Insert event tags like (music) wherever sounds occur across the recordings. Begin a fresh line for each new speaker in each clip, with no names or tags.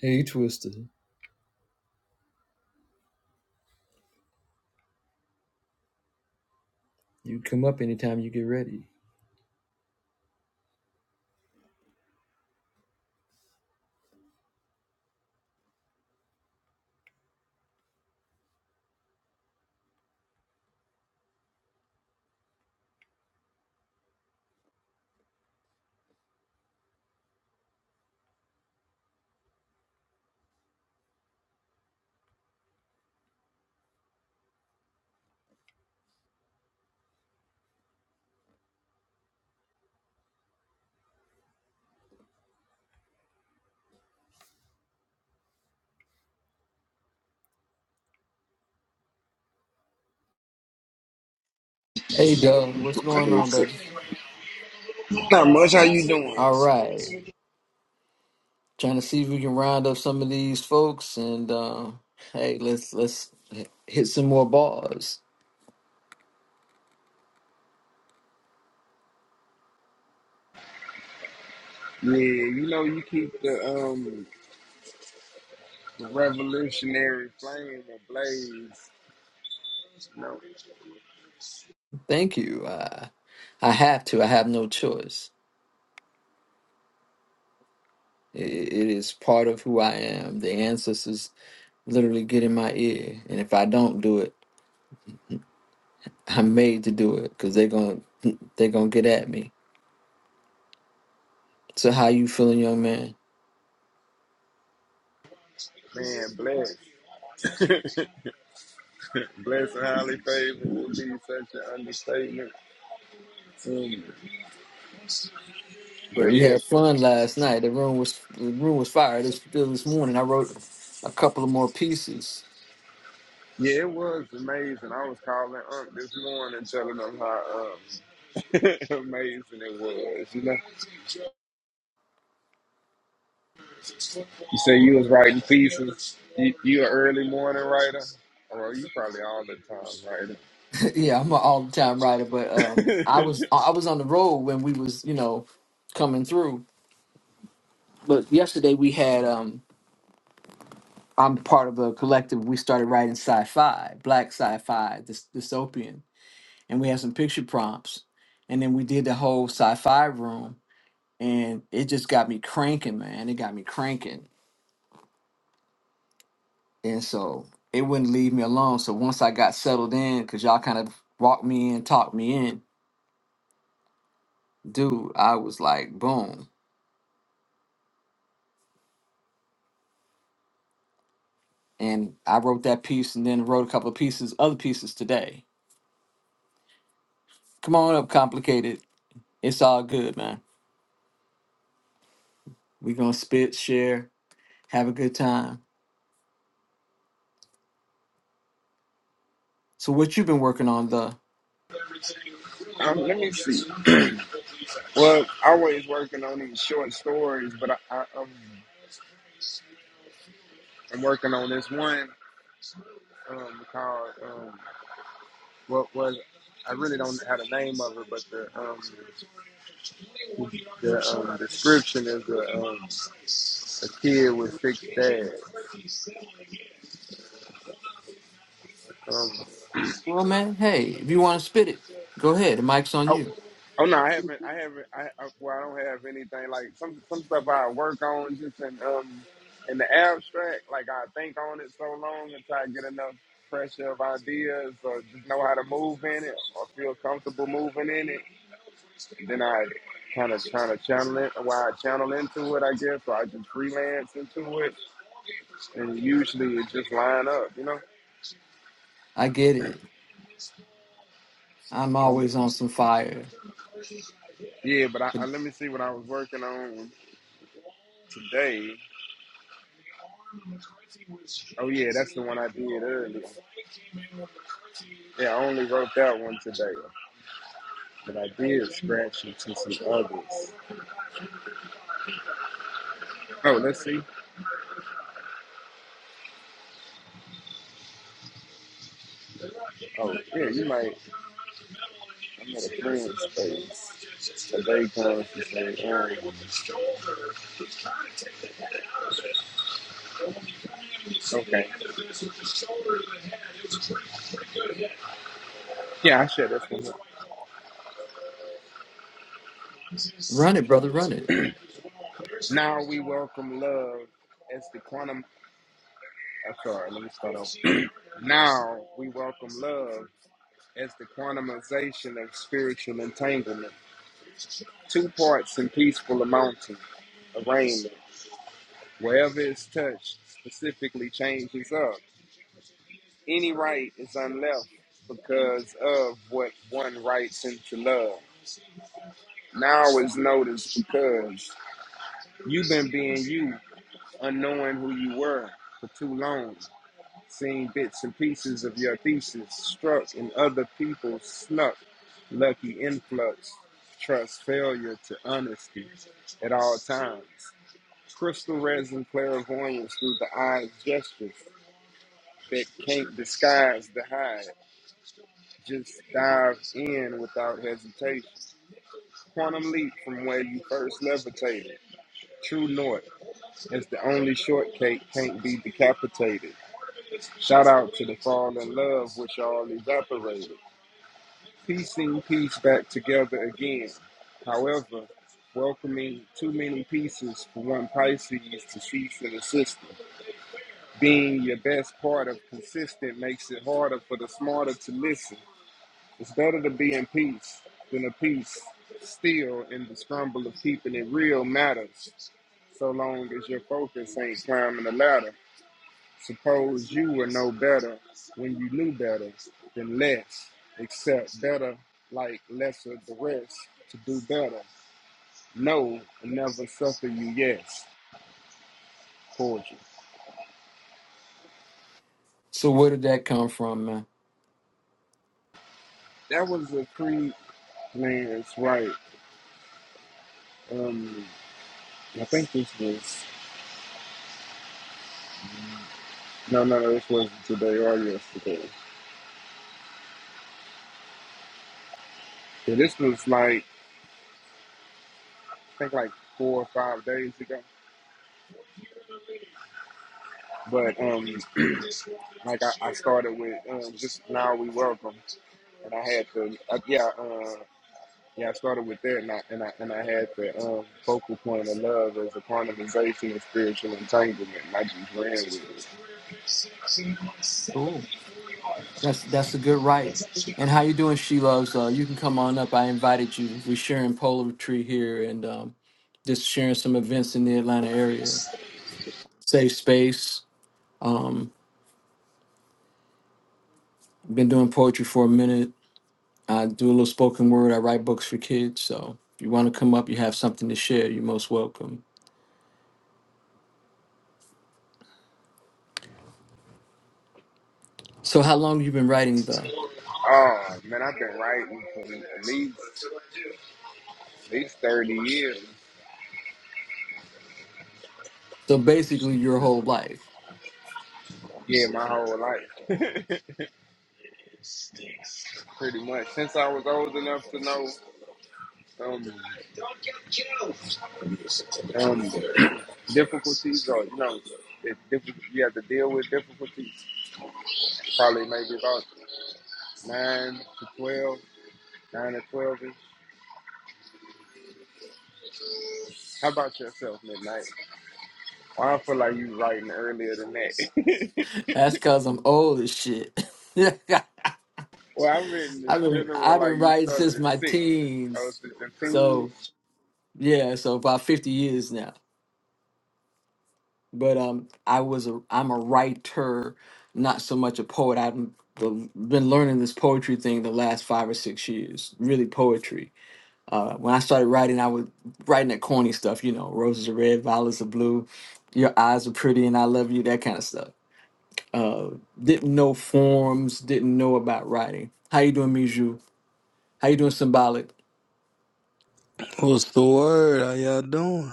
Hey, you Twister. You come up anytime you get ready. Hey, Doug, what's
I
going
hear
on,
you.
baby?
Not much. How you doing?
All right, trying to see if we can round up some of these folks, and uh, hey, let's let's hit some more bars.
Yeah, you know you keep the um the revolutionary flame ablaze. You know,
Thank you. I I have to. I have no choice. It, it is part of who I am. The ancestors literally get in my ear, and if I don't do it, I'm made to do it because they're gonna they're gonna get at me. So how you feeling, young man?
man, blessed, (laughs) blessed and highly favored would be such an understatement. Um, but
Yeah, we
yeah,
had fun last night. The room was the room was fire. This still this morning. I wrote a couple of more pieces.
yeah, it was amazing. I was calling Unc this morning, telling him how um, (laughs) amazing it was. You know, you say you was writing pieces. You, you an early morning writer, or you probably all the time writer.
(laughs) yeah, I'm an all the time writer, but um,
(laughs)
I was I was on the road when we was you know coming through. But yesterday we had um, I'm part of a collective. We started writing sci-fi, black sci-fi, dys- dystopian, and we had some picture prompts, and then we did the whole sci-fi room, and it just got me cranking, man. It got me cranking And so it wouldn't leave me alone. So once I got settled in, because y'all kind of walked me in, talked me in, dude, I was like, boom. And I wrote that piece and then wrote a couple of pieces, other pieces today. Come on up, complicated. It's all good, man. we gonna spit, share, have a good time. So what you been working on the
Um, let me see. (clears throat) Well, always working on these short stories, but I, I, um, I'm working on this one um, called um, what was. I really don't have the name of it, but the um, the um, description is a, um, a kid with six dads.
well man, hey, if you wanna spit it, go ahead. The mic's on
Oh,
you.
oh no, I haven't. I haven't. I, I well, I don't have anything like some some stuff I work on just in um in the abstract. Like I think on it so long until I get enough pressure of ideas or just know how to move in it or feel comfortable moving in it. And then I kind of kind of channel it. Why I channel into it, I guess. Or I just freelance into it, and usually it just line up, you know.
I get it. I'm
But I'm,
always on some fire.
yeah, but I, I let me see what I was working on today. Oh yeah, that's the one I did earlier. Yeah, I only wrote that one today, but I did scratch into some others. Oh, let's see. Oh, yeah, you might. I'm at a friend's space. A day comes to say, um, okay. Yeah, I share this one.
Run it,
up.
brother, run it.
Now we welcome love as the quantum. I'm sorry, let me start over. (clears throat) now we welcome love as the quantumization of spiritual entanglement. Two parts in peaceful amounting arraignment. Wherever it's touched, specifically changes up. Any right is unleft because of what one writes into love. Now is noticed because you've been being you, unknowing who you were for too long, seeing bits and pieces of your thesis struck in other people's snuck, lucky influx, trust failure to honesty at all times. Crystal resin clairvoyance through the eyes gestures that can't disguise the hide. Just dive in without hesitation. Quantum leap from where you first levitated. True north is the only shortcake can't be decapitated. Shout out to the fall in love, which all evaporated. Piecing peace back together again. However, welcoming too many pieces for one Pisces to cease in the system. Being your best part of consistent makes it harder for the smarter to listen. It's better to be in peace than a peace still in the scramble of keeping it real matters, so long as your focus ain't climbing the ladder. Suppose you were no better when you knew better than less, except better like lesser the rest to do better. No, and never suffer you, yes, poetry.
So where did that come from, man?
That was a creed, man, it's right. Um, I think this was, no, no, no, this wasn't today or yesterday. Yeah, this was like I think like four or five days ago. But um, (clears throat) like I, I started with um, just now we welcome, and I had to uh, yeah uh, yeah I started with that, and I and I, and I had the um, focal point of love as a quantumization of spiritual entanglement. And I just ran with it.
Cool. That's that's a good right. And how you doing, She Loves? Uh, you can come on up. I invited you. We're sharing poetry here and um, just sharing some events in the Atlanta area. Safe space. Um, been doing poetry for a minute. I do a little spoken word. I write books for kids. So if you want to come up, you have something to share. You're most welcome. So how long you been writing though?
Oh man, I've been writing for at least at least thirty years.
So basically your whole life.
Yeah, my whole life, pretty much since I was old enough to know. Um, um, difficulties or you know it, diff- you have to deal with difficulties probably maybe about 9 to 12, 9 to 12 -ish. how about yourself midnight well, i feel like you writing earlier than that
(laughs) That's cause I'm old as shit. (laughs)
(laughs) well i'm writing in
I've been
general
I've
like
been
you
writing
started
since
at
my
6 I
teens.
was at the team.
So Yeah, so about 50 years now. But um I was a I'm a writer, not so much a poet. I've been been learning this poetry thing the last 5 or 6 years, really poetry. Uh when I started writing, I was writing that corny stuff, you know, roses are red, violets are blue, your eyes are pretty and I love you, that kind of stuff. Uh didn't know forms, didn't know about writing. How you doing, Mijou? How you doing, Symbolic?
What's the word? How y'all doing?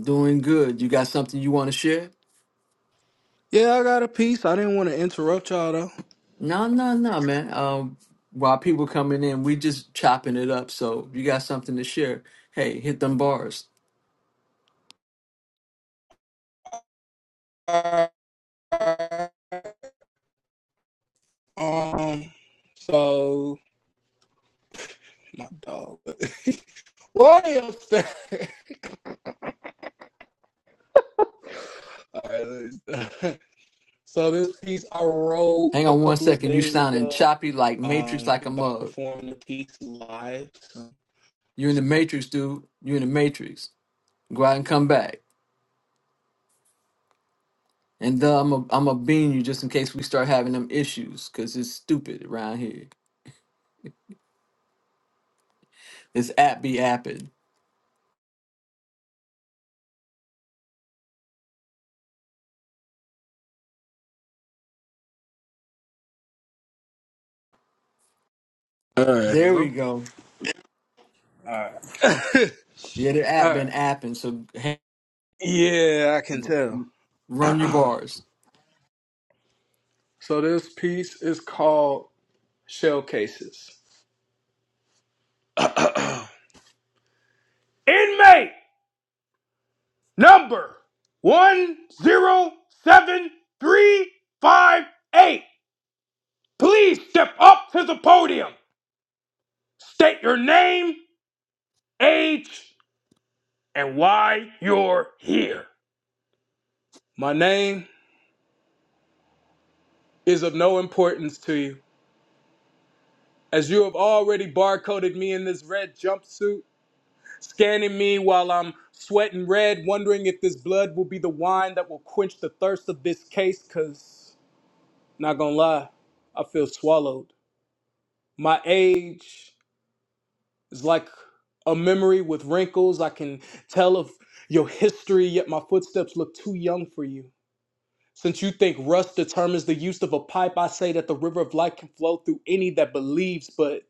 Doing good. You got something you want to share?
Yeah, I got a piece. I didn't want to interrupt y'all though.
No, no, no, man. Um, while people coming in, we just chopping it up. So if you got something to share, hey, hit them bars.
Um, so my dog. (laughs) Why are you upstairs? (laughs) All right, let me stop. (laughs) so this piece I wrote
Hang
a
on one
couple of
second. You
days
sounding
ago.
choppy like Matrix,
Um,
like a
about
mug.
performing the piece live. So.
You in the Matrix, dude. You in the Matrix. Go out and come back. And uh, I'm a, I'm a bean you just in case we start having them issues, cause it's stupid around here. This app be apping.
All right.
There we
Hello.
go.
All right. (laughs)
Yeah, the
All
app
right.
been apping. So hey,
Yeah, I can
r-
tell.
run your
(clears throat)
bars.
so this piece is called Shell Cases. (clears throat) Inmate number 107358. Please step up to the podium. State your name, age, and why you're here. My name is of no importance to you, as you have already barcoded me in this red jumpsuit, scanning me while I'm sweating red, wondering if this blood will be the wine that will quench the thirst of this case, because, not gonna lie, I feel swallowed. My age is like a memory with wrinkles. I can tell of your history, yet my footsteps look too young for you. Since you think rust determines the use of a pipe, I say that the river of life can flow through any that believes, but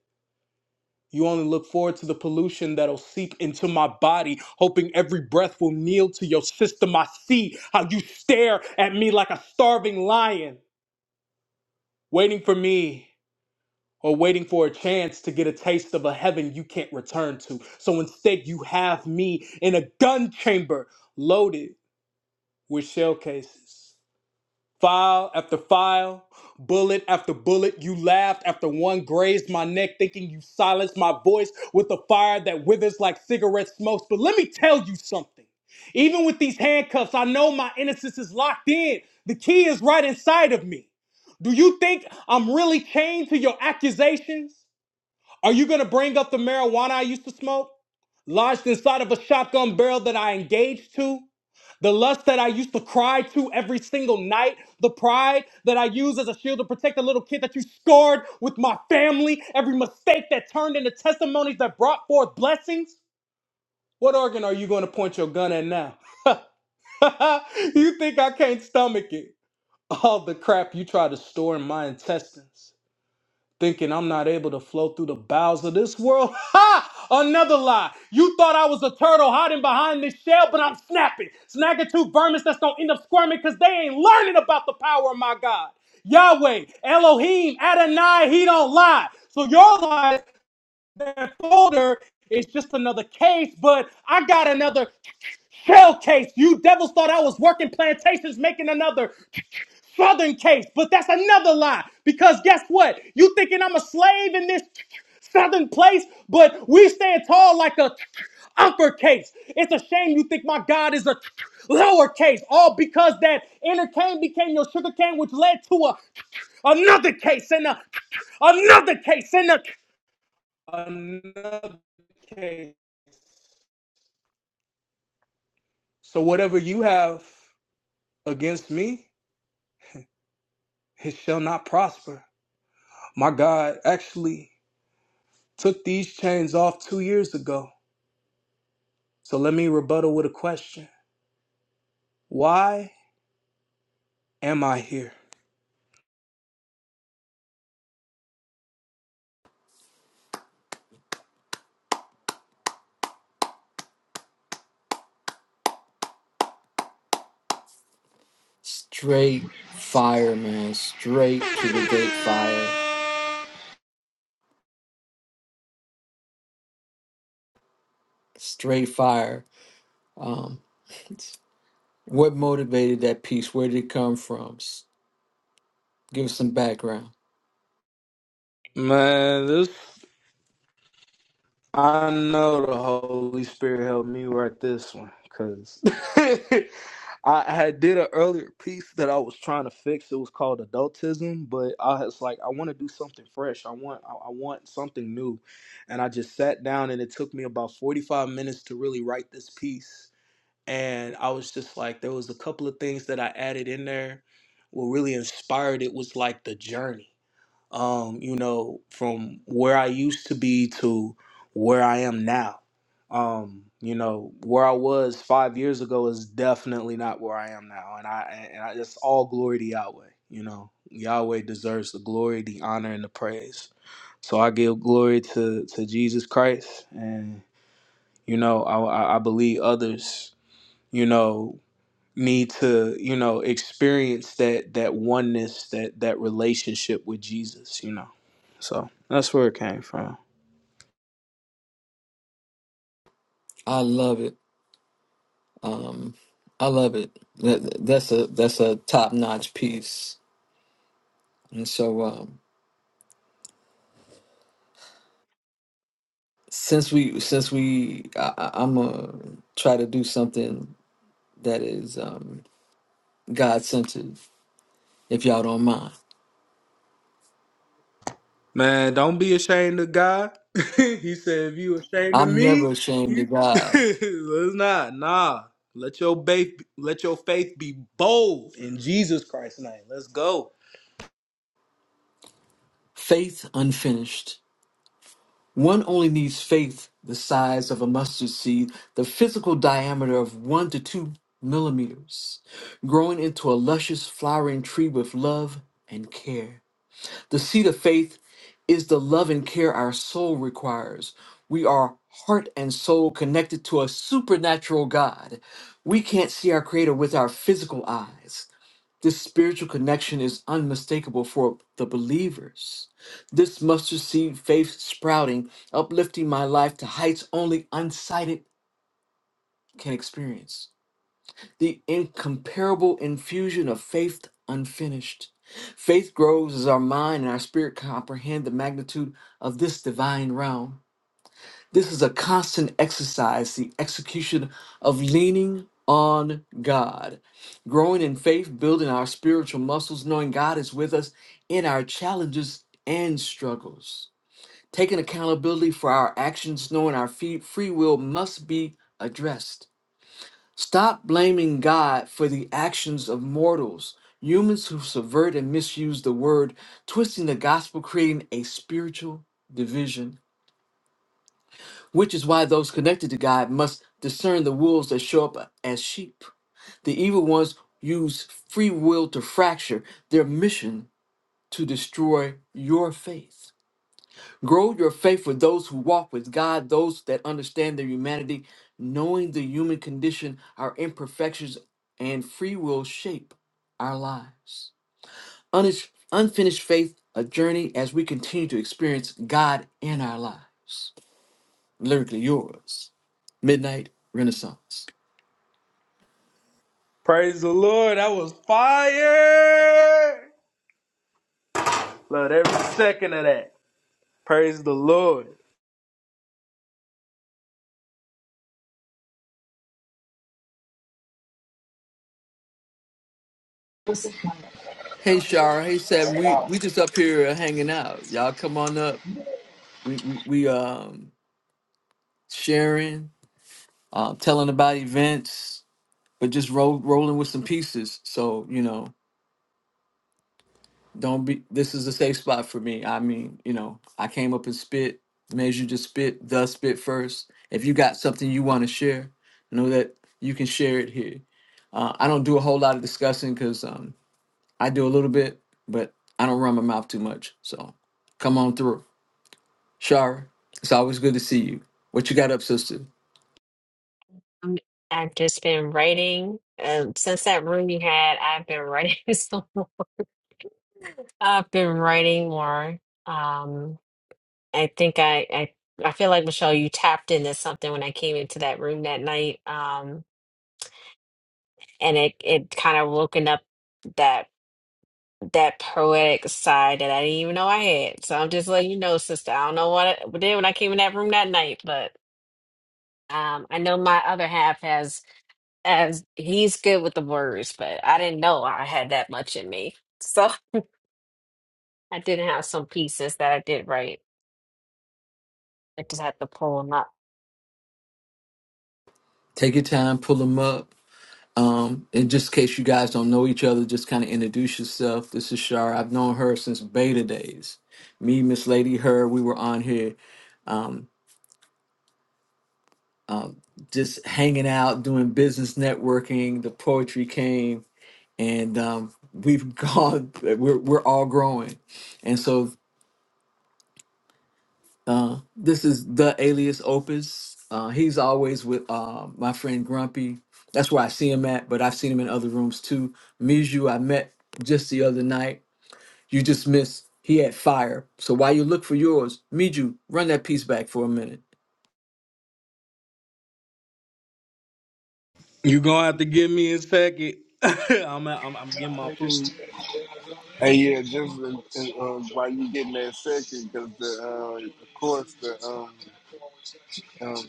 you only look forward to the pollution that'll seep into my body, hoping every breath will kneel to your system. I see how you stare at me like a starving lion, waiting for me or waiting for a chance to get a taste of a heaven you can't return to. So instead, you have me in a gun chamber loaded with shell cases. File after file, bullet after bullet, you laughed after one grazed my neck, thinking you silenced my voice with a fire that withers like cigarette smokes. But let me tell you something. Even with these handcuffs, I know my innocence is locked in. The key is right inside of me. Do you think I'm really chained to your accusations? Are you going to bring up the marijuana I used to smoke? Lodged inside of a shotgun barrel that I engaged to? The lust that I used to cry to every single night? The pride that I use as a shield to protect the little kid that you scarred with my family? Every mistake that turned into testimonies that brought forth blessings? What organ are you going to point your gun at now? (laughs) you think I can't stomach it? All the crap you try to store in my intestines thinking I'm not able to flow through the bowels of this world. (laughs) Ha! Another lie. You thought I was a turtle hiding behind this shell, but I'm snapping. Snagging two vermins that's gonna end up squirming because they ain't learning about the power of my God. Yahweh, Elohim, Adonai, he don't lie. So your lie, that folder is just another case, but I got another shell case. You devils thought I was working plantations making another. Southern case, but that's another lie. Because guess what? You thinking I'm a slave in this Southern place, but we stand tall like a uppercase. It's a shame you think my God is a lowercase, all because that inner cane became your sugar cane, which led to a another case and a another case and a another case. So whatever you have against me, it shall not prosper. My God actually Took these chains off two years ago. So let me rebuttal with a question. Why am I here?
Straight fire, man. Straight to the gate fire. Straight fire. Um, (laughs) what motivated that piece? Where did it come from? S- Give us some background.
Man, this I know the Holy Spirit helped me write this one because (laughs) I had did an earlier piece that I was trying to fix. It was called adultism, but I was like, I want to do something fresh. I want I, I want something new. And I just sat down and it took me about 45 minutes to really write this piece. and I was just like, there was a couple of things that I added in there. What really inspired it was like the journey, um, you know, from where I used to be to where I am now. Um, you know, where I was five years ago is definitely not where I am now, and I and I just all glory to Yahweh. You know, Yahweh deserves the glory, the honor, and the praise. So I give glory to to Jesus Christ, and you know, I I I believe others. You know, me to you know experience that that oneness that that relationship with jesus you know so that's where it came from
I love it. Um, I love it. That, that's a that's a top notch piece. And so um, since we since we I, I- I'm gonna try to do something that is um, God centered. If y'all don't mind,
man don't be ashamed of god (laughs) he said if you ashamed of
I'm never
me
ashamed
you
of
(laughs)
God.
let's not nah let your faith let your faith be bold in jesus christ's name let's go
Faith unfinished. One only needs faith the size of a mustard seed, the physical diameter of one to two millimeters, growing into a luscious flowering tree with love and care. The seed of faith is the love and care our soul requires. We are heart and soul connected to a supernatural God. We can't see our Creator with our physical eyes. This spiritual connection is unmistakable for the believers. This mustard seed faith sprouting, uplifting my life to heights only unsighted can experience. The incomparable infusion of faith unfinished. Faith grows as our mind and our spirit comprehend the magnitude of this divine realm. This is a constant exercise, the execution of leaning on God, growing in faith, building our spiritual muscles, knowing God is with us in our challenges and struggles, taking accountability for our actions, knowing our fee- free will must be addressed. Stop blaming God for the actions of mortals, humans who subvert and misuse the word, twisting the gospel, creating a spiritual division which is why those connected to God must discern the wolves that show up as sheep. The evil ones use free will to fracture their mission to destroy your faith. Grow your faith with those who walk with God, those that understand their humanity, knowing the human condition, our imperfections, and free will shape our lives. Unish- Unfinished faith, a journey as we continue to experience God in our lives. Lyrically yours. Midnight Renaissance.
praise the lord that was fire love every second of that praise the lord
Hey Shara, hey Seven. We we just up here hanging out. Y'all come on up. We we we um sharing, um telling about events, but just roll rolling with some pieces. So, you know, don't be this is a safe spot for me. I mean, you know, I came up and spit, made you just spit, the spit first. If you got something you want to share, know that you can share it here. Uh, I don't do a whole lot of discussing because I do a little bit, but I don't run my mouth too much. So come on through. Shar, it's always good to see you. What you got up, sister?
Um, I've just been writing. Um, since that room you had, I've been writing (laughs) so I've been writing more. Um, I think I, I I feel like Michelle, you tapped into something when I came into that room that night. Um, and it it kind of woken up that that poetic side that I didn't even know I had. So I'm just letting you know, sister. I don't know what I did when I came in that room that night, but um, I know my other half has. as he's good with the words, but I didn't know I had that much in me. So I didn't have some pieces that I did right. I just had to pull them up.
Take your time, pull them up. Um, and just in case you guys don't know each other, just kind of introduce yourself. This is Shar. I've known her since beta days. Me, Miss Lady, her, we were on here um, um, just hanging out, doing business networking. The poetry came, and um, we've (laughs) gone, we're, we're all growing. And so Uh, this is the alias Opus. Uh, he's always with uh, my friend Grumpy. That's where I see him at, but I've seen him in other rooms too. Miju, I met just the other night. You just missed. He had fire. So while you look for yours, Miju, run that piece back for a minute.
You're gonna have to give me his packet. (laughs) I'm, I'm I'm getting my food.
And yeah, just in, in, um, while you getting that second, because the uh, of course the um, um,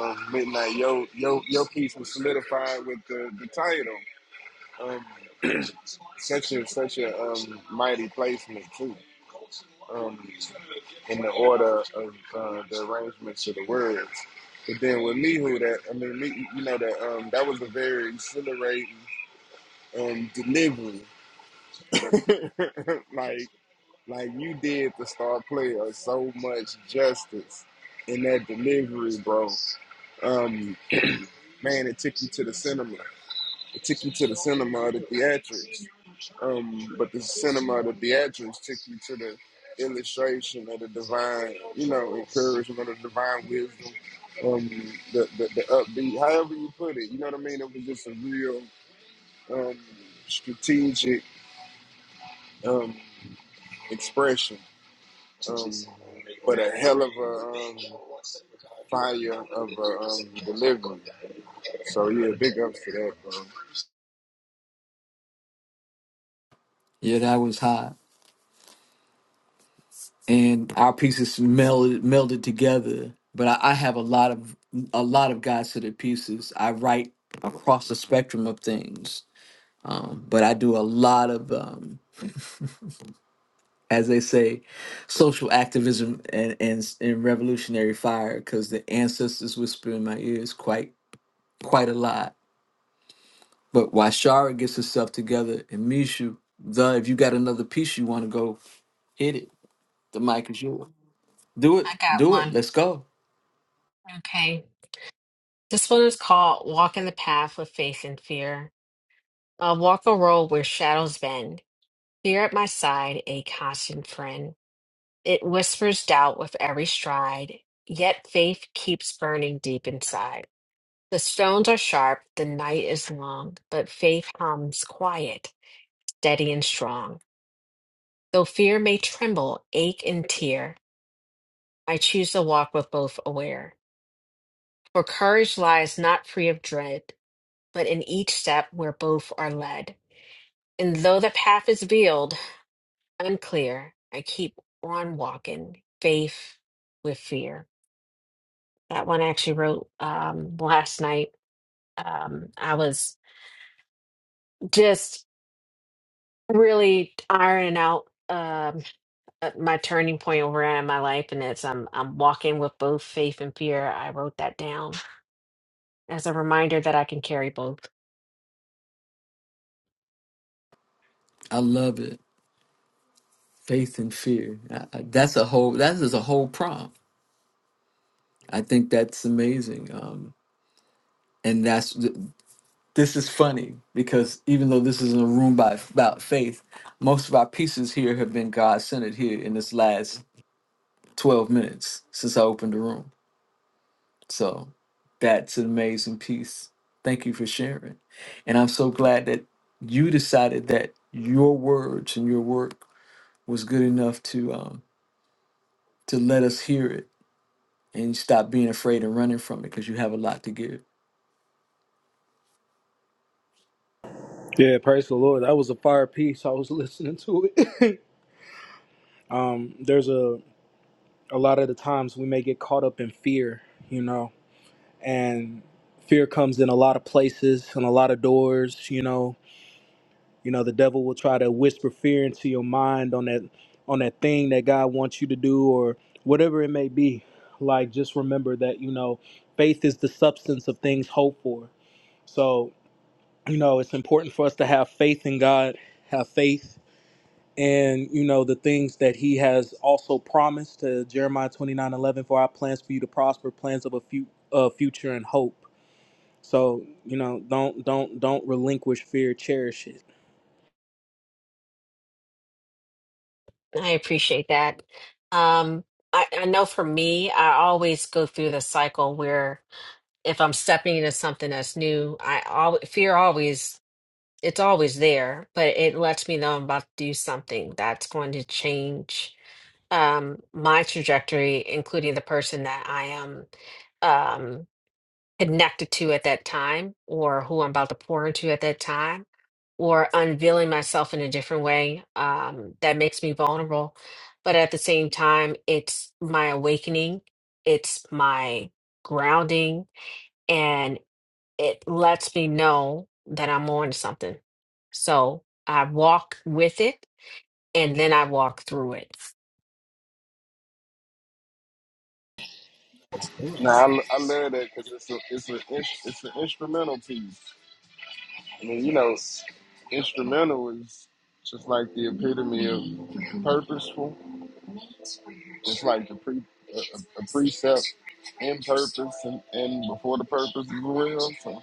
um, midnight your your your piece was solidified with the, the title. Um, such a such a um, mighty placement too, um, in the order of uh, the arrangements of the words. But then with Mihu, that I mean, me, you know that um, that was a very exhilarating um, delivery. (laughs) like like you did the star player so much justice in that delivery, bro. Um, (clears throat) man, it took you to the cinema. took you to the cinema, the theatrics. Um, but the cinema, the theatrics took you to the illustration of the divine, you know, encouragement of the divine wisdom, um, the, the, the upbeat, however you put it, you know what I mean? It was just a real um, strategic um, expression, um, but a hell of a um, fire of a um, delivery. So, yeah, big ups to that, bro.
Yeah, that was hot. And our pieces melded, melded together. But I, I have a lot of a lot of guys to the pieces. I write across the spectrum of things. Um, but I do a lot of um, as they say, social activism and and, and revolutionary fire, because the ancestors whisper in my ears quite quite a lot. But while Shara gets herself together and Mishu, the if you got another piece you want to go hit it, the mic is yours. Do it,
I got
do it.
one.
Let's go.
Okay. This one is called Walking the Path with Faith and Fear. I'll walk a road where shadows bend, fear at my side, a constant friend. It whispers doubt with every stride, yet faith keeps burning deep inside. The stones are sharp, the night is long, but faith hums quiet, steady and strong. Though fear may tremble, ache, and tear, I choose to walk with both aware. For courage lies not free of dread, but in each step where both are led. And though the path is veiled, unclear, I keep on walking, faith with fear. That one I actually wrote um, last night. Um, I was just really ironing out um, uh, my turning point where I am in my life, and it's I'm I'm walking with both faith and fear. I wrote that down as a reminder that I can carry both.
I love it. Faith and fear. I, I- that's a whole. That is a whole prompt. I think that's amazing. Um, and that's this is funny because even though this is a room by about faith, most of our pieces here have been God centered here in this last twelve minutes since I opened the room. So that's an amazing piece. Thank you for sharing. And I'm so glad that you decided that your words and your work was good enough to um to let us hear it and stop being afraid and running from it because you have a lot to give.
Yeah, praise the Lord. That was a fire piece. I was (laughs) listening to it. (laughs) Um, there's a a lot of the times we may get caught up in fear, you know, and fear comes in a lot of places and a lot of doors, you know. You know, the devil will try to whisper fear into your mind on that on that thing that God wants you to do or whatever it may be. Like just remember that, you know, faith is the substance of things hoped for. So. you know, it's important for us to have faith in God, have faith in, you know, the things that He has also promised to Jeremiah twenty nine eleven. for our plans for you to prosper, plans of a few, uh, future and hope. So, you know, don't, don't, don't relinquish fear, cherish it
I appreciate that. Um, I, I know for me, I always go through the cycle where if I'm stepping into something that's new, I al fear always it's always there, but it lets me know I'm about to do something that's going to change um, my trajectory, including the person that I am. Um, connected to at that time or who I'm about to pour into at that time or unveiling myself in a different way um, that makes me vulnerable. But at the same time, it's my awakening, it's my grounding, and it lets me know that I'm on to something. So I walk with it and then I walk through it.
Nah, I, I love that because it's a, it's a, it's it's an instrumental piece. I mean, you know, instrumental is just like the epitome of purposeful. It's like the pre a, a a precept in purpose and, and before the purpose as well. So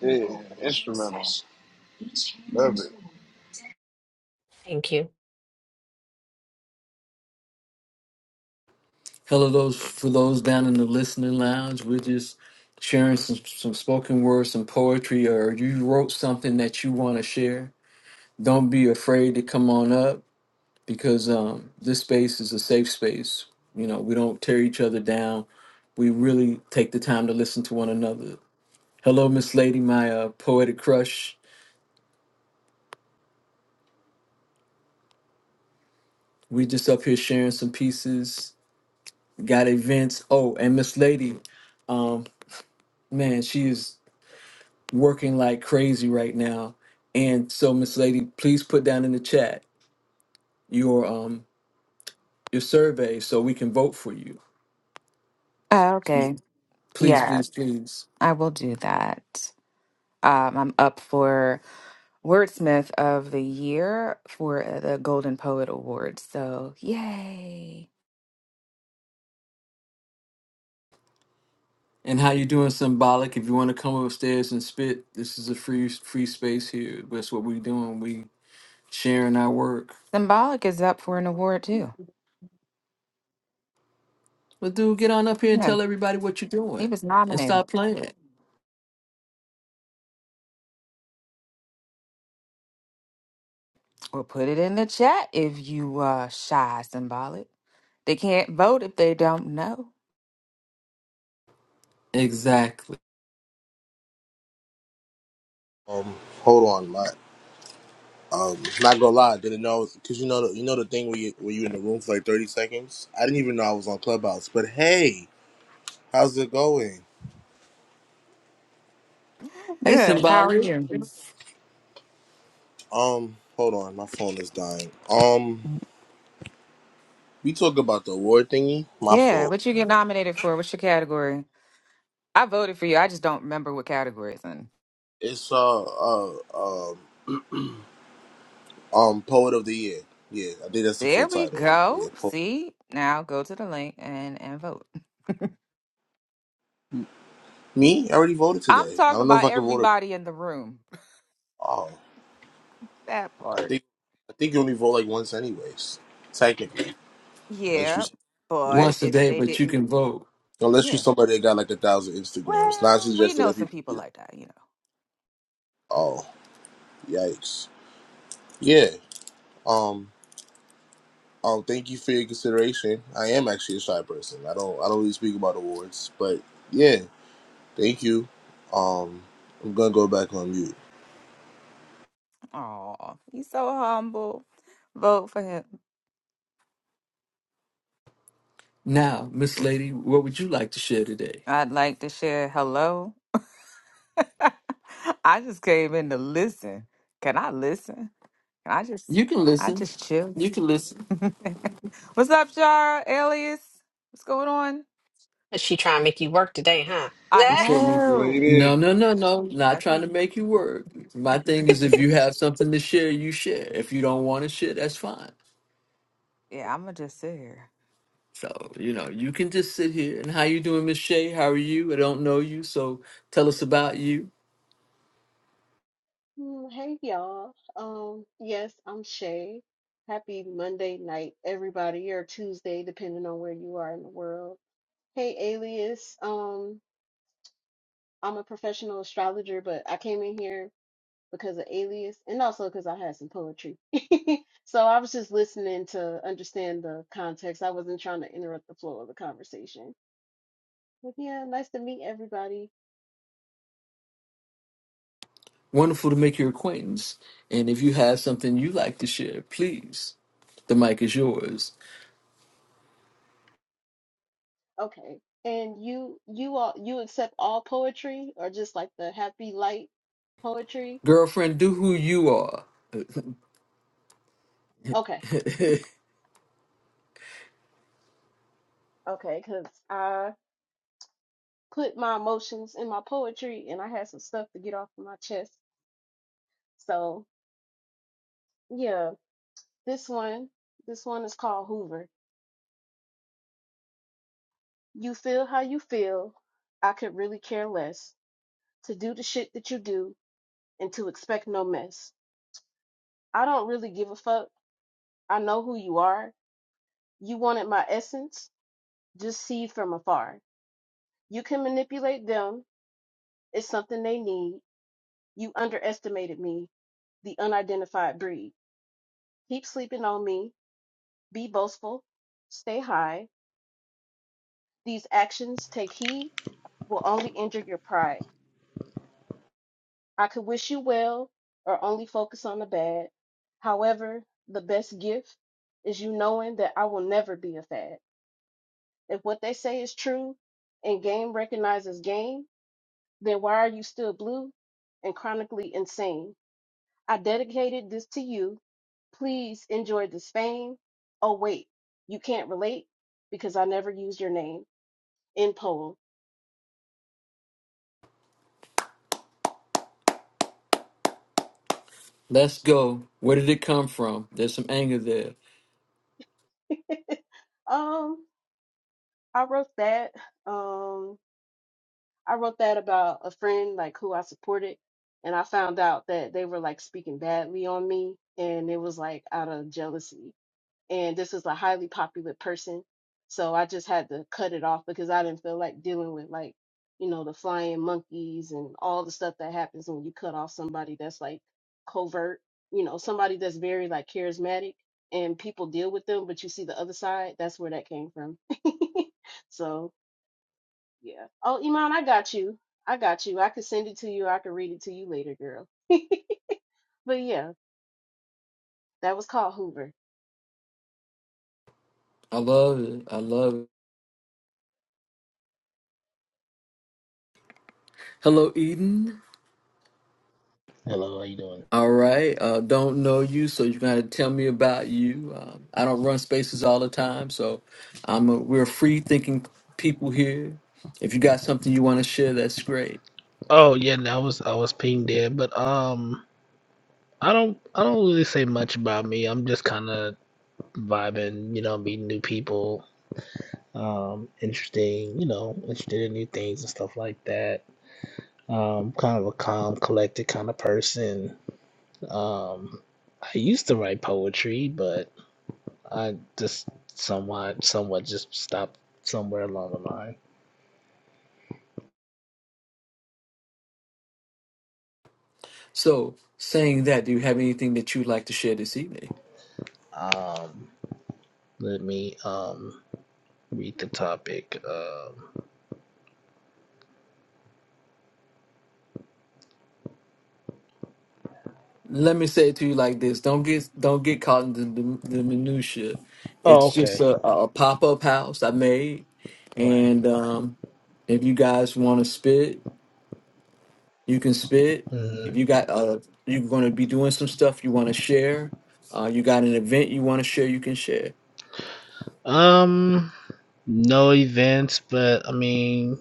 yeah, instrumental, love it.
Thank you.
Hello, those for those down in the listening lounge. We're just sharing some, some spoken words, some poetry, or you wrote something that you want to share. Don't be afraid to come on up because um, this space is a safe space. You know, we don't tear each other down. We really take the time to listen to one another. Hello, Miss Lady, my uh, poetic crush. We just up here sharing some pieces. Got events. Oh, and Miss Lady, um, man, she is. working like crazy right now. And so, Miss Lady, please put down in the chat your um your survey so we can vote for you.
Oh, okay.
Please, please,
Yes,
please.
I will do that. Um, I'm up for Wordsmith of the Year for uh, the Golden Poet Award. So, yay.
And how you doing, symbolic? If you want to come upstairs and spit, this is a free free space here. That's what we doing. We sharing our work.
Symbolic is up for an award too.
But dude, get on up here and
Yeah,
tell everybody what you're
he
doing,
was
and
nominated.
stop playing.
Or put it in the chat if you uh shy symbolic. They can't vote if they don't know.
Exactly.
Um, hold on, my um, not gonna lie, I didn't know because you know the, you know the thing where you where you in the room for like thirty seconds. I didn't even know I was on Clubhouse. But hey, how's it going?
(laughs)
Hey,
Good. How are
symbolic.
you?
Um, hold on, my phone is dying. Um, we talk about the award thingy. My
Yeah,
fault.
what you get nominated for? What's your category? I voted for you. I just don't remember what category it's in.
It's uh uh um um poet of the year. Yeah, I think that's the full
There we
title.
go.
Yeah, po-
See, now go to the link and and vote.
me. I already voted
I'm
today. I
talking
don't know if
about
I can vote.
everybody in the room.
Oh,
That
I
part.
think I think you only vote like once anyways. Technically, unless you.
Yeah,
yeah,
but
Once a
if
day,
they
but you
didn't,
can vote
Unless you're
yeah.
somebody that got like a thousand Instagrams. Not
Well, we
suggested
know
that
some
people
people
do that.
like that, you know.
Oh, yikes. Yeah. Um um thank you for your consideration. I am actually a shy person. I don't I don't really speak about awards, but yeah, thank you. Um I'm gonna go back on mute.
Oh, he's so humble. Vote for him.
now, Miss Lady. What would you like to share today?
I'd like to share hello. (laughs) I just came in to listen. Can I listen? Can I just
You can
I
listen.
just chill?
You can listen.
(laughs) What's up, Shara? Alias? What's going on?
But she trying to make you work today, huh?
I
What's
(laughs)
up, Miss
know.
Lady?
No, no, no, no. Not
That's
trying to
me.
make you work.
(laughs)
My thing is, if you have something to share, you share. If you don't want to share, that's fine.
yeah, I'm gonna just sit here.
So you know, you can just sit here. And how you doing, Miss Shay? How are you? I don't know you, so tell us about you.
Mm, Hey y'all. Um, yes, I'm Shay. Happy Monday night, everybody, or Tuesday, depending on where you are in the world. Hey, Alias. Um, I'm a professional astrologer, but I came in here because of Alias and also because I had some poetry. (laughs) So I was just listening to understand the context. I wasn't trying to interrupt the flow of the conversation. But yeah, nice to meet everybody.
Wonderful to make your acquaintance. And if you have something you like to share, please, the mic is yours.
Okay. And you you all you accept all poetry or just like the happy light poetry?
Girlfriend, do who you are.
Okay. Okay, 'cause I put my emotions in my poetry and I had some stuff to get off of my chest. So, yeah, this one this one is called Hoover. You feel how you feel. I could really care less to do the shit that you do and to expect no mess. I don't really give a fuck. I know who you are. You wanted my essence. Just see from afar. You can manipulate them. It's something they need. You underestimated me, the unidentified breed. Keep sleeping on me. Be boastful. Stay high. These actions, take heed, will only injure your pride. I could wish you well or only focus on the bad. However, the best gift is you knowing that I will never be a fad. If what they say is true and game recognizes game, then why are you still blue and chronically insane? I dedicated this to you. Please enjoy this fame. Oh, wait, you can't relate because I never used your name in poem.
Let's go. Where did it come from? There's some anger there.
(laughs) um, I wrote that. Um, I wrote that about a friend like who I supported, and I found out that they were like speaking badly on me, and it was like out of jealousy. and this is a highly popular person. So I just had to cut it off because I didn't feel like dealing with like, you know, the flying monkeys and all the stuff that happens when you cut off somebody that's like covert, you know, somebody that's very like charismatic and people deal with them, but you see the other side, that's where that came from. (laughs) so yeah. Oh, Iman, I got you. I got you. I could send it to you. I could read it to you later, girl. (laughs) But yeah, that was called Hoover.
I love it. I love it. Hello, Eden.
Hello, how you doing?
All right. Uh, don't know you, so you gotta tell me about you. Um, I don't run spaces all the time, so I'm a, we're free thinking people here. If you got something you want to share, that's great.
Oh yeah, no, I was I was pinged there, but um, I don't I don't really say much about me. I'm just kind of vibing, you know, meeting new people, um, interesting, you know, interested in new things and stuff like that. Um, kind of a calm, collected kind of person. Um, I used to write poetry, but I just somewhat somewhat just stopped somewhere along the line.
So, saying that, do you have anything that you'd like to share this evening?
Um, let me um read the topic. Um.
Let me say it to you like this: Don't get don't get caught in the, the, the minutia.
Oh,
It's just
okay.
a, a pop up house I made,
Right.
and um, if you guys want to spit, you can spit. If
Mhm.
you got uh you're gonna be doing some stuff you wanna share, uh you got an event you wanna share, you can share.
Um, no events, but I mean,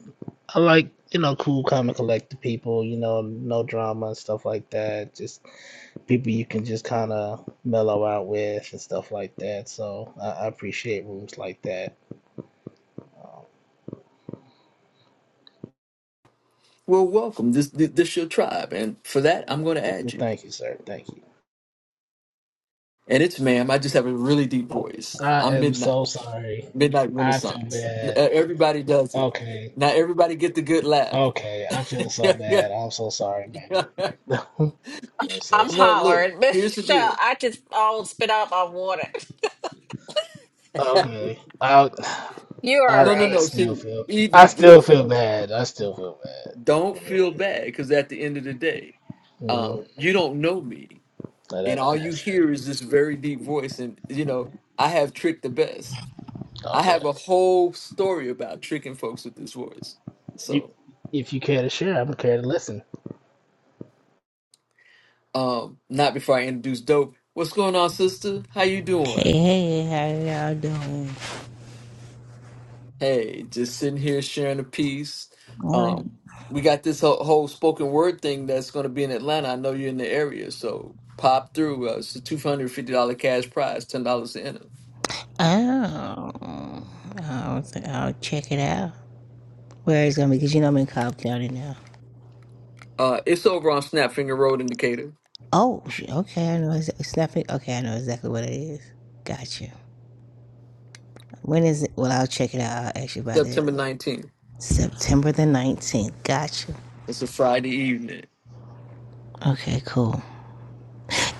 I like, you know, cool, calm, and collected people, you know, no drama and stuff like that. Just people you can just kind of mellow out with and stuff like that. So I, I appreciate rooms like that.
Well welcome. This this, this your tribe and for that I'm gonna add
Well,
you.
thank you, sir. Thank you.
And it's ma'am, I just have a really deep
Oh,
voice.
I
I'm
am so
midnight.
sorry.
Midnight
I feel
Renaissance. Uh,
bad.
Everybody does it.
Okay.
Now everybody get the good laugh.
Okay. I feel
(laughs)
so bad. I'm so sorry, man. (laughs) I'm so
I'm
no,
sorry.
hollering,
look,
(laughs) but
here's the
Michelle,
deal.
I just all spit out my water.
(laughs)
Okay. I
You all
I
No, no,
I
right?
no.
still
See,
feel I
Eden,
still
look,
feel bad. I still feel bad.
don't
But,
feel bad because at the end of the day.
mhm.
um, you don't know me, and
that
all you
that's
hear
true.
is this very deep voice. And you know, I have Trick the best. I have
Okay.
a whole story about tricking folks with this voice.
You,
So,
if you care to share, I'm care to listen.
um, not before I introduce Dope. What's going on, sister? How you
Hey,
doing?
hey, how y'all doing?
Hey, just sitting here sharing a piece.
Alright.
Um, we got this whole, whole spoken word thing that's going to be in Atlanta. I know you're in the area, so pop through. Uh, it's a two hundred fifty dollar cash prize, ten dollars to enter.
Oh, I'll, I'll check it out. Where it's gonna be, because you know I'm in Cobb County now.
Uh, it's over on Snapfinger Road Indicator.
Oh, sh- okay, I know it's, it's nothing. Okay, I know exactly what it is. Gotcha. When is it? Well, I'll check it out. I'll ask you about that.
September 19th.
September the 19th. Gotcha.
It's a Friday evening.
Okay, cool.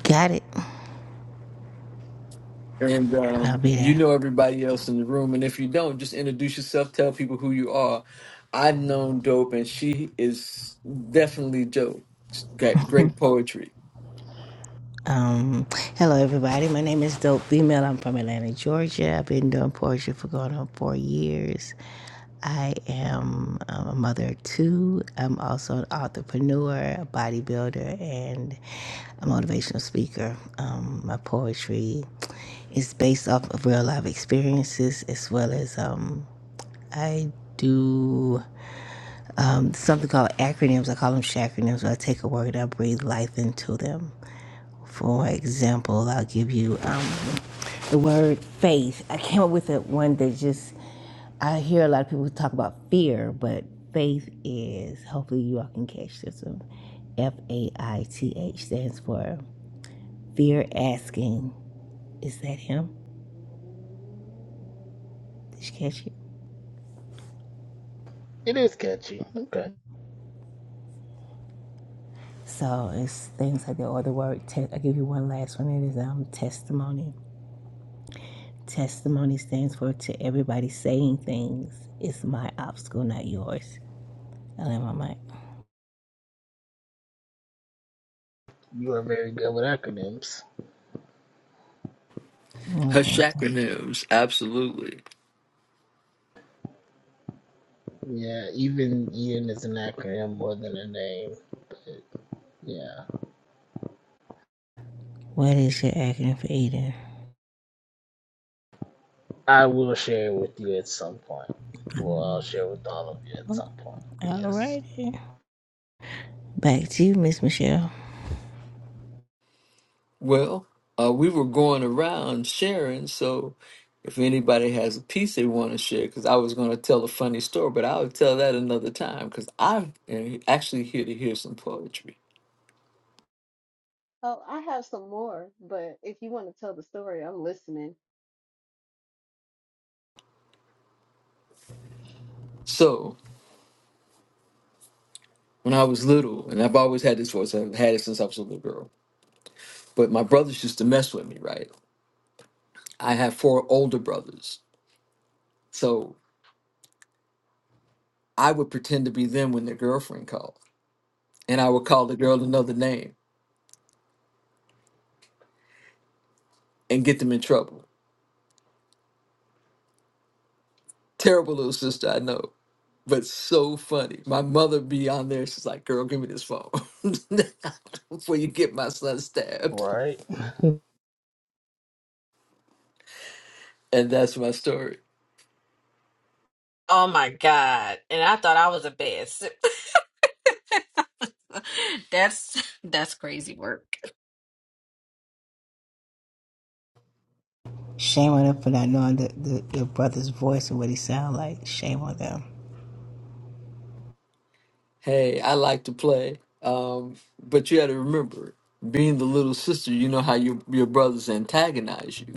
Got it.
And
I'll
um,
be
you
there.
know everybody else in the room. And if you don't, just introduce yourself, tell people who you are. I've known Dope, and she is definitely Dope. She's got great poetry.
Um, hello, everybody. My name is Dope Female. I'm from Atlanta, Georgia. I've been doing poetry for going on four years. I am um, a mother of two. I'm also an entrepreneur, a bodybuilder, and a motivational speaker. Um, my poetry is based off of real life experiences as well as um, I do um, something called acronyms. I call them shacronyms. Where I take a word and I breathe life into them. For example, I'll give you um, the word faith. I came up with it one that just, I hear a lot of people talk about fear, but faith is, hopefully, you all can catch this one. F A I T H stands for fear asking. Is that him? Did you catch it?
It is catchy. Okay.
So it's things like that, or the word. Te- I give you one last one. It is um testimony. Testimony stands for to everybody saying things. It's my obstacle, not yours. I land my mic.
You are very good with acronyms.
Oh,
Her
thank you.
acronyms, absolutely.
Yeah, even Ian is an acronym more than a name. Yeah.
What is your acronym for eating?
I will share with you at some point. Well, I'll share with all of you at some point. Yes.
Alrighty. Back to you, Miss Michelle.
Well, uh, we were going around sharing, so if anybody has a piece they want to share, because I was going to tell a funny story, but I'll tell that another time, because I'm uh, actually here to hear some poetry.
Oh, I have some more, but if you want to tell the story, I'm listening.
So, when I was little, and I've always had this voice. I've had it since I was a little girl. But my brothers used to mess with me, right? I have four older brothers, so I would pretend to be them when their girlfriend called, and I would call the girl another name and get them in trouble. Terrible little sister, I know, but so funny. My mother be on there. She's like, "Girl, give me this phone (laughs) before you get my son stabbed."
Right?
And that's my story.
Oh my god! And I thought I was the best. (laughs) that's that's crazy work.
Shame on them for not knowing the, the, your brother's voice and what he sound like. Shame on them.
Hey, I like to play. Um, but you got to remember, being the little sister, you know how your your brothers antagonize you.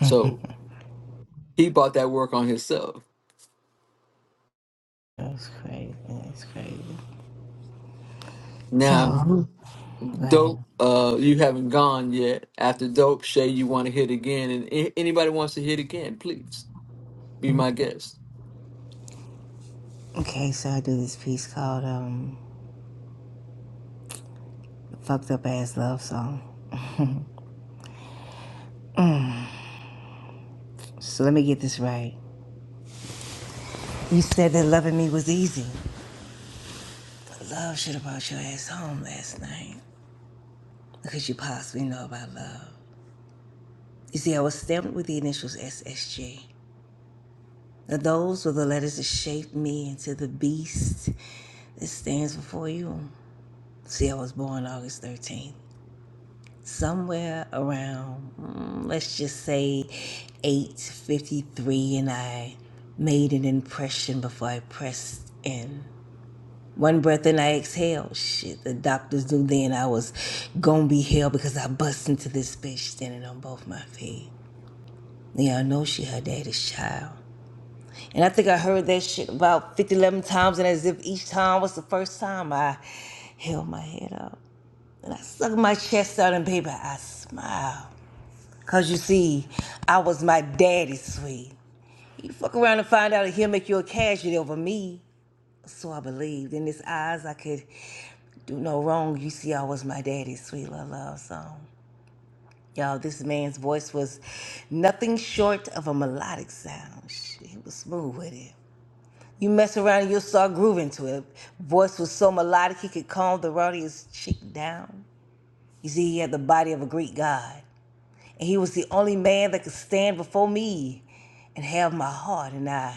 So he bought that work on himself.
That's crazy. That's crazy. So,
Now,
mm-hmm. right.
dope, uh, you haven't gone yet. After dope, Shay, you want to hit again, and a- anybody wants to hit again, please be my guest.
Okay, so I do this piece called um, Fucked Up Ass Love Song. So let me get this right. You said that loving me was easy. love should have brought your ass home last night. Because you possibly know about love. You see, I was stamped with the initials SSG. Those were the letters that shaped me into the beast that stands before you. See, I was born August 13th. Somewhere around, mm, let's just say 8.53, and I made an impression before I pressed in. One breath and I exhaled. Shit, the doctors knew then I was gonna be hell because I bust into this bitch standing on both my feet. Yeah, I know she her daddy's child. And I think I heard that shit about 50 11 times, and as if each time was the first time I held my head up. And I sucked my chest out, and baby, I smiled. Because you see, I was my daddy's sweet. You fuck around and find out that he'll make you a casualty over me. So I believed. In his eyes, I could do no wrong. You see, I was my daddy's sweet little love song. Y'all, this man's voice was nothing short of a melodic sound. Shit, He was smooth with it. You mess around and you'll start grooving to it. Voice was so melodic he could calm the rowdy's chick down. You see, he had the body of a Greek god, and he was the only man that could stand before me and have my heart. And I,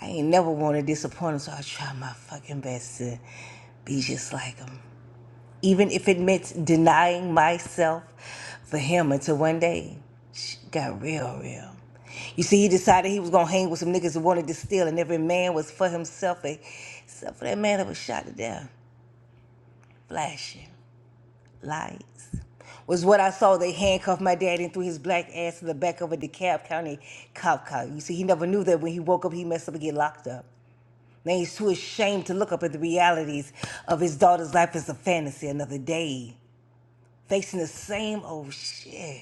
I ain't never want to disappoint him, so I try my fucking best to be just like him even if it meant denying myself for him until one day sh got real, real. You see, he decided he was gonna hang with some niggas who wanted to steal, and every man was for himself, except for that man that was shot to death. Flashing lights was what I saw. They handcuffed my daddy and threw his black ass to the back of a DeKalb County cop car. You see, he never knew that when he woke up, he messed up and get locked up. Now he's too ashamed to look up at the realities of his daughter's life as a fantasy another day facing the same old shit.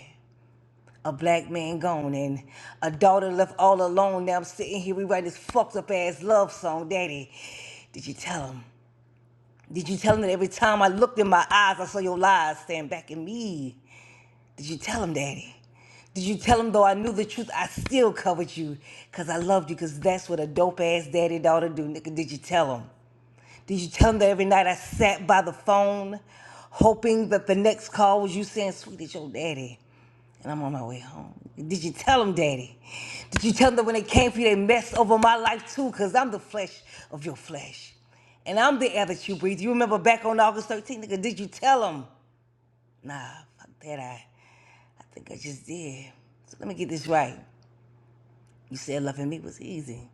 A black man gone and a daughter left all alone. Now I'm sitting here rewriting this fucked up ass love song, Daddy. Did you tell him? Did you tell him that every time I looked in my eyes, I saw your lies staring back at me? Did you tell him, Daddy? Did you tell him though I knew the truth, I still covered you? Cause I loved you, cause that's what a dope ass daddy daughter do, nigga. Did you tell him? Did you tell them that every night I sat by the phone, hoping that the next call was you saying, "Sweet, it's your daddy," and I'm on my way home? Did you tell them, Daddy? Did you tell them that when they came for you, they messed over my life too? Cause I'm the flesh of your flesh, and I'm the air that you breathe. You remember back on August 13th, nigga? Did you tell them? Nah, fuck that. I, I think I just did. So let me get this right. You said loving me was easy.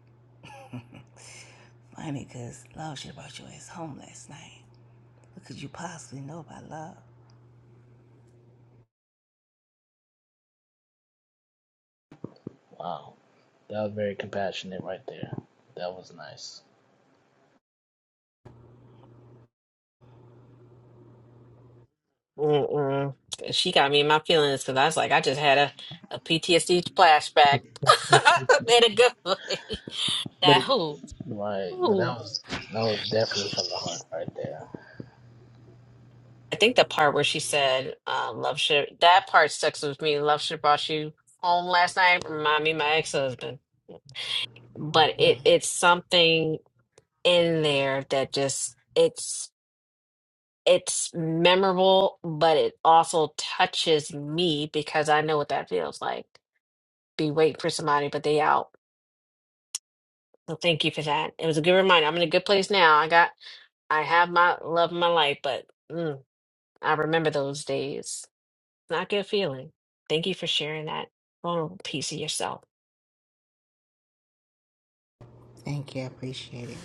Funny, cause love should have brought your ass home last night. What could you possibly know about love?
Wow. That was very compassionate right there. That was nice.
Mm-mm. She got me in my feelings because I was like, I just had a a PTSD flashback. (laughs) In a good way. (laughs) That
But
who?
right, but
Who?
that was that was definitely from the heart right there.
I think the part where she said, uh, "Love should." That part sticks with me. Love should have brought you home last night. Remind me, of my ex husband. But it it's something. in there that just it's it's memorable, but it also touches me because I know what that feels like. Be waiting for somebody, but they out. So thank you for that. It was a good reminder. I'm in a good place now. I got I have my love of my life, but mm, I remember those days. Not a good feeling. Thank you for sharing that vulnerable piece of yourself.
Thank you. I appreciate it.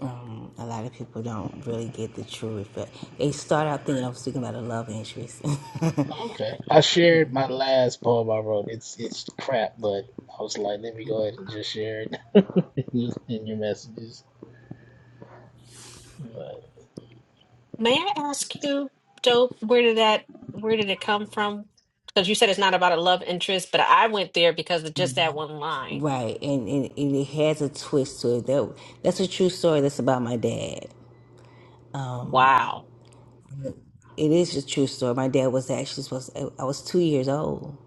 Um, a lot of people don't really get the true effect. They start out
Right.
thinking I'm speaking about a love interest.
Okay. I shared my last poem I wrote. It's it's crap, but I was like, let me go ahead and just share it (laughs) in your in your messages. But
May I ask you, Dope, where did that where did it come from? Because you said it's not about a love interest, but I went there because of just that one
(laughs)
line.
right. And, and, and it has a twist to it. That, that's a true story. That's about my dad.
Wow.
It is a true story. My dad was actually supposed to, I was two years old.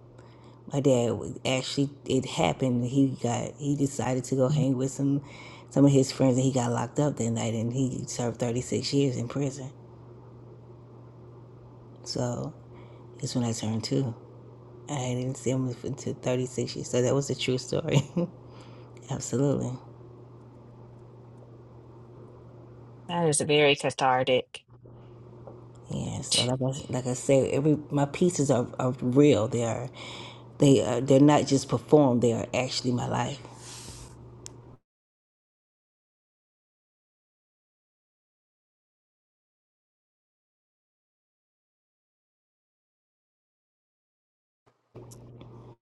My dad was actually, it happened. He got, he decided to go hang with some, some of his friends and he got locked up that night and he served 36 years in prison. So it's when I turned two. I didn't see him until 36 years. So that was a true story. (laughs) Absolutely.
That is very cathartic.
Yeah. So like I, like I say, every my pieces are, are real. They are, they are, they're not just performed. They are actually my life.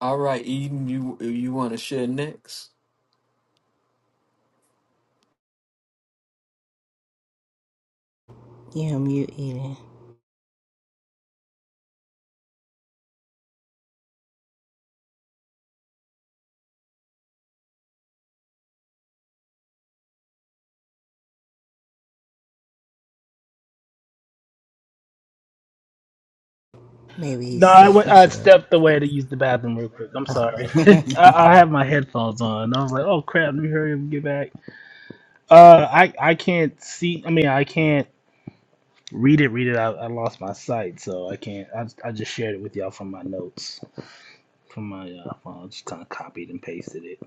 All right, Eden, you you want to share next?
Yeah, I'm mute eating. Maybe he's
no, I
stuck,
went- I
Michelle.
stepped away to use the bathroom real quick. I'm sorry. (laughs) I, I have my headphones on. I was like, oh crap, let me hurry up and get back. Uh, I I can't see. I mean, I can't read it. Read it. I, I lost my sight, so I can't. I I just shared it with y'all from my notes. from my uh, phone. I just kind of copied and pasted it.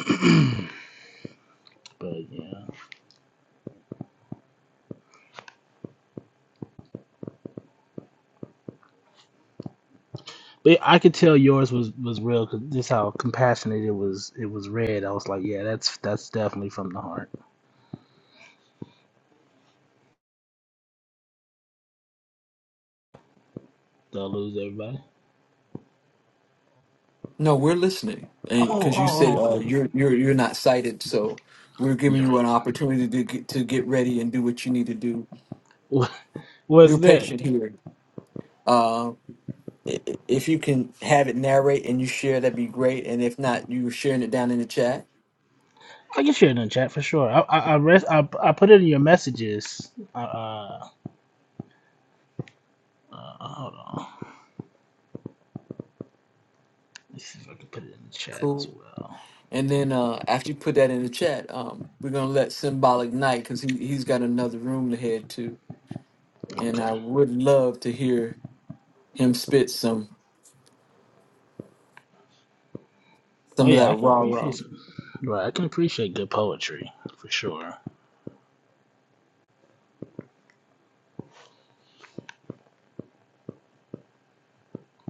(clears throat) but yeah, but I could tell yours was was real because just how compassionate it was. It was read. I was like, yeah, that's that's definitely from the heart. They'll lose everybody.
No, we're listening,
Oh,
and
oh,
because you said
oh
uh,
okay.
you're you're you're not cited, so we're giving
You're
you
right.
an opportunity to get to get ready and do what you need to do
(laughs) What
real
was that?
patient here. Uh, i- i- if you can have it narrate and you share, that'd be great. And if not, you're sharing it down in the chat.
I can share it in the chat for sure. I I I, rest, I, I put it in your messages. Uh, uh, uh, hold on. Let's see if I can put it in the chat as
Cool.
well.
And then uh, after you put that in the chat, um, we're gonna let Symbolic Night because he he's got another room to head to, and I
Okay.
would love to hear him spit some
Oh
some of
yeah,
that
I can
rah
appreciate
rah.
some. Right, I can appreciate good poetry for sure.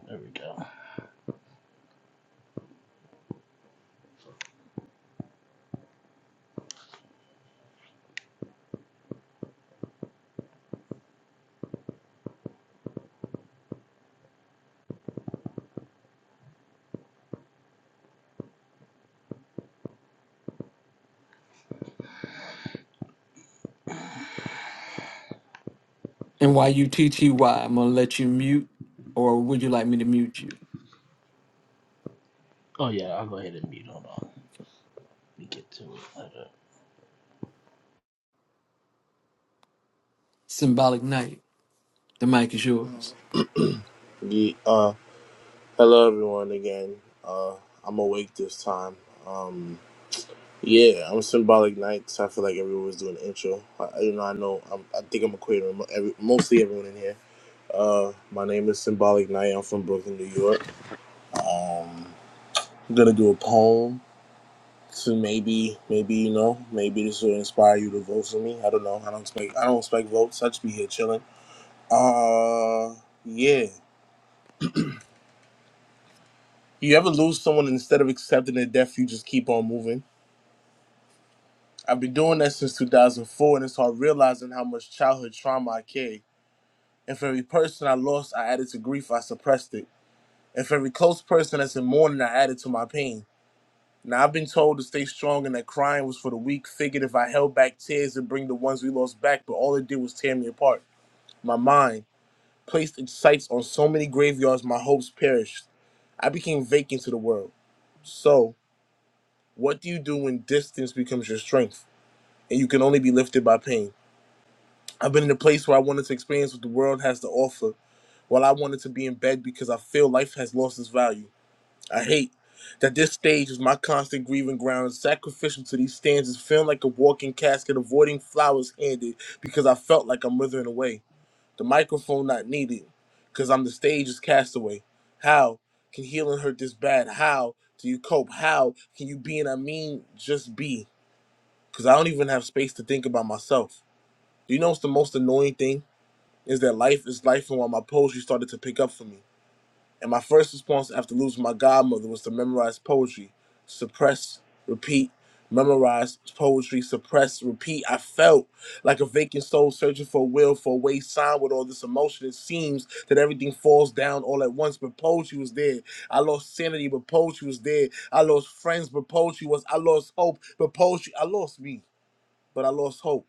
There we go.
And while you TTY, am gonna let you mute, or would you like me to mute you?
Oh yeah, I'll go ahead and mute. Hold on. Let me get to it. Hold up.
Symbolic Night. The mic is yours.
Ye uh hello everyone again. Uh I'm awake this time. Um yeah, I'm symbolic nights. I feel like everyone was doing an intro. I, you know, I know. I'm, I think I'm a mo- every, mostly everyone in here. Uh, my name is Symbolic Knight. I'm from Brooklyn, New York. I'm gonna do a poem to maybe, maybe you know, maybe this will inspire you to vote for me. I don't know. I don't expect, I don't expect votes. I just be here chilling. Uh, yeah. You ever lose someone and instead of accepting their death, you just keep on moving? I've been doing that since 2004, and it's hard realizing how much childhood trauma I carry. And for every person I lost, I added to grief. I suppressed it. And for every close person that's in mourning, I added to my pain. Now I've been told to stay strong and that crying was for the weak. Figured if I held back tears and bring the ones we lost back, but all it did was tear me apart. My mind placed its sights on so many graveyards, my hopes perished. I became vacant to the world. So, what do you do when distance becomes your strength and you can only be lifted by pain? I've been in a place where I wanted to experience what the world has to offer, while I wanted to be in bed because I feel life has lost its value. I hate that this stage is my constant grieving ground, sacrificial to these stanzas, feeling like a walking casket, avoiding flowers handed because I felt like I'm withering away. The microphone not needed because I'm the stage's castaway. How can healing hurt this bad? How do you cope? How can you be and I mean just be? Because I don't even have space to think about myself. You know what's the most annoying thing? Is that life is life and while my poetry started to pick up for me. And my first response after losing my godmother was to memorize poetry, suppress, repeat, memorize poetry, suppress, repeat. I felt like a vacant soul searching for a will, for a way signed with all this emotion. It seems that everything falls down all at once, but poetry was there. I lost sanity, but poetry was there. I lost friends, but poetry was. I lost hope, but poetry. I lost me, but I lost hope.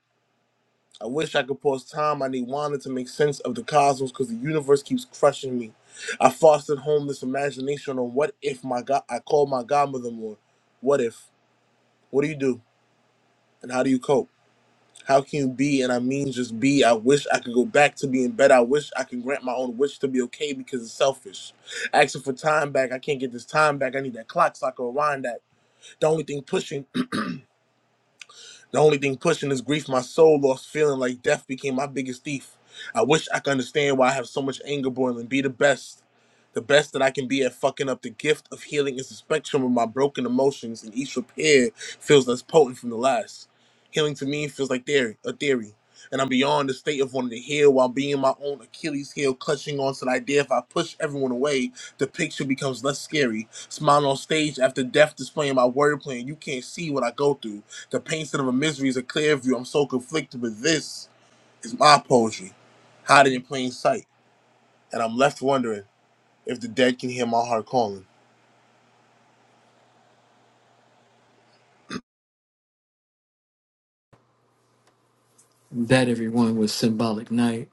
I wish I could pause time. I need Wanda to make sense of the cosmos because the universe keeps crushing me. I fostered home this imagination on what if my god I call my godmother more. What if? What do you do? And how do you cope? How can you be? And I mean just be. I wish I could go back to being better. I wish I could grant my own wish to be okay because it's selfish. Asking for time back. I can't get this time back. I need that clock so I can rewind that. The only thing pushing The only thing pushing is grief. My soul lost feeling like death became my biggest thief. I wish I could understand why I have so much anger boiling. Be the best. The best that I can be at fucking up the gift of healing is the spectrum of my broken emotions, and each repair feels less potent from the last. Healing to me feels like theory, a theory, and I'm beyond the state of wanting to heal while being my own Achilles heel, clutching onto the idea if I push everyone away. The picture becomes less scary. Smiling on stage after death, displaying my wordplay, and you can't see what I go through. The pain instead of a misery is a clear view. I'm so conflicted, but this is my poetry, hiding in plain sight. And I'm left wondering if the dead can hear my heart calling.
That everyone was Symbolic Night.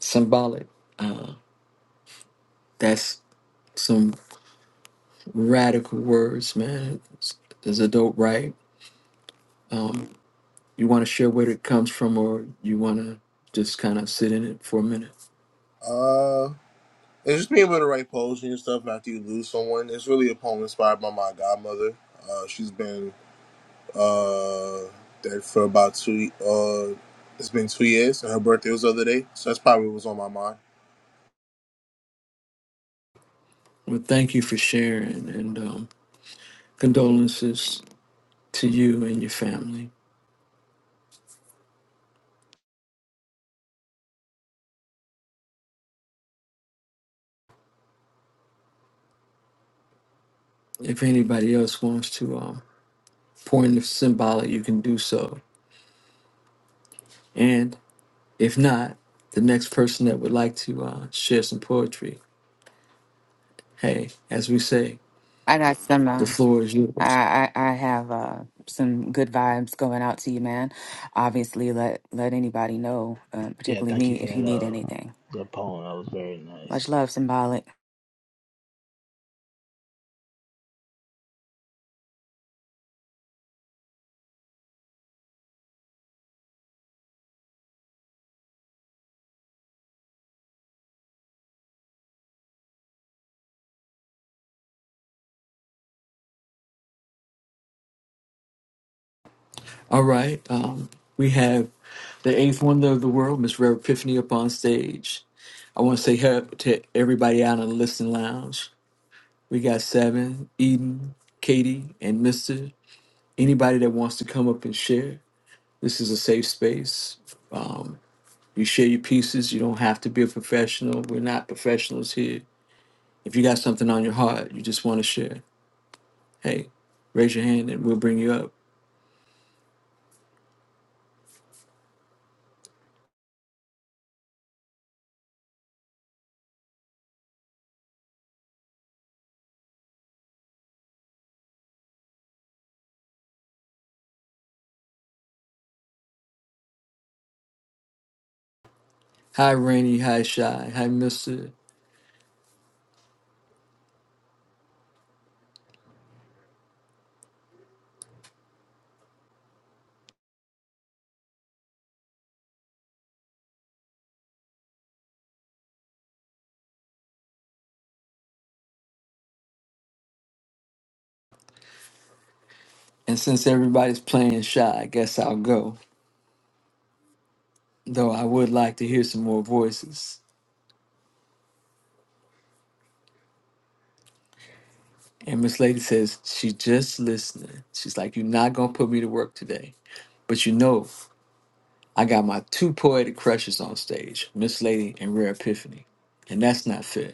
Symbolic. uh, That's some radical words, man. It's, it's a dope right? Um, you want to share where it comes from, or you want to just kind of sit in it for a minute?
Uh, it's just being able to write poetry and stuff after you lose someone. It's really a poem inspired by my godmother. Uh, she's been uh dead for about two uh it's been two years, and her birthday was the other day, so that's probably what was on my mind.
Well, thank you for sharing, and um, condolences to you and your family. If anybody else wants to um, pour in the symbolic, you can do so. And if not, the next person that would like to uh, share some poetry, hey, as we say,
I got some.
the
Uh,
floor is
I,
yours.
I I have uh, some good vibes going out to you, man. Obviously, let let anybody know, uh,
Yeah,
particularly
thank you
me,
for
if you
that
need
uh
anything.
that poem. That was very nice.
Much love, symbolic.
All right. Um, we have the eighth wonder of the world, Miss Rev Epiphany, up on stage. I want to say hello to everybody out in the listening lounge. We got Seven, Eden, Katie, and Mister. Anybody that wants to come up and share, this is a safe space. Um, you share your pieces. You don't have to be a professional. We're not professionals here. If you got something on your heart, you just want to share. Hey, raise your hand and we'll bring you up. Hi, Rainy. Hi, Shy. Hi, Mister. And since everybody's playing shy, I guess I'll go. Though I would like to hear some more voices. And Miss Lady says she's just listening. She's like, "You're not gonna put me to work today, but you know, I got my two poetic crushes on stage, Miss Lady and Rare Epiphany, and that's not fair.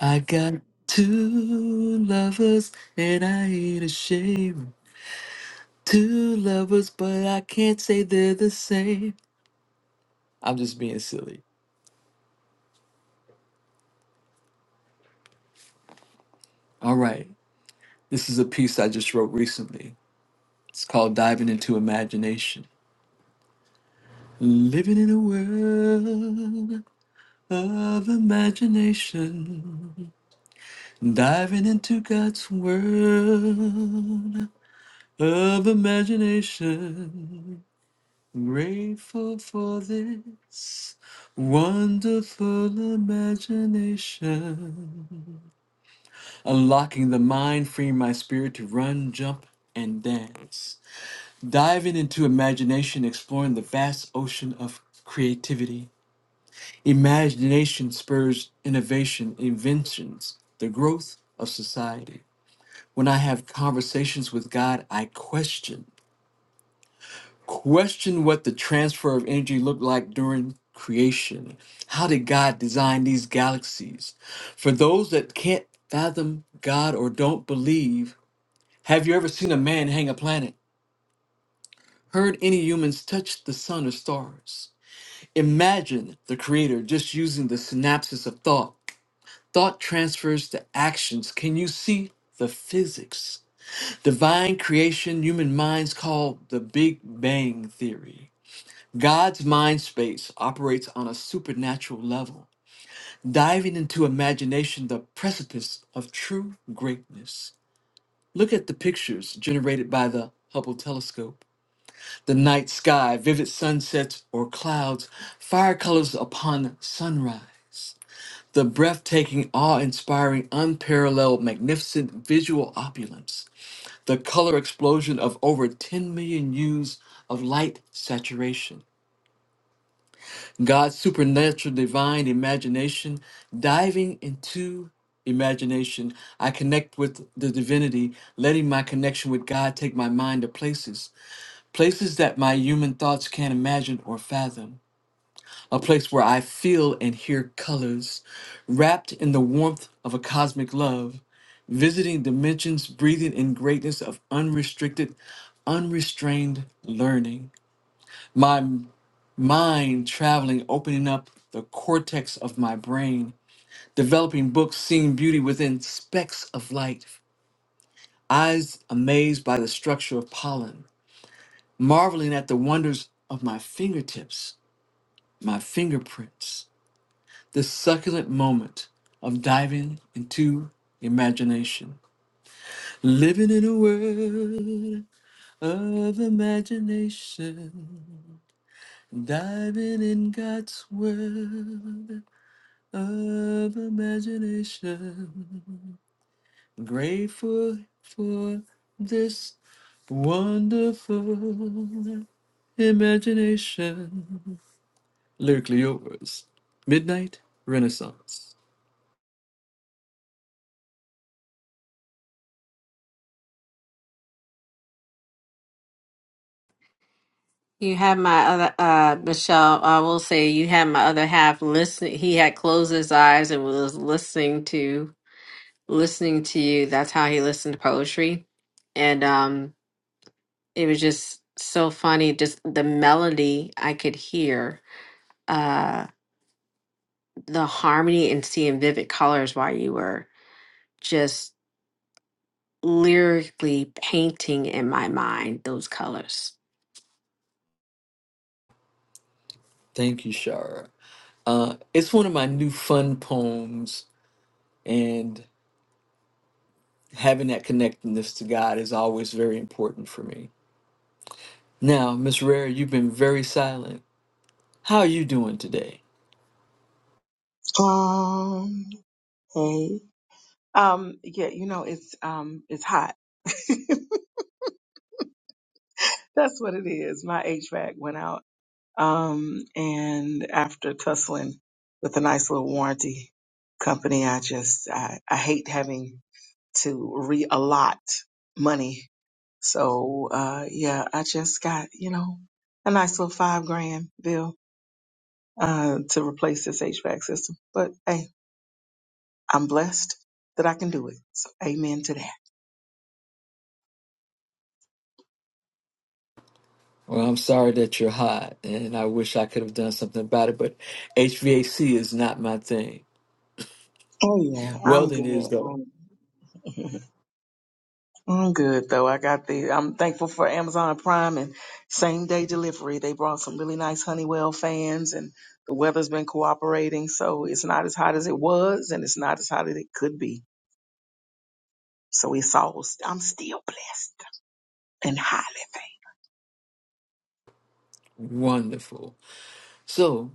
I got two lovers, and I ain't ashamed. Two lovers, but I can't say they're the same. I'm just being silly. All right, this is a piece I just wrote recently It's called Diving into Imagination. Living in a world of imagination. Diving into God's world of imagination. Grateful for this wonderful imagination. Unlocking the mind, freeing my spirit to run, jump, and dance. Diving into imagination, exploring the vast ocean of creativity. Imagination spurs innovation, inventions, the growth of society. When I have conversations with God, I question. Question what the transfer of energy looked like during creation. How did God design these galaxies? For those that can't fathom God or don't believe, have you ever seen a man hang a planet? Heard any humans touch the sun or stars? Imagine the creator just using the synapses of thought. Thought transfers to actions. Can you see the physics? Divine creation, human minds call the Big Bang Theory. God's mind space operates on a supernatural level, diving into imagination, the precipice of true greatness. Look at the pictures generated by the Hubble telescope the night sky, vivid sunsets or clouds, fire colors upon sunrise, the breathtaking, awe inspiring, unparalleled, magnificent visual opulence, the color explosion of over 10 million hues of light saturation, God's supernatural divine imagination diving into imagination. I connect with the divinity, letting my connection with God take my mind to places places that my human thoughts can't imagine or fathom, a place where I feel and hear colors, wrapped in the warmth of a cosmic love, visiting dimensions, breathing in greatness of unrestricted, unrestrained learning. My mind traveling, opening up the cortex of my brain, developing books, seeing beauty within specks of light, eyes amazed by the structure of pollen, marveling at the wonders of my fingertips my fingerprints, the succulent moment of diving into imagination. Living in a world of imagination, diving in God's world of imagination. Grateful for this wonderful imagination. Lyrically yours, Midnight Renaissance.
You had my other uh Michelle, I will say you had my other half listening. He had closed his eyes and was listening to listening to you. That's how he listened to poetry. And um it was just so funny just the melody I could hear. uh, the harmony and seeing vivid colors while you were just lyrically painting in my mind those colors.
Thank you, Shara. Uh, it's one of my new fun poems, and having that connectedness to God is always very important for me. Now, Miss Rare, you've been very silent. How are you doing today?
Um, hey. Um, yeah, you know, it's um it's hot. (laughs) That's what it is. My HVAC went out. Um, and after tussling with a nice little warranty company, I just I, I hate having to re-allot money. So uh yeah, I just got, you know, a nice little five grand bill uh to replace this HVAC system. But hey, I'm blessed that I can do it. So amen to that.
Well, I'm sorry that you're hot, and I wish I could have done something about it, but HVAC is not my thing.
Oh yeah, I'm
Welding
good.
is, though.
I'm, I'm good though. I got the. I'm thankful for Amazon Prime and same day delivery. They brought some really nice Honeywell fans, and the weather's been cooperating, so it's not as hot as it was, and it's not as hot as it could be. So it's all. I'm still blessed and highly thankful.
Wonderful. So,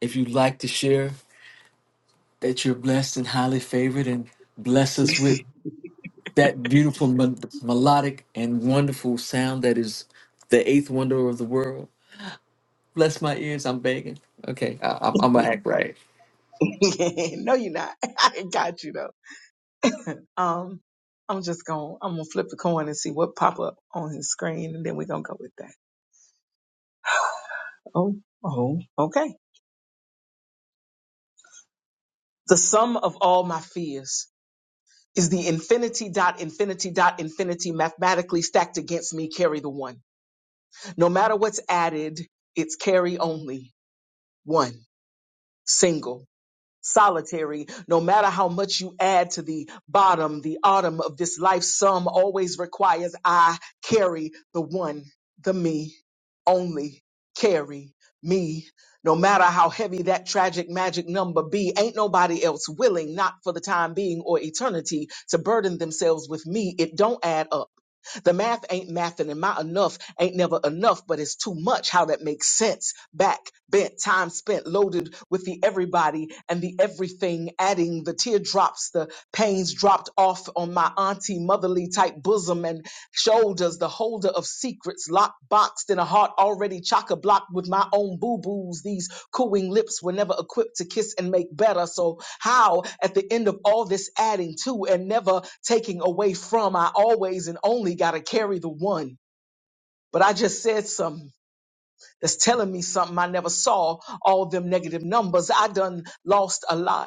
if you'd like to share that you're blessed and highly favored, and bless us
(laughs)
with that beautiful mel- melodic and wonderful sound that is the eighth wonder of the world. Bless my ears, I'm begging. Okay, I, I'm, I'm gonna act right.
no, you're not. (laughs) I got you though. Um, I'm just gonna I'm gonna flip the coin and see what pop up on his screen, and then we're gonna go with that. Oh, oh, okay. The sum of all my fears is the infinity dot infinity dot infinity mathematically stacked against me. Carry the one. No matter what's added, it's carry only one single. solitary no matter how much you add to the bottom the autumn of this life sum always requires i carry the one the me only carry me no matter how heavy that tragic magic number be ain't nobody else willing not for the time being or eternity to burden themselves with me it don't add up the math ain't mathing and my enough ain't never enough, but it's too much how that makes sense. Back, bent, time spent, loaded with the everybody and the everything, adding the teardrops, the pains dropped off on my auntie motherly type bosom and Shoulders, the holder of secrets, locked, boxed in a heart already chock a block with my own boo boos. These cooing lips were never equipped to kiss and make better. So, how at the end of all this adding to and never taking away from, I always and only got to carry the one. But I just said something that's telling me something I never saw. All them negative numbers, I done lost a lot.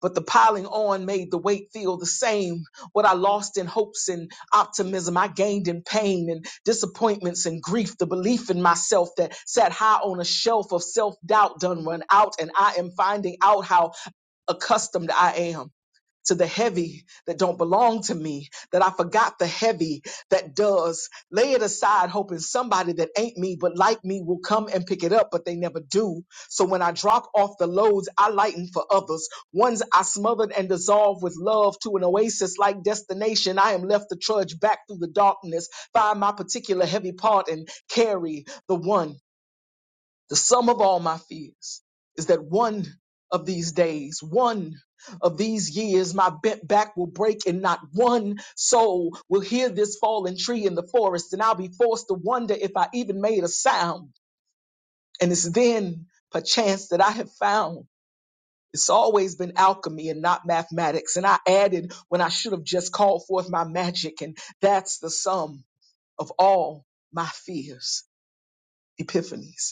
But the piling on made the weight feel the same. What I lost in hopes and optimism, I gained in pain and disappointments and grief. The belief in myself that sat high on a shelf of self doubt done run out, and I am finding out how accustomed I am to the heavy that don't belong to me, that I forgot the heavy that does. Lay it aside, hoping somebody that ain't me but like me will come and pick it up, but they never do. So when I drop off the loads, I lighten for others. Ones I smothered and dissolved with love to an oasis like destination. I am left to trudge back through the darkness, find my particular heavy part and carry the one. The sum of all my fears is that one of these days, one of these years, my bent back will break and not one soul will hear this fallen tree in the forest, and I'll be forced to wonder if I even made a sound. And it's then, perchance, that I have found it's always been alchemy and not mathematics. And I added when I should have just called forth my magic, and that's the sum of all my fears, epiphanies.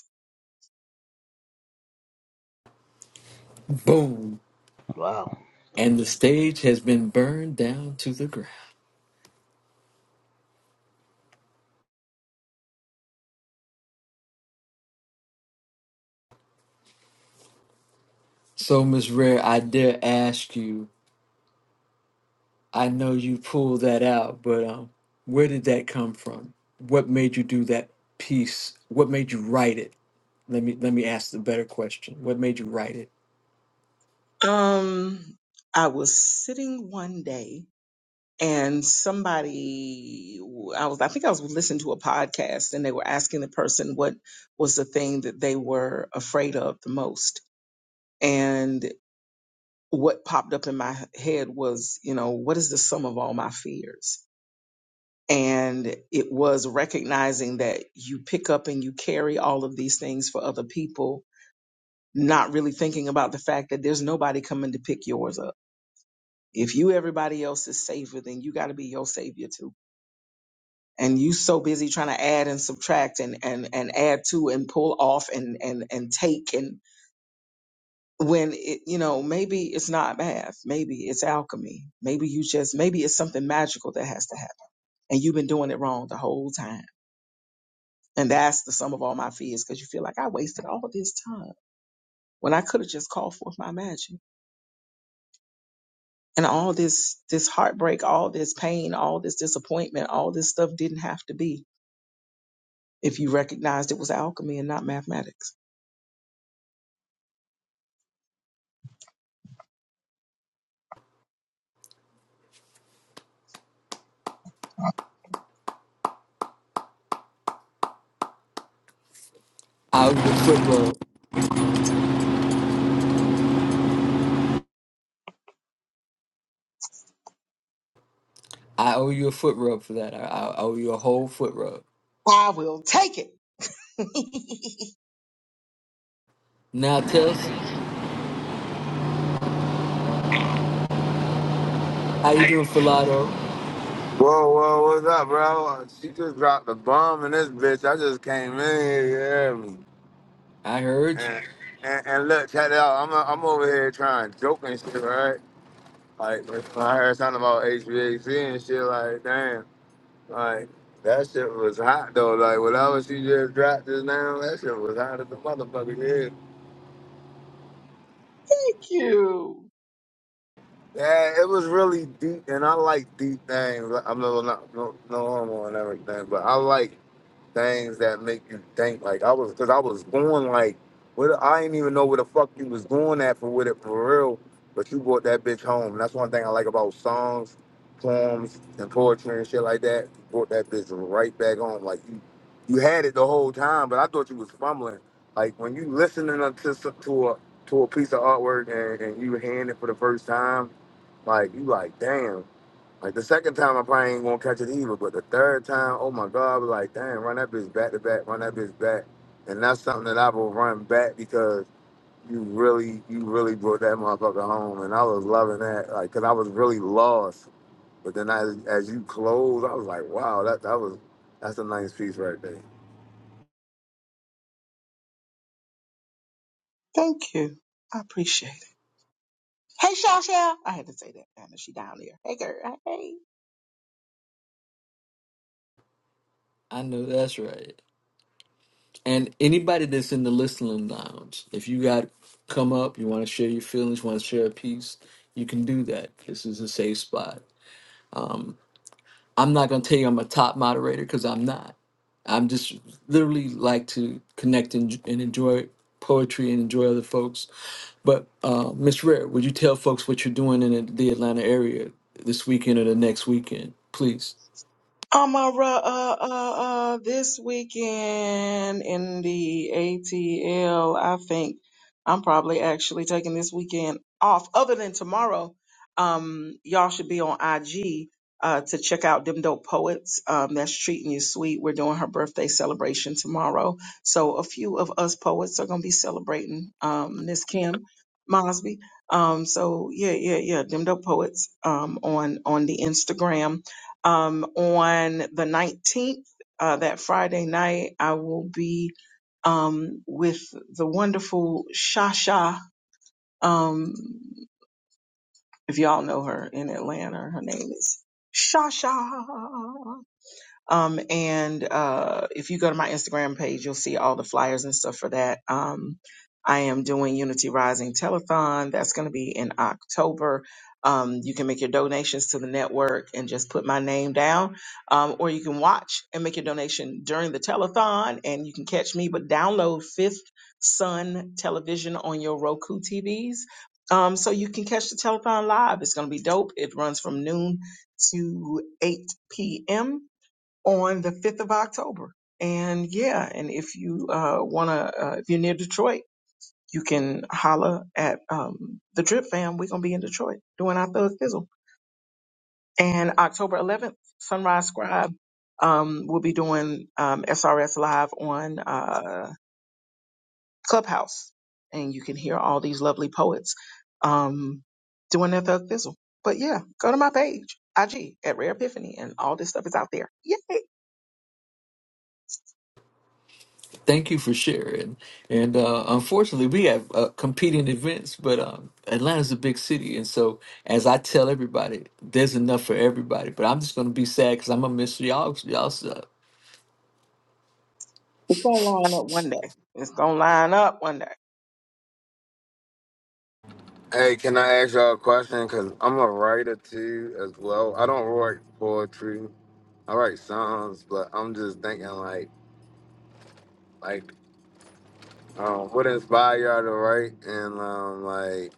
Boom.
Wow.
And
Thank
the
you.
stage has been burned down to the ground. So, Miss Rare, I dare ask you, I know you pulled that out, but um, where did that come from? What made you do that piece? What made you write it? Let me let me ask the better question. What made you write it?
Um, I was sitting one day and somebody, I was, I think I was listening to a podcast and they were asking the person what was the thing that they were afraid of the most. And what popped up in my head was, you know, what is the sum of all my fears? And it was recognizing that you pick up and you carry all of these things for other people, not really thinking about the fact that there's nobody coming to pick yours up If you everybody else's savior, then you got to be your savior too. And you so busy trying to add and subtract and and and add to and pull off and and and take and when it you know maybe it's not math, maybe it's alchemy, maybe you just maybe it's something magical that has to happen, and you've been doing it wrong the whole time. And that's the sum of all my fears because you feel like I wasted all this time when I could have just called forth my magic. And all this this heartbreak, all this pain, all this disappointment, all this stuff didn't have to be if you recognized it was alchemy and not mathematics.
Oh, your foot roll. I owe you a foot rub for that. I, I owe you a whole foot rub.
I will take it. (laughs) Thank
Now, Tels, um, how you doing, Filato?
Whoa, whoa, what's up, bro? She just dropped a bomb in this bitch. I just came in here, you hear me?
I heard you.
And, and, and look, check it out. I'm, uh, I'm over here trying joking and shit, right? Like, when I heard something about HVAC and shit, like, damn. Like, that shit was hot, though. Like, whatever she just dropped just now, that shit was hot as the motherfucker, yeah.
you.
Yeah, it was really deep, and I like deep things. Like, I'm no, not no, no no homo and everything, but I like things that make you think like I was because I was going like what I didn't even know where the fuck you was going at for with it for real, but you brought that bitch home. And that's one thing I like about songs, poems, and poetry and shit like that. You brought that bitch right back home. Like you, you had it the whole time, but I thought you was fumbling. Like when you listening to some- to a to a piece of artwork and, and you hand it for the first time, like you like damn. Like the second time, I probably ain't gonna catch it either. But the third time, oh my god, I be like, damn, run that bitch back to back, run that bitch back, and that's something that I will run back because you really, you really brought that motherfucker home, and I was loving that, like, cause I was really lost. But then as as you close, I was like, wow, that that was that's a nice piece right there.
Thank you. I appreciate it. Hey, Shaw Shaw. I had to say that. I know she down there. Hey, girl. Hey.
I know that's right. And anybody that's in the listening lounge, if you got come up, you want to share your feelings, want to share a piece, you can do that. This is a safe spot. I'm not going to tell you I'm a top moderator because I'm not. I'm just literally like to connect and, and enjoy poetry and enjoy other folks. But uh, Miss Rare, would you tell folks what you're doing in the Atlanta area this weekend or the next weekend, please?
Amara, uh, uh, uh, this weekend in the ATL, I think I'm probably actually taking this weekend off. Other than tomorrow, um, y'all should be on IG uh, to check out Them Dope Poets. Um, that's treating you sweet. We're doing her birthday celebration tomorrow, so a few of us poets are gonna be celebrating um, Miss Kim Mosby. Um, so yeah, yeah, yeah. Them Dope Poets um, on on the Instagram um, on the 19th, uh, that Friday night, I will be um, with the wonderful Shasha. Um, if y'all know her in Atlanta, her name is Shasha. Um, and uh, if you go to my Instagram page, you'll see all the flyers and stuff for that. Um, I am doing Unity Rising Telethon. That's going to be in October. Um, you can make your donations to the network and just put my name down, um, or you can watch and make your donation during the telethon, and you can catch me. But download Fifth Sun Television on your Roku TVs, um, so you can catch the telethon live. It's going to be dope. It runs from noon to 8 p.m on the 5th of October. And yeah, and if you uh, want to, uh, if you're near Detroit, you can holla at um, the Drip Fam. We're going to be in Detroit doing our Thug Fizzle. And October 11th, Sunrise Scribe um, will be doing um, SRS Live on uh, Clubhouse. And you can hear all these lovely poets um, doing their Thug Fizzle. But yeah, go to my page, IG, at Rare Epiphany, and all this stuff is out there. Yay!
Thank you for sharing. And uh, unfortunately, we have uh, competing events, but um, Atlanta's a big city, and so as I tell everybody, there's enough for everybody. But I'm just going to be sad because I'm gonna miss y'all. Y'all. Uh,
It's gonna line up one day. It's gonna line up one day.
Hey, can I ask y'all a question? Cause I'm a writer too, as well. I don't write poetry. I write songs, but I'm just thinking like, like. Um, what inspired y'all to write and um, like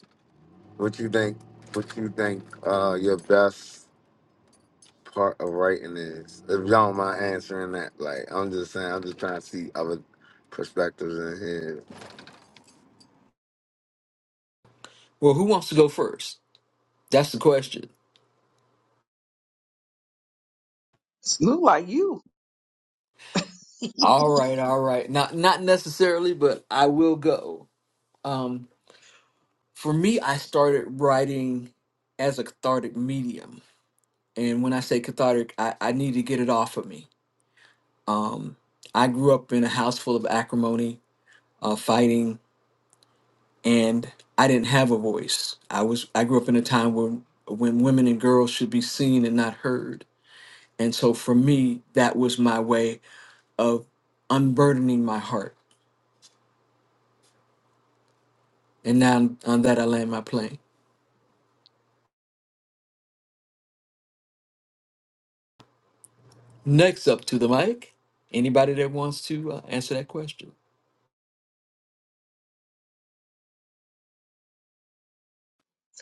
what you think what you think uh your best part of writing is? If y'all don't mind answering that, like I'm just saying, I'm just trying to see other perspectives in here.
well, who wants to go first? That's the question.
It's look like you. (laughs)
All right, all right. Not not necessarily, but I will go. Um, for me, I started writing as a cathartic medium, and when I say cathartic, I, I need to get it off of me. Um, I grew up in a house full of acrimony, uh, fighting, and I didn't have a voice. I was I grew up in a time when when women and girls should be seen and not heard, and so for me, that was my way of unburdening my heart And now on that, I land my plane. Next up to the mic, anybody that wants to uh, answer that question.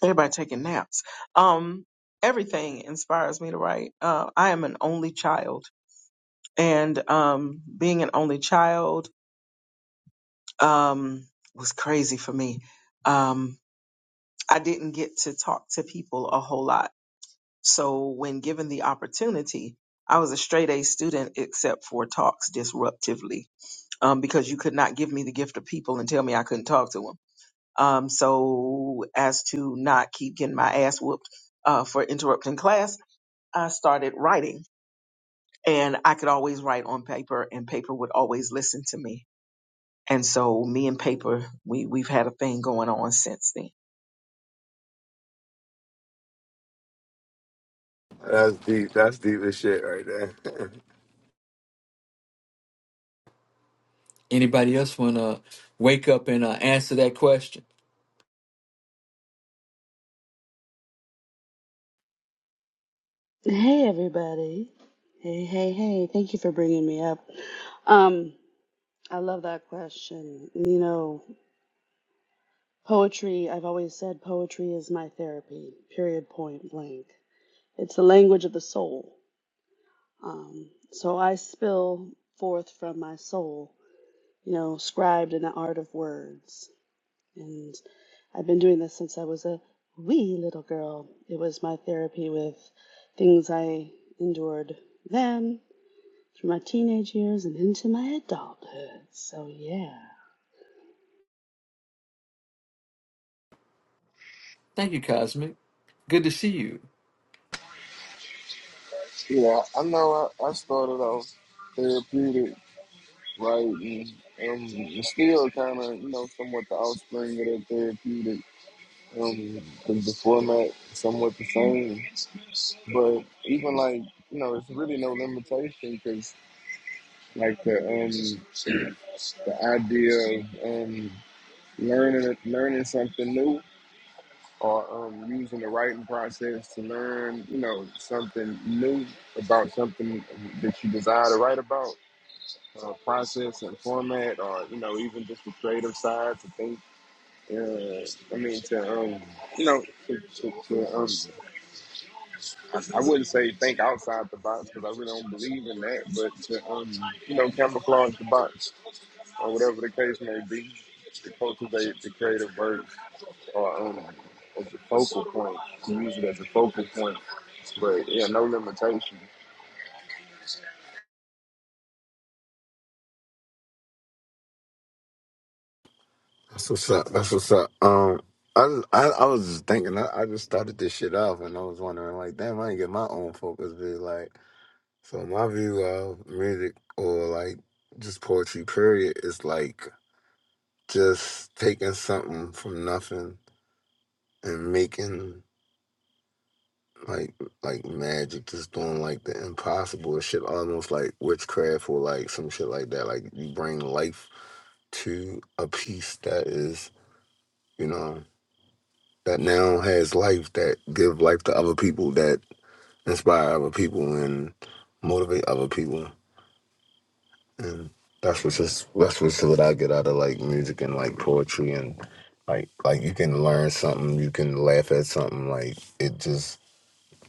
Everybody taking naps. Um, everything inspires me to write. Uh, I am an only child, and um, being an only child um, was crazy for me. Um, I didn't get to talk to people a whole lot, so when given the opportunity, I was a straight A student except for talks disruptively. Um, because you could not give me the gift of people and tell me I couldn't talk to them. Um, so as to not keep getting my ass whooped uh, for interrupting class, I started writing, and I could always write on paper, and paper would always listen to me. And so me and paper, we we've had a thing going on since then.
That's deep. That's deep as shit right there. (laughs)
Anybody else want to wake up and uh, answer that question?
Hey everybody. Hey, hey, hey. Thank you for bringing me up. Um, I love that question. You know, poetry, I've always said poetry is my therapy, period, point blank. It's the language of the soul. Um, so I spill forth from my soul, you know, scribed in the art of words. And I've been doing this since I was a wee little girl. It was my therapy with things I endured then through my teenage years and into my adulthood. So yeah.
Thank you, Cosmic. Good to see you.
Yeah, I know. I, I started off therapeutic writing, and it's still kind of you know somewhat the offspring of that therapeutic Um, the, the format somewhat the same, but even like you know, it's really no limitation because like the um the idea of um learning learning something new or um using the writing process to learn you know something new about something that you desire to write about. Uh, process and format, or you know, even just the creative side to think. Uh, I mean, to um, you know, to, to, to um, I, I wouldn't say think outside the box because I really don't believe in that, but to, um, you know, camouflage the box or whatever the case may be, to cultivate the creative works or um, as a focal point, to use it as a focal point. But yeah, no limitations.
That's what's up. That's what's up. Um, I just, I, I was just thinking. I, I just started this shit off, and I was wondering, like, damn, I didn't get my own focus view. Like, so my view of music or like just poetry, period, is like just taking something from nothing and making like like magic, just doing like the impossible shit, almost like witchcraft or like some shit like that. Like you bring life to a piece that is, you know, that now has life that give life to other people, that inspire other people and motivate other people. And that's what's just that's what's what I get out of like music and like poetry and like like you can learn something, you can laugh at something. Like it just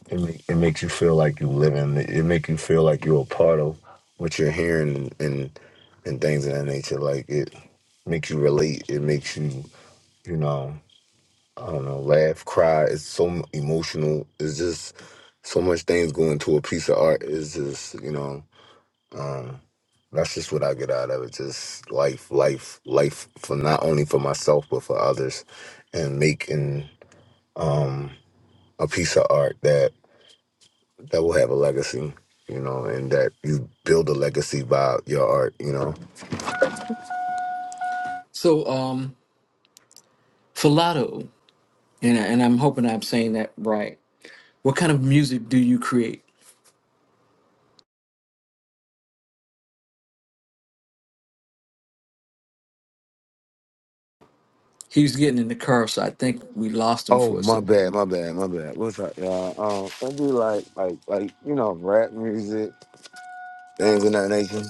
it make, it makes you feel like you living. It, it make you feel like you're a part of what you're hearing and and things of that nature. Like it makes you relate. It makes you you know I don't know laugh, cry. It's so emotional. It's just so much things go into a piece of art. It's just you know. That's just what I get out of it. Just life, life, life for not only for myself but for others, and making um a piece of art that that will have a legacy. You know, and that you build a legacy by your art. You know.
So, um, Filato, and, and I'm hoping I'm saying that right. What kind of music do you create? He was getting in the car, so I think we lost him
Oh
for a
my
second.
bad, my bad, my bad. What's up, y'all? Um, I do like like like you know rap music, things of that nature,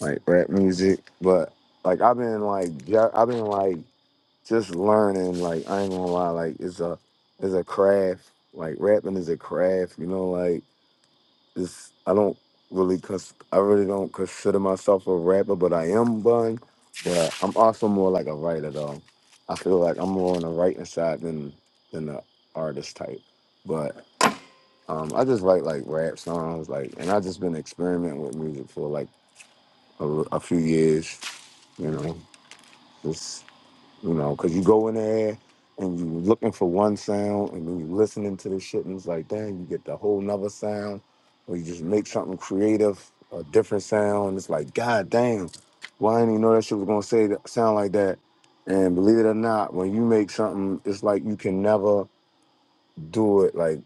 like rap music. But like I've been like ju- I've been like just learning, like I ain't gonna lie, like it's a it's a craft. Like rapping is a craft, you know, like it's I don't really cons- I really don't consider myself a rapper, but I am one. But I'm also more like a writer though. I feel like I'm more on the writing side than than the artist type. But um I just write like rap songs, like and I just been experimenting with music for like a, a few years, you know. Just you know, because you go in there and you're looking for one sound, and then you're listening to this shit, and it's like, dang, you get the whole nother sound, or you just make something creative, a different sound. It's like, god damn, why I didn't even know that shit was gonna say that, sound like that. And believe it or not, when you make something, it's like you can never do it. Like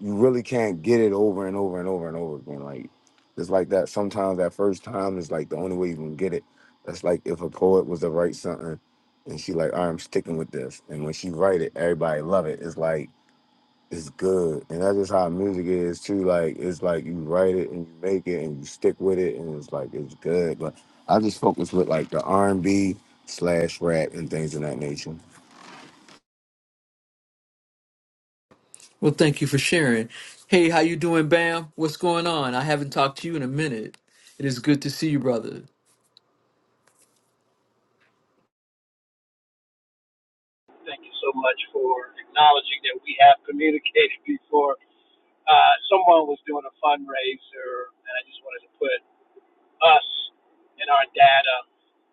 you really can't get it over and over and over and over again. Like it's like that. Sometimes that first time is like the only way you can get it. That's like if a poet was to write something and she like, "All right, I'm sticking with this. And when she write it, everybody love it. It's like it's good. And that's just how music is too. Like it's like you write it and you make it and you stick with it and it's like it's good. But I just focus with like the R and B slash rap and things of that nature.
Well, thank you for sharing. Hey, how you doing, Bam? What's going on? I haven't talked to you in a minute. It is good to see you, brother.
Thank you so much for acknowledging that we have communicated before. Uh, someone was doing a fundraiser, and I just wanted to put us and our data,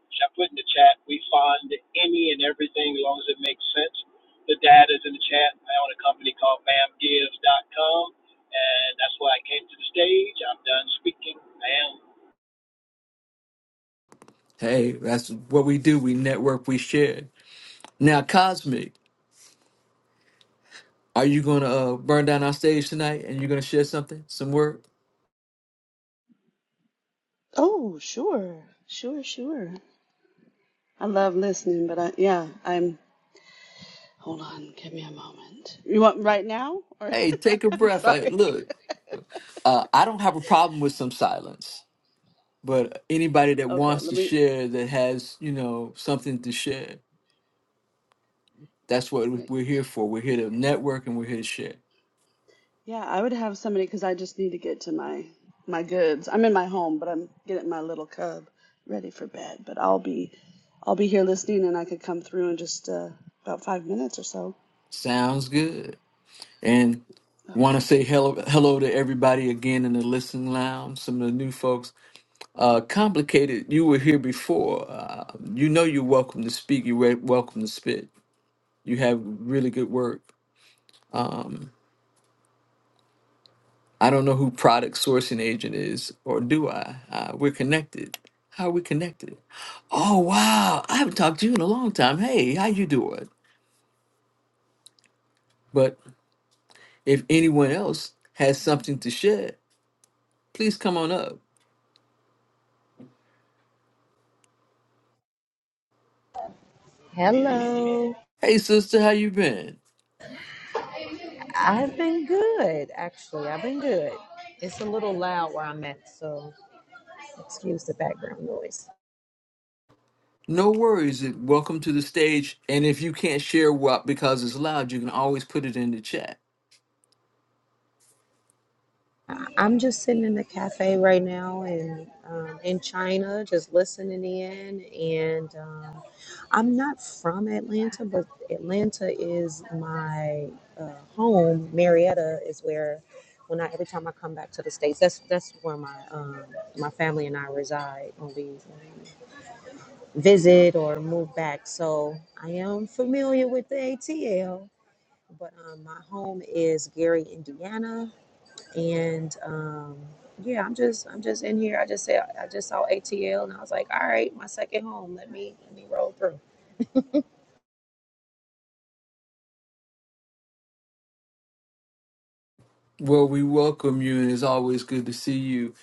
which I put in the chat. We fund any and everything as long as it makes sense. The data is in the chat. I own a company called BAMGives.com, and that's why I came to the stage. I'm done speaking. I am.
Hey, that's what we do. We network, we share. Now, Cosmic, are you going to uh, burn down our stage tonight and you're going to share something, some word?
Oh, sure, sure, sure. I love listening, but I yeah, I'm. Hold on, give me a moment. You want right now, or
Hey, take a
(laughs) I'm
breath. I,
sorry.
look, uh, I don't have a problem with some silence, but anybody that
Okay,
wants
let
to
me.
share that has, you know, something to share, that's what
Yeah,
we're here for. We're here to network and we're here to share.
yeah I would have somebody because I just need to get to my my goods. I'm in my home, but I'm getting my little cub ready for bed. But I'll be, I'll be here listening, and I could come through in just uh, about five minutes or so.
Sounds good. And
Okay.
want to say hello, hello to everybody again in the listening lounge, some of the new folks. uh, complicated. You were here before. Uh, you know you're welcome to speak. You're wel- welcome to spit. You have really good work. I don't know who product sourcing agent is, or do I? Uh, we're connected. How are we connected? Oh wow, I haven't talked to you in a long time. Hey, how you doing? But if anyone else has something to share, please come on up.
Hello.
Hey sister, how you been?
I've been good, actually. I've been good. It's a little loud where I'm at, so excuse the background noise.
No worries. Welcome to the stage. And if you can't share what because it's loud, you can always put it in the chat
I- I'm just sitting in the cafe right now in um, in China, just listening in. And um, I'm not from Atlanta, but Atlanta is my uh, home. Marietta is where when I every time I come back to the states, that's that's where my um, my family and I reside when we visit or move back. So I am familiar with the ATL, but um, my home is Gary, Indiana, and um, yeah, I'm just I'm just in here. I just said I just saw ATL, and I was like, all right, my second home. Let me let me roll through.
Well, we welcome you, and it's always good to see you.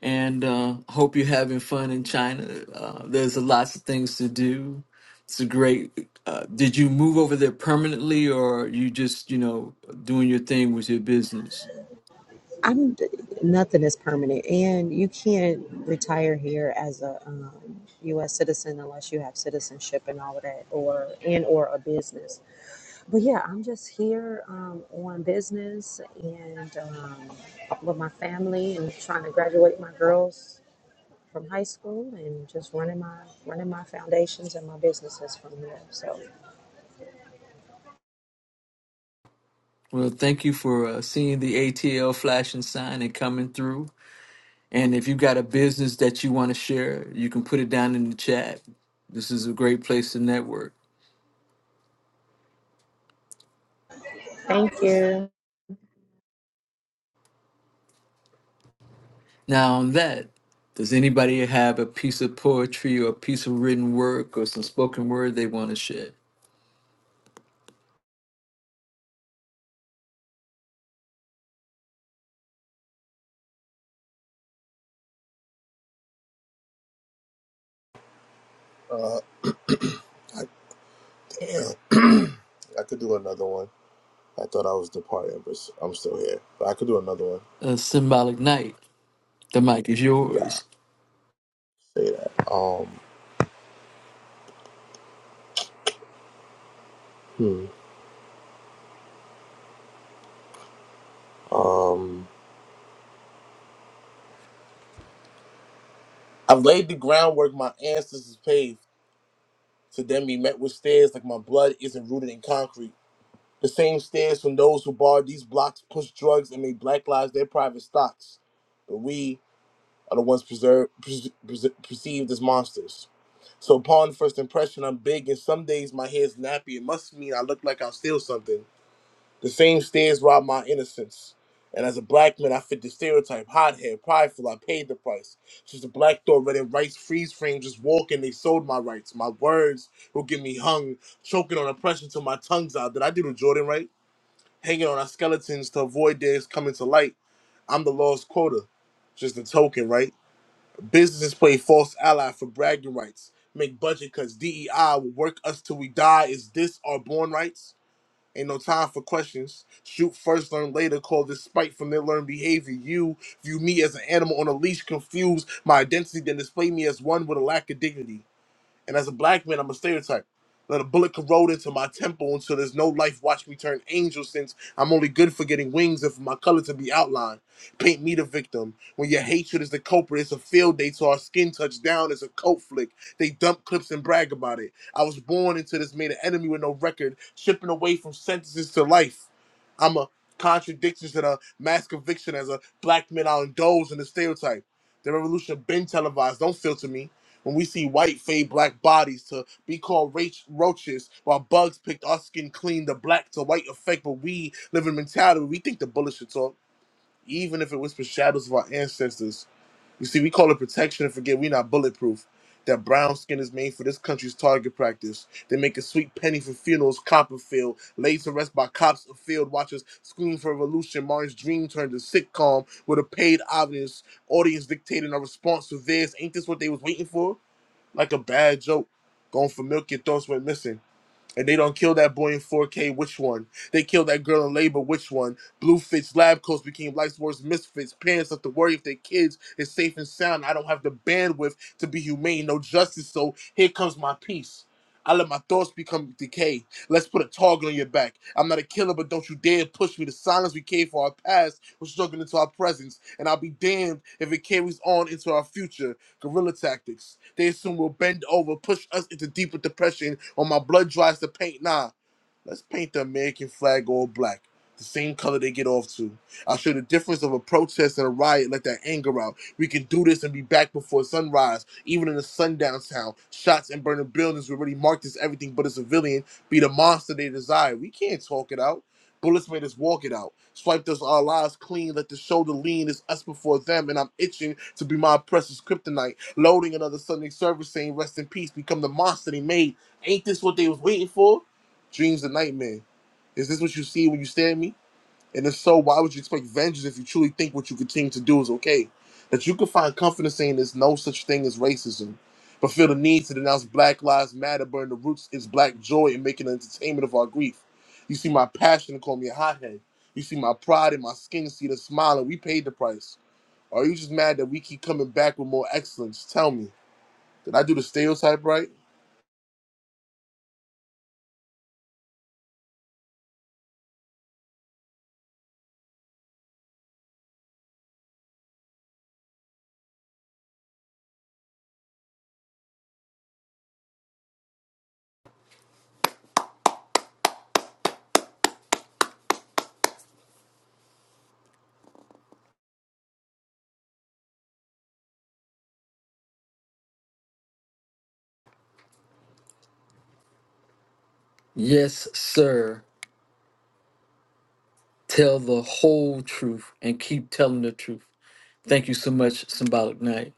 And uh, hope you're having fun in China. Uh, there's a lots of things to do. It's a great. Uh, did you move over there permanently, or you just you know doing your thing with your business?
I'm nothing is permanent, and you can't retire here as a um, U.S. citizen unless you have citizenship and all of that, or and or a business. But yeah, I'm just here um, on business and um, with my family and trying to graduate my girls from high school and just running my running my foundations and my businesses from there. So
Well, thank you for uh, seeing the ATL flashing sign and coming through. And if you got a business that you want to share, you can put it down in the chat. This is a great place to network.
thank you.
Now, on that, does anybody have a piece of poetry or a piece of written work or some spoken word they want to share?
Uh, I Damn. (clears throat) I could do another one. I thought I was departing, but I'm still here. But I could do another one.
A symbolic night. The mic is
Yeah,
yours.
say that. Um, hmm. um, I've laid the groundwork my ancestors paved. To them, he met with stairs like my blood isn't rooted in concrete. The same stairs from those who barred these blocks, pushed drugs, and made black lives their private stocks. But we are the ones preserved, pres- pres- perceived as monsters. So upon first impression, I'm big, and some days my hair's nappy. It must mean I look like I'll steal something. The same stares robbed my innocence. And as a black man, I fit the stereotype. Hot hair, prideful, I paid the price. Since the black door read in rights, freeze frames, just walking, they sold my rights. My words will get me hung, choking on oppression till my tongue's out. Did I do the Jordan right? Hanging on our skeletons to avoid theirs coming to light. I'm the lost quota. Just a token, right? Businesses play false ally for bragging rights. Make budget cuts. DEI will work us till we die. Is this our born rights? Ain't no time for questions. Shoot first, learn later. Call this spite from their learned behavior. You view me as an animal on a leash, confuse my identity, then display me as one with a lack of dignity. And as a black man, I'm a stereotype. Let a bullet corrode into my temple until there's no life. Watch me turn angel since I'm only good for getting wings and for my color to be outlined. Paint me the victim. When your hatred is the culprit, it's a field day to our skin touch down. It's a coat flick. They dump clips and brag about it. I was born into this, made an enemy with no record, shipping away from sentences to life. I'm a contradiction to the mass conviction as a black man. I'll indulge in the stereotype. The revolution been televised. Don't filter me when we see white fade black bodies to be called roach- roaches while bugs picked our skin clean the black to white effect but we live in mentality we think the bullet should talk even if it whispers shadows of our ancestors you see we call it protection and forget we not bulletproof that brown skin is made for this country's target practice. They make a sweet penny for funerals, Copperfield, laid to rest by cops of field watchers, scream for revolution. Martin's dream turned to sitcom with a paid audience, audience dictating a response to theirs. Ain't this what they was waiting for? like a bad joke. Going for milk, your thoughts went missing. And they don't kill that boy in 4K, which one? They killed that girl in labor, which one? Blue fits lab coats became life's worst misfits. Parents have to worry if their kids is safe and sound. I don't have the bandwidth to be humane, no justice, so here comes my peace. I let my thoughts become decay. Let's put a target on your back. I'm not a killer, but don't you dare push me. The silence we came for our past was struggling into our presence, and I'll be damned if it carries on into our future. Guerrilla tactics. They assume we'll bend over, push us into deeper depression, or my blood dries to paint. Nah, let's paint the American flag all black. The same color they get off to. I'll show the difference of a protest and a riot, let that anger out. We can do this and be back before sunrise, even in a sundown town. Shots and burning buildings will already marked as everything but a civilian be the monster they desire. We can't talk it out. Bullets made us walk it out. Swipe us our lives clean. Let the shoulder lean. It's us before them, and I'm itching to be my oppressor's kryptonite. Loading another Sunday service saying, Rest in peace, become the monster they made. Ain't this what they was waiting for? Dreams and nightmare. Is this what you see when you stare at me? And if so, why would you expect vengeance if you truly think what you continue to do is okay? That you can find comfort in saying there's no such thing as racism, but feel the need to denounce Black Lives Matter, burn the roots is black joy and making an entertainment of our grief. You see my passion and call me a hothead. You see my pride in my skin, see the smile, and we paid the price. Or are you just mad that we keep coming back with more excellence? Tell me, did I do the stereotype right?
Yes, sir. Tell the whole truth and keep telling the truth. Thank you so much, Symbolic Night.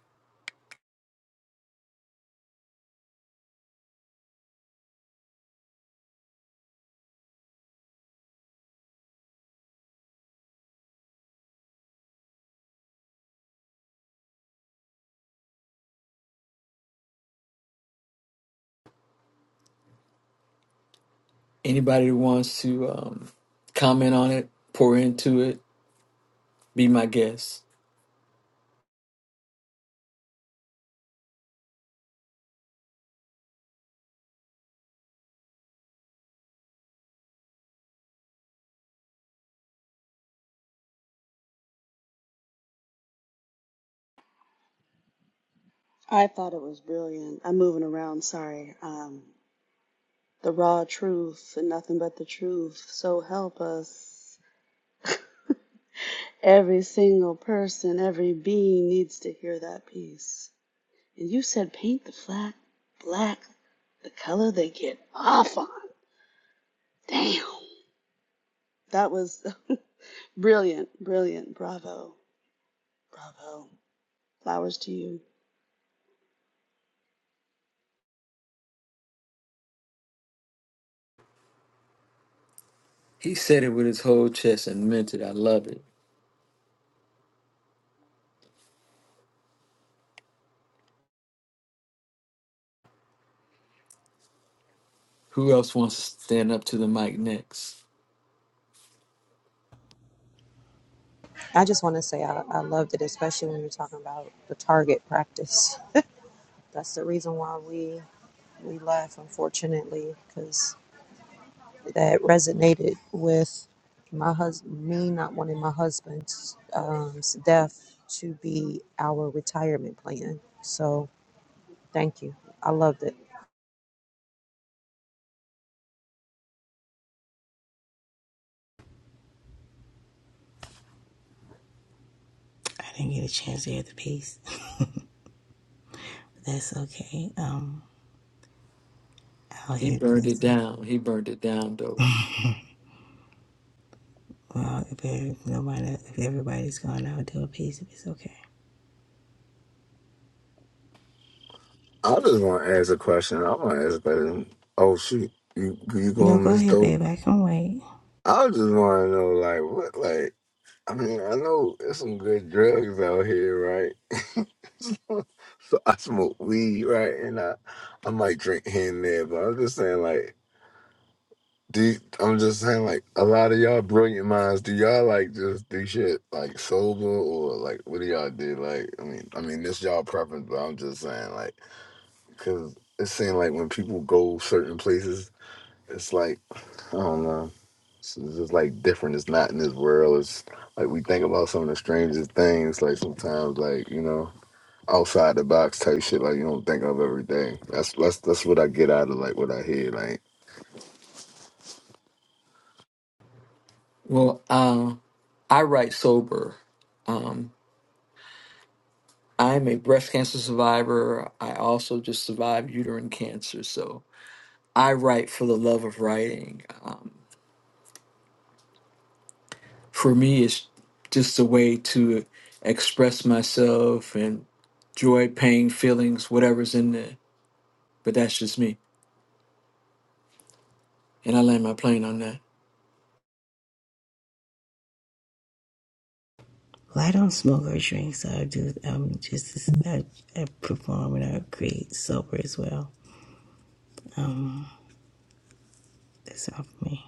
Anybody who wants to um, comment on it, pour into it, be my guest.
I thought it was brilliant. I'm moving around, sorry. Um, the raw truth and nothing but the truth. So help us. Every single person, every being needs to hear that piece. And you said paint the flag black, the color they get off on. Damn. That was (laughs) brilliant, brilliant. Bravo, bravo. Flowers to you.
He said it with his whole chest and meant it. I love it. Who else wants to stand up to the mic next?
I just want to say I, I loved it, especially when you're talking about the target practice. That's the reason why we we left, unfortunately, because. that resonated with my husband, me not wanting my husband's um, death to be our retirement plan. So thank you. I loved it.
I didn't get a chance to hear the piece. That's okay. Um, I'll
He
hear the
burned it
piece.
down. He burned it down though.
Well, if there- nobody, if everybody's gone, I'll do a piece if it's okay.
I just want to ask a question. I want to ask a question. Oh shoot, you you
No,
going
go
Miss
ahead, babe.
Dope?
I can wait.
I just want to know like what like. I mean, I know there's some good drugs out here, right? (laughs) so I smoke weed, right? And I I might drink here and there, but I'm just saying like. Do you- I'm just saying, like a lot of y'all brilliant minds. Do y'all like just do shit like sober or like what do y'all do? Like, I mean, I mean, this y'all preference, but I'm just saying, like. Cause it seems like when people go certain places, it's like I don't know. It's it's just like different. It's not in this world. It's like we think about some of the strangest things. Like sometimes, like you know, outside the box type shit. Like you don't think of everything. That's that's that's what I get out of like what I hear. Like
Well, uh, I write sober. Um, I'm a breast cancer survivor. I also just survived uterine cancer. So I write for the love of writing. Um, for me, it's just a way to express myself and joy, pain, feelings, whatever's in there. But that's just me. And I land my plane on that.
Well, I don't smoke or drink, so I do. I'm just I, I perform and I create sober as well. Um, that's all for me.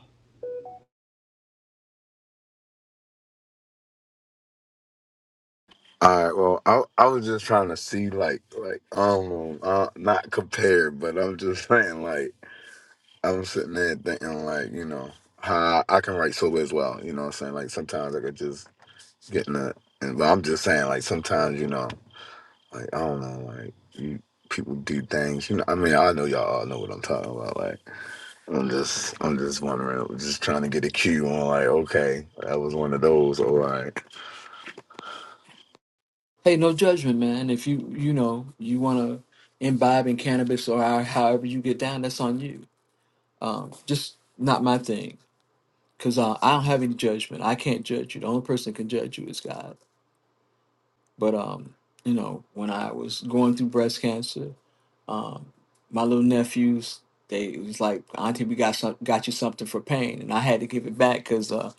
all right, well, I I was just trying to see like like I don't know, uh, not compare, but I'm just (laughs) saying like I'm sitting there thinking like you know how I can write so as well. You know what I'm saying? Like sometimes I could just getting that. And but I'm just saying, like sometimes you know, like I don't know, like you people do things. You know, I mean, I know y'all all know what I'm talking about. Like I'm just, I'm just wondering, just trying to get a cue on, like okay, that was one of those. All right,
Hey, no judgment, man. If you you know you want to imbibe in cannabis or how- however you get down, that's on you. Um, just not my thing, cause uh, I don't have any judgment. I can't judge you. The only person that can judge you is God. But um, you know, when I was going through breast cancer, um, my little nephews. They it was like, Auntie, we got some, got you something for pain, and I had to give it back because uh,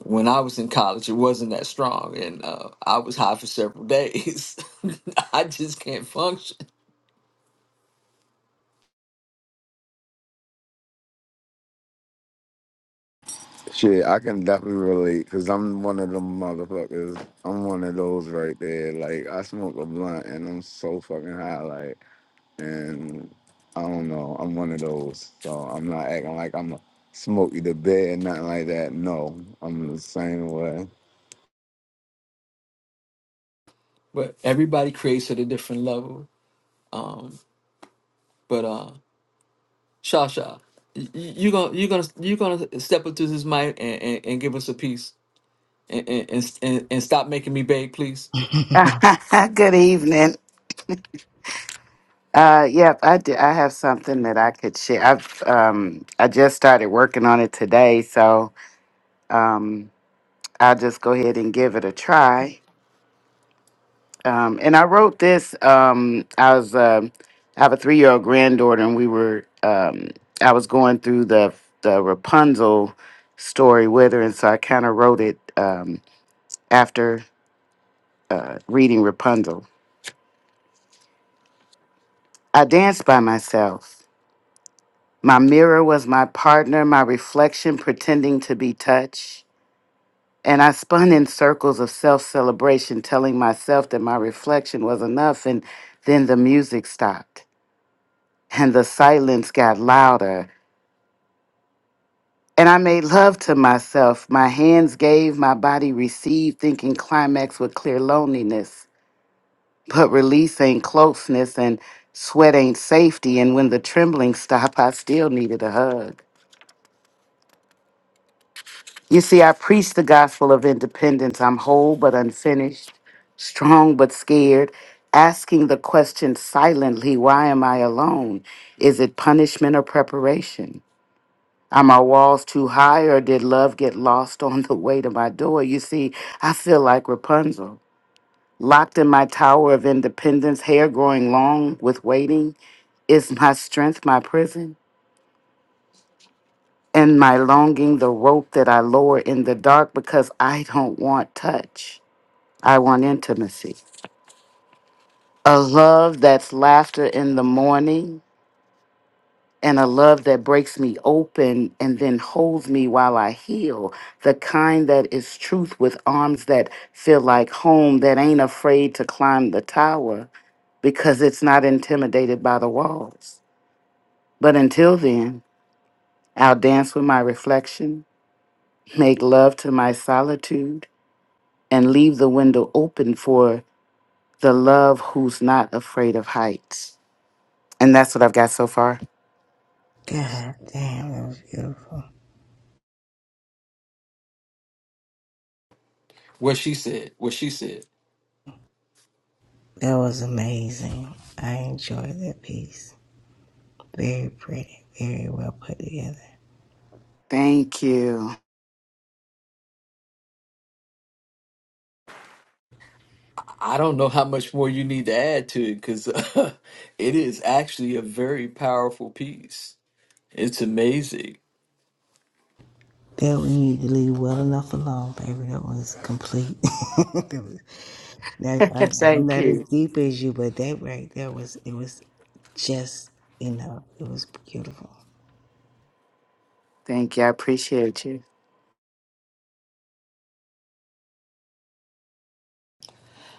when I was in college, it wasn't that strong, and uh, I was high for several days. (laughs) I just can't function.
shit, I can definitely relate because I'm one of them motherfuckers. I'm one of those right there. Like I smoke a blunt and I'm so fucking high, like. and I don't know. I'm one of those, so I'm not acting like I'm a smoky the bed, nothing like that. No, I'm the same way.
but everybody creates at a different level. Um, but uh, Shasha, y- y- you gonna you gonna you gonna step up to this mic and, and, and give us a piece and and, and and and stop making me beg, please.
(laughs) Good evening. Uh, yep, I do, I have something that I could share. I've um, I just started working on it today, so um, I'll just go ahead and give it a try. Um, and I wrote this. Um, I was um I have a three year old granddaughter, and we were um, I was going through the the Rapunzel story with her, and so I kind of wrote it um, after uh, reading Rapunzel. I danced by myself. My mirror was my partner, my reflection pretending to be touch. And I spun in circles of self celebration, telling myself that my reflection was enough. And then the music stopped and the silence got louder. And I made love to myself. My hands gave, my body received, thinking climax would clear loneliness. But release ain't closeness and sweat ain't safety. And when the trembling stopped, I still needed a hug. You see, I preach the gospel of independence. I'm whole but unfinished, strong but scared, asking the question silently why am I alone? Is it punishment or preparation? Are my walls too high or did love get lost on the way to my door? You see, I feel like Rapunzel, locked in my tower of independence, hair growing long with waiting. Is my strength my prison? And my longing the rope that I lower in the dark because I don't want touch. I want intimacy. A love that's laughter in the morning and a love that breaks me open and then holds me while I heal. The kind that is truth with arms that feel like home, that ain't afraid to climb the tower because it's not intimidated by the walls. But until then, I'll dance with my reflection, make love to my solitude, and leave the window open for the love who's not afraid of heights. And that's what I've got so far.
God damn, that was beautiful.
What she said, what she said.
That was amazing. I enjoyed that piece. Very pretty. Very well put together.
Thank you.
I I don't know how much more you need to add to it because (laughs) it is actually a very powerful piece. It's amazing.
That we need to leave well enough alone, baby. That was complete. (laughs) that was,
(laughs)
that, I, I'm
Thank
not as
you.
deep as you, but that right there was it was just enough. It was beautiful.
Thank you. I appreciate you.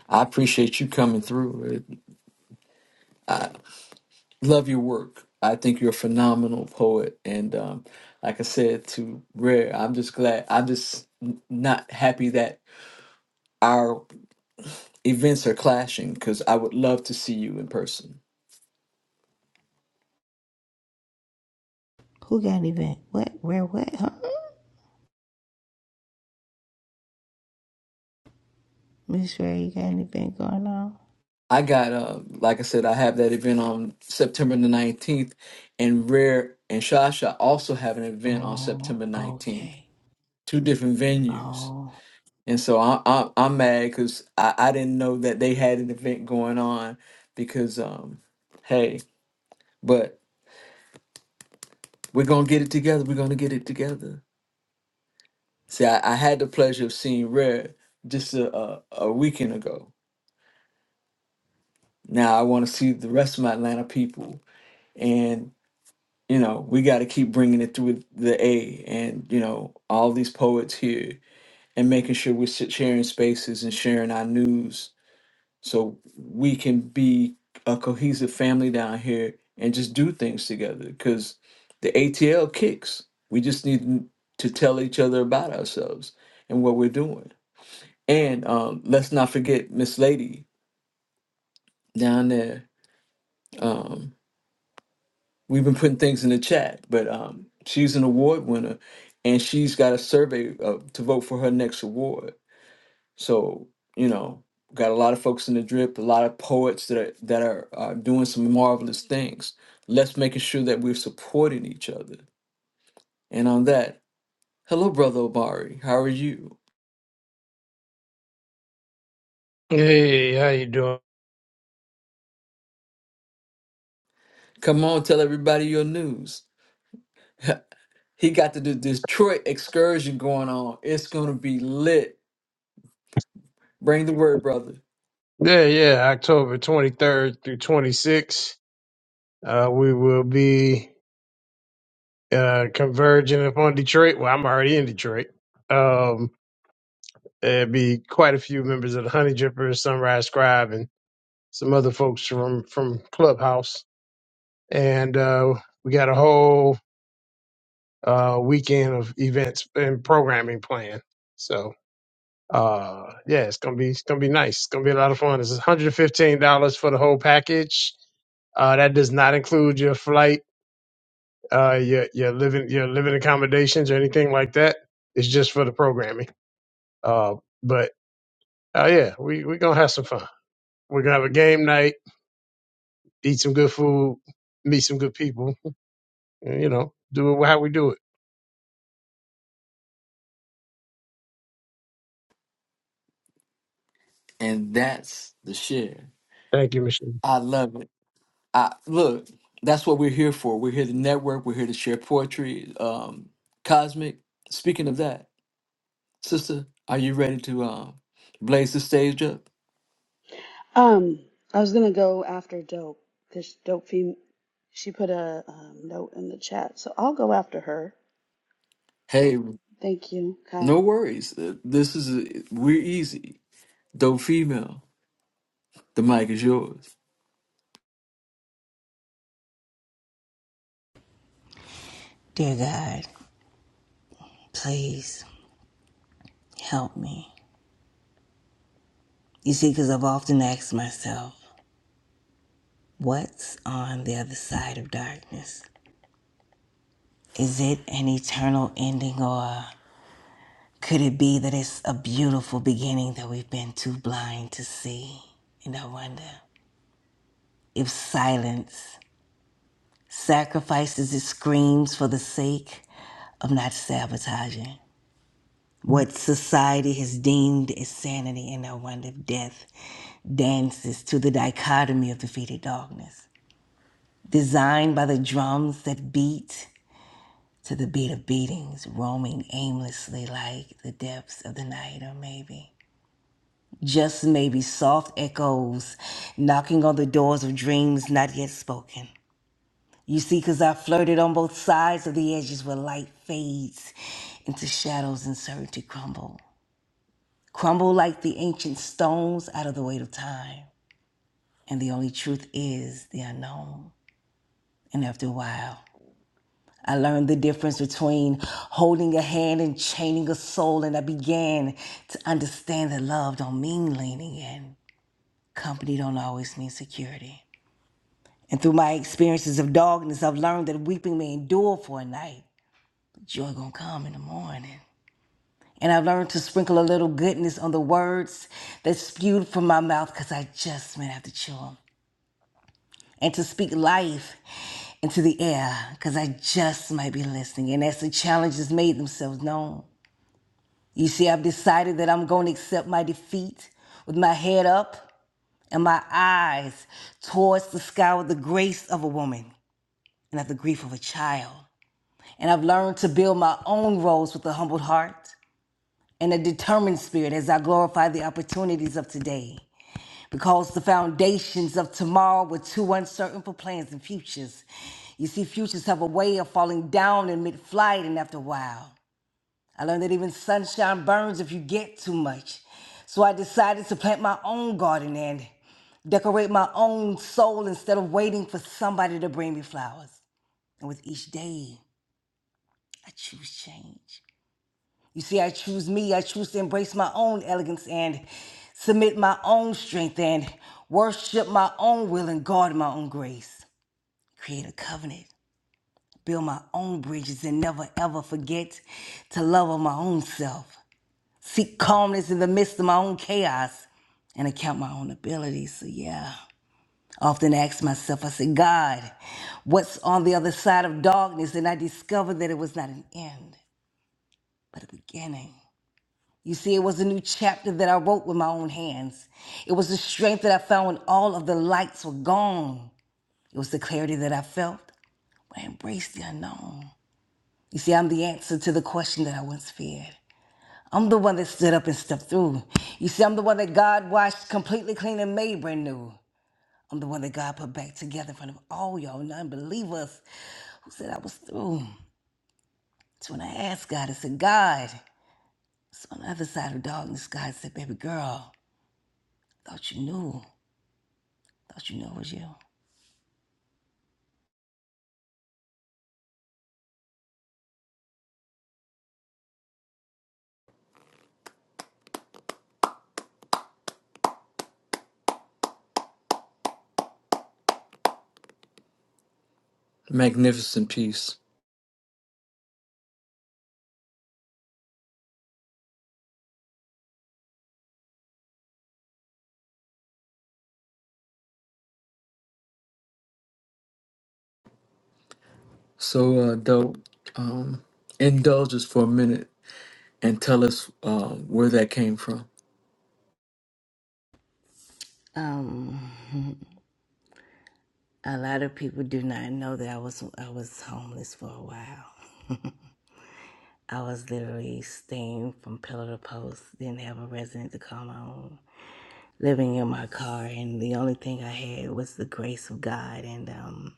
I appreciate you coming through. love your work. I think you're a phenomenal poet, and um, like I said to Rare, I'm just glad. I'm just n- not happy that our events are clashing because I would love to see you in person.
Who got an event? What? Where? What? Huh? Miss Ray, you got an event going on?
I got, uh, like I said, I have that event on September the 19th, and Rare and Shasha also have an event on
Oh,
September 19th.
okay.
Two different venues,
Oh,
and so I, I, I'm mad because I, I didn't know that they had an event going on because, um, hey. But We're gonna get it together. We're gonna get it together. See, I, I had the pleasure of seeing Rare just a, a, a weekend ago. Now I want to see the rest of my Atlanta people, and you know we got to keep bringing it through the A, and you know all these poets here, and making sure we're sharing spaces and sharing our news so we can be a cohesive family down here and just do things together because the ATL kicks. We just need to tell each other about ourselves and what we're doing. And um, let's not forget Miss Lady down there. Um, we've been putting things in the chat, but um, she's an award winner and she's got a survey uh, to vote for her next award So you know, got a lot of folks in the drip, a lot of poets that are, that are uh, doing some marvelous things. Let's making sure that we're supporting each other. And on that, hello, brother Obari, how are you?
Hey, how you doing?
Come on, tell everybody your news. (laughs) he got the, the Detroit excursion going on. It's gonna be lit. Bring the word, brother.
Yeah, yeah, October 23rd through 26th, uh, we will be uh, converging upon Detroit. Well, I'm already in Detroit. Um, there'll be quite a few members of the Honey Drippers, Sunrise Scribe, and some other folks from, from Clubhouse. And uh, we got a whole uh, weekend of events and programming planned. So, uh, yeah, it's gonna be it's gonna be nice. It's gonna be a lot of fun. It's $115 for the whole package Uh, that does not include your flight, uh, your your living your living accommodations or anything like that. It's just for the programming. Uh, but uh, yeah, we we gonna have some fun. We're gonna have a game night, eat some good food, meet some good people. And, you know, do it how we do it.
And that's the share.
Thank you, Michelle.
I love it. I look, that's what we're here for. We're here to network, we're here to share poetry. Um, Cosmic, speaking of that, sister, are you ready to um blaze the stage up?
Um, I was gonna go after Dope because Dope fem- she put a um, note in the chat, so I'll go after her.
Hey,
Thank you, Kai. All
no worries. Uh, This is a, we're easy. Dope female, the mic is yours.
dear God, please help me. You see, because I've often asked myself, what's on the other side of darkness? Is it an eternal ending, or could it be that it's a beautiful beginning that we've been too blind to see? And I wonder if silence Sacrifices it screams for the sake of not sabotaging what society has deemed as sanity and the wonder of death dances to the dichotomy of defeated darkness. Designed by the drums that beat to the beat of beatings, roaming aimlessly like the depths of the night, or maybe, just maybe, soft echoes knocking on the doors of dreams not yet spoken You see, because I flirted on both sides of the edges where light fades into shadows and certainty crumble. Crumble like the ancient stones out of the weight of time. And the only truth is the unknown. And after a while, I learned the difference between holding a hand and chaining a soul, and I began to understand that love don't mean leaning in. Company don't always mean security. And through my experiences of darkness, I've learned that weeping may endure for a night, Joy gonna come in the morning. And I've learned to sprinkle a little goodness on the words that spewed from my mouth because I just might have to chew 'em. And to speak life into the air because I just might be listening. And as the challenges made themselves known, you see, I've decided that I'm going to accept my defeat with my head up and my eyes towards the sky with the grace of a woman and of the grief of a child. And I've learned to build my own roles with a humbled heart and a determined spirit as I glorify the opportunities of today. Because the foundations of tomorrow were too uncertain for plans and futures. You see, futures have a way of falling down in mid flight, and after a while, I learned that even sunshine burns if you get too much. So I decided to plant my own garden and decorate my own soul instead of waiting for somebody to bring me flowers. And with each day, I choose change. You see, I choose me. I choose to embrace my own elegance and submit my own strength and worship my own will and guard my own grace. Create a covenant, build my own bridges, and never ever forget to love of my own self. Seek calmness in the midst of my own chaos and account my own abilities. So, yeah. I Often ask myself, I said, God, what's on the other side of darkness? And I discovered that it was not an end, but a beginning. You see, it was a new chapter that I wrote with my own hands. It was the strength that I found when all of the lights were gone. It was the clarity that I felt when I embraced the unknown. You see, I'm the answer to the question that I once feared. I'm the one that stood up and stepped through. You see, I'm the one that God washed completely clean and made brand new. I'm the one that God put back together in front of all y'all non-believers who said I was through. That's when I asked God, I said, God, it's on the other side of darkness. God said, baby girl, I thought you knew. Thought you know it was you.
Magnificent piece. So uh dope. Um indulge us for a minute and tell us um where that came from.
Um, a lot of people do not know that I was I was homeless for a while. I was literally staying from pillar to post. Didn't have a resident to call my own. Living in my car, and the only thing I had was the grace of God and um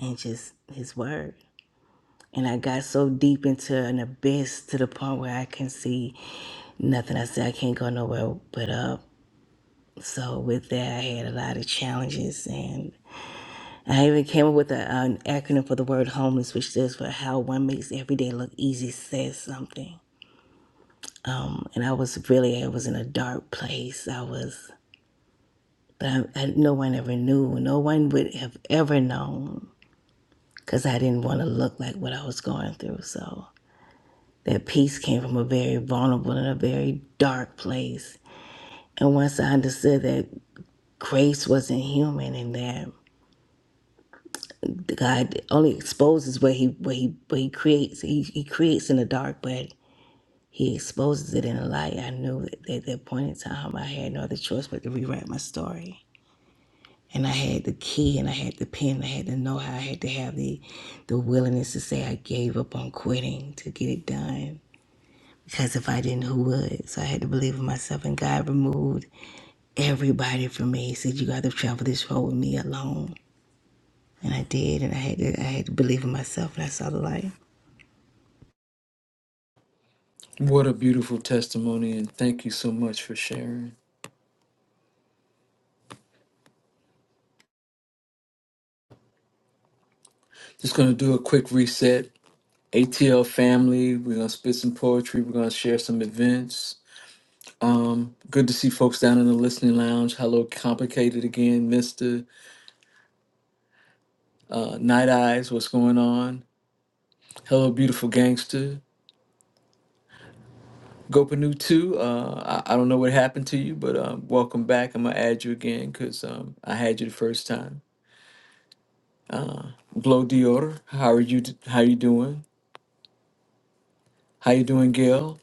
and just His word. And I got so deep into an abyss to the point where I can see nothing. I said I can't go nowhere but up. So with that, I had a lot of challenges, and. I even came up with a, an acronym for the word homeless, which stands for how one makes every day look easy, says something. And I was really, I was in a dark place. I was, but I, I, no one ever knew. No one would have ever known because I didn't want to look like what I was going through. So that peace came from a very vulnerable and a very dark place. And once I understood that grace wasn't human and that God only exposes what he what he what he creates. He, he creates in the dark, but He exposes it in a light. I knew that at that point in time, I had no other choice but to rewrite my story. And I had the key and I had the pen. I had to know how I had to have the, the willingness to say I gave up on quitting to get it done. Because if I didn't, who would? So I had to believe in myself. And God removed everybody from me. He said, You got to travel this road with me alone. And I did. And I had to, I had to believe in myself. And I saw the light.
What a beautiful testimony and thank you so much for sharing. Just gonna do a quick reset ATL family. We're gonna spit some poetry. We're gonna share some events. Good to see folks down in the listening lounge. Hello, complicated again, Mister uh, Night Eyes. What's going on? Hello, beautiful gangster. Gopanu too. Uh, I, I don't know what happened to you, but um, welcome back. I'm gonna add you again because um, I had you the first time. Glow Dior, how are you? How you doing? How you doing, Gail?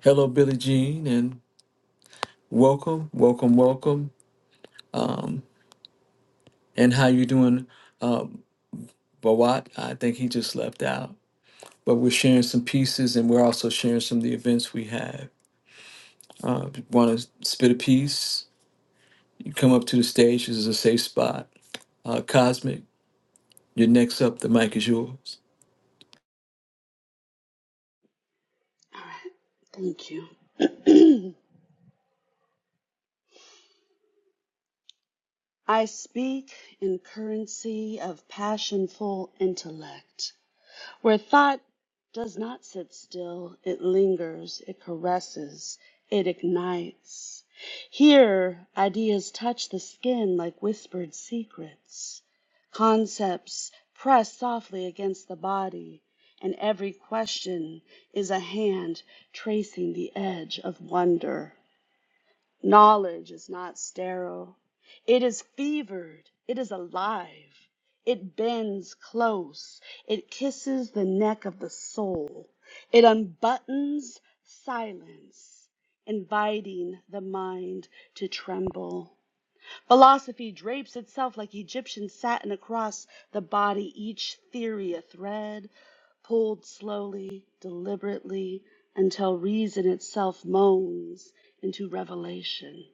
Hello, Billie Jean, and welcome, welcome, welcome. And how you doing, uh, But what I think he just left out. But we're sharing some pieces, and we're also sharing some of the events we have. Uh, if you Want to spit a piece? You come up to the stage. This is a safe spot. Uh, Cosmic, you're next up. The mic is yours.
right, thank you. (clears throat) I speak in currency of passionful intellect. where thought does not sit still, it lingers, it caresses, it ignites. Here, ideas touch the skin like whispered secrets. Concepts press softly against the body, and every question is a hand tracing the edge of wonder. Knowledge is not sterile. It is fevered. It is alive. It bends close. It kisses the neck of the soul. It unbuttons silence, inviting the mind to tremble. Philosophy drapes itself like Egyptian satin across the body, each theory a thread, pulled slowly, deliberately, until reason itself moans into revelation.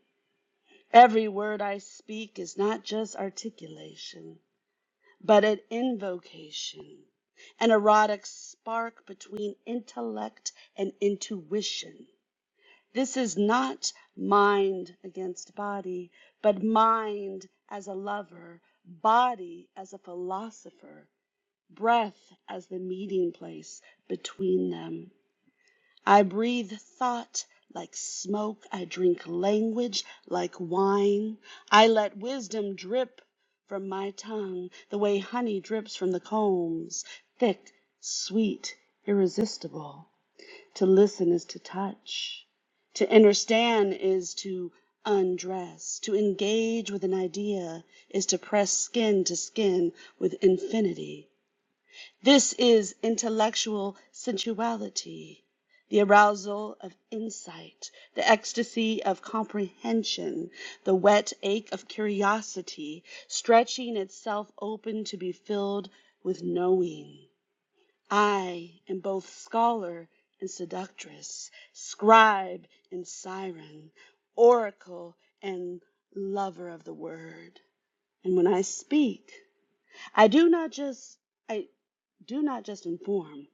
Every word I speak is not just articulation, but an invocation, an erotic spark between intellect and intuition. This is not mind against body, but mind as a lover, body as a philosopher, breath as the meeting place between them. I breathe thought like smoke. I drink language like wine. I let wisdom drip from my tongue the way honey drips from the combs, thick, sweet, irresistible. To listen is to touch. To understand is to undress. To engage with an idea is to press skin to skin with infinity. This is intellectual sensuality, the arousal of insight, the ecstasy of comprehension, the wet ache of curiosity, stretching itself open to be filled with knowing. I am both scholar and seductress, scribe and siren, oracle and lover of the word. And when I speak, I do not just I do not just inform.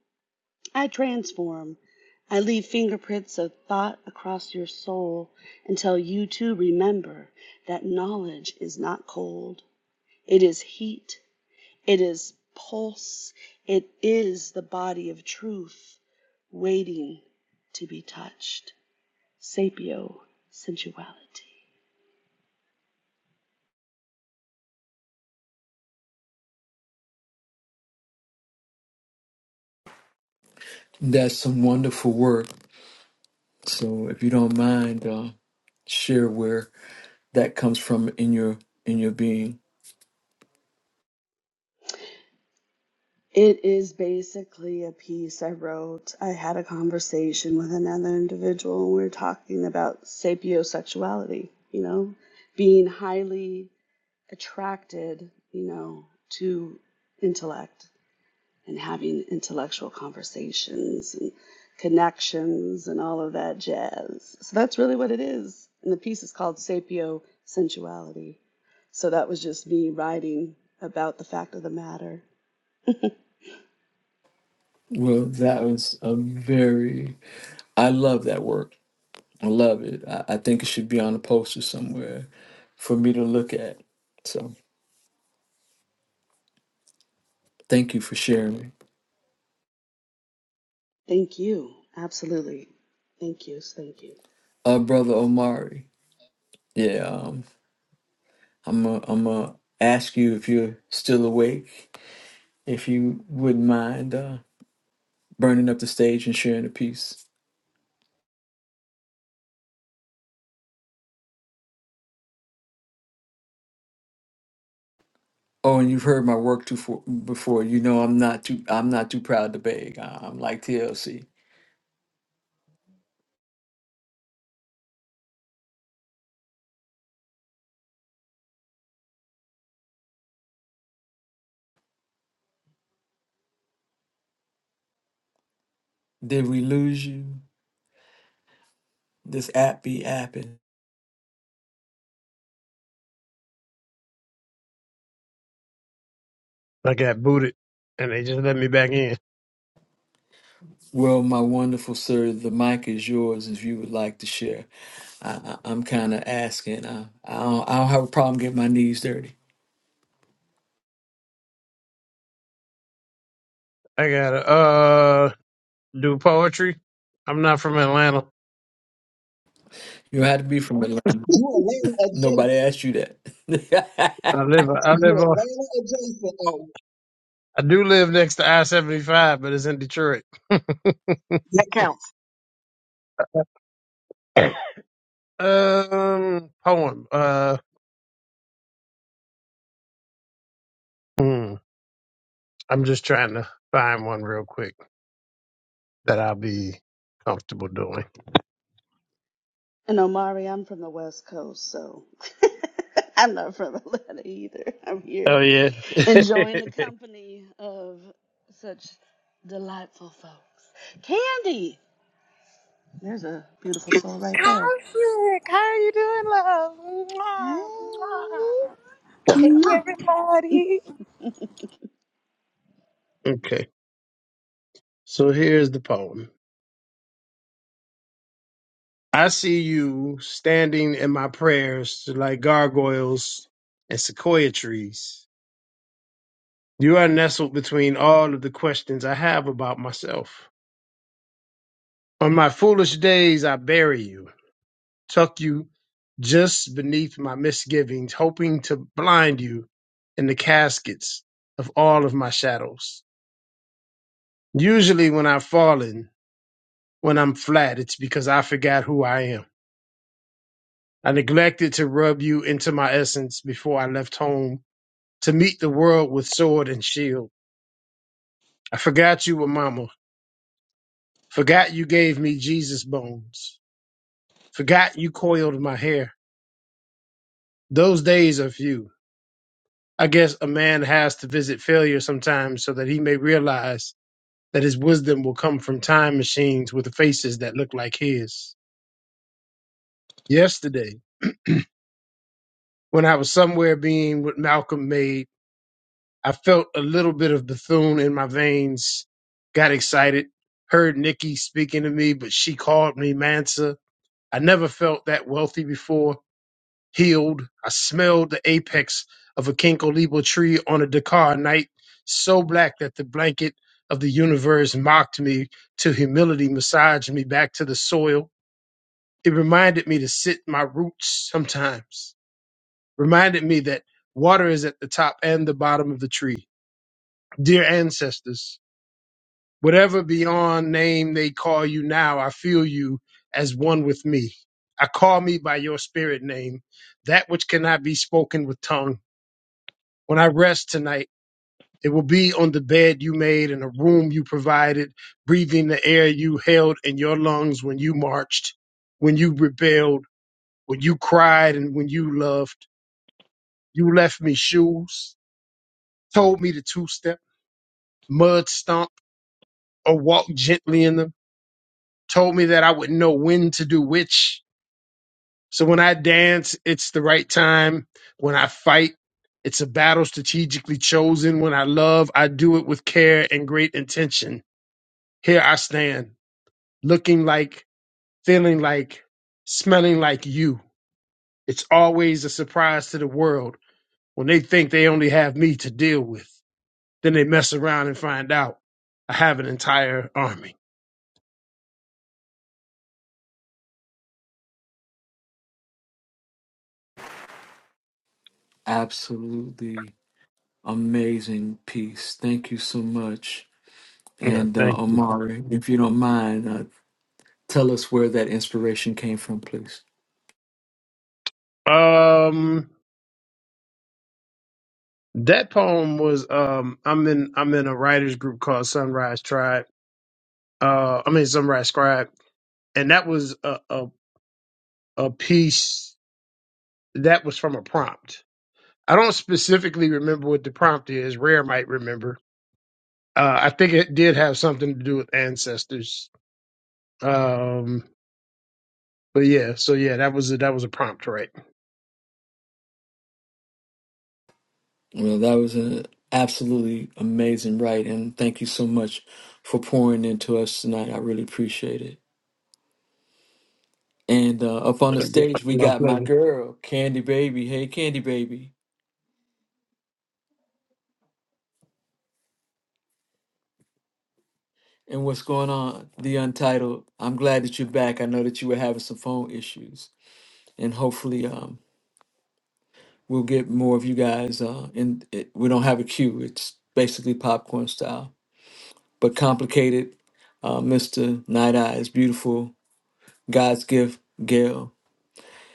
I transform. I leave fingerprints of thought across your soul until you too remember that knowledge is not cold. It is heat. It is pulse. It is the body of truth waiting to be touched. Sapio sensuality.
That's some wonderful work. So if you don't mind, uh, share where that comes from in your in your being.
It is basically a piece I wrote. I had a conversation with another individual, and we were talking about sapiosexuality, you know, being highly attracted, you know, to intellect and having intellectual conversations and connections and all of that jazz. So that's really what it is. And the piece is called Sapio Sensuality. So that was just me writing about the fact of the matter.
Well, that was a very. I love that work. I love it. I, I think it should be on a poster somewhere for me to look at. So. Thank you for sharing.
Thank you. Absolutely. Thank you. Thank you.
Uh, Brother Omari, yeah, um, I'm going I'm to ask you if you're still awake, if you wouldn't mind uh, burning up the stage and sharing a piece. Oh, and you've heard my work too for, before. You know I'm not too I'm not too proud to beg. I'm like TLC. Did we lose you? This app be apping.
I got booted, and they just let me back in.
Well, my wonderful sir, the mic is yours if you would like to share. I, I- I'm kind of asking. I, I, don't, I don't have a problem getting my knees dirty.
I gotta uh do poetry. I'm not from Atlanta.
You had to be from Atlanta.
You Atlanta adjacent.
Nobody asked you that.
I live I
You
live on
Atlanta adjacent. Oh,
I do live next to I seventy five, but it's in Detroit.
that counts.
Um, poem. Uh, hmm, I'm just trying to find one real quick that I'll be comfortable doing.
And Omari, I'm from the West Coast, so (laughs) I'm not from Atlanta either. I'm
Oh
here
yeah.
enjoying the company of such delightful folks. Candy! There's a beautiful soul right there.
Cosmic, how are you doing, love?
Hey.
Mwah, mwah. Hey,
Mwah.
everybody.
Okay. So here's the poem. I see you standing in my prayers like gargoyles and sequoia trees. You are nestled between all of the questions I have about myself. On my foolish days, I bury you. tuck you just beneath my misgivings, hoping to blind you in the caskets of all of my shadows. Usually, when I've fallen, when I'm flat, it's because I forgot who I am. I neglected to rub you into my essence before I left home to meet the world with sword and shield. I forgot you were mama, forgot you gave me Jesus bones, forgot you coiled my hair. Those days are few I guess a man has to visit failure sometimes so that he may realize that his wisdom will come from time machines with faces that look like his. Yesterday, when I was somewhere being with Malcolm Made, I felt a little bit of Bethune in my veins, got excited, heard Nikki speaking to me, but she called me Mansa. I never felt that wealthy before healed. I smelled the apex of a Kinkoliba tree on a Dakar night, so black that the blanket of the universe mocked me to humility, massaged me back to the soil. It reminded me to sit my roots sometimes, reminded me that water is at the top and the bottom of the tree. Dear ancestors, whatever beyond name they call you now, I feel you as one with me. I call me by your spirit name, that which cannot be spoken with tongue When I rest tonight, it will be on the bed you made and the room you provided, breathing the air you held in your lungs when you marched, when you rebelled, when you cried, and when you loved. You left me shoes, told me to two step, mud stomp, or walk gently in them, told me that I would know when to do which. So when I dance, it's the right time. When I fight, it's a battle strategically chosen. When I love, I do it with care and great intention. Here I stand, looking like, feeling like, smelling like you. It's always a surprise to the world when they think they only have me to deal with. Then they mess around and find out I have an entire army.
(laughs) Absolutely amazing piece. Thank you so much.
Yeah,
And uh,
thank you.
Amari, if you don't mind, uh, tell us where that inspiration came from, please.
Um, that poem was um, I'm in I'm in a writers group called Sunrise Tribe. Uh, I mean Sunrise Scribe, and that was a a, a piece that was from a prompt I don't specifically remember what the prompt is. Rare might remember. Uh, I think it did have something to do with ancestors. Um, but yeah, so yeah, that was a, that was a prompt, right?
Well, that was an absolutely amazing write, and thank you so much for pouring into us tonight. I really appreciate it. And uh, up on the stage, we
My
got my
pleasure.
girl, Candy Baby. Hey, Candy Baby. And what's going on, The Untitled? I'm glad that you're back. I know that you were having some phone issues, and hopefully, um, we'll get more of you guys. Uh, in it, we don't have a queue; it's basically popcorn style, but complicated. Uh, Mr. Night Eyes, beautiful God's gift, Gail.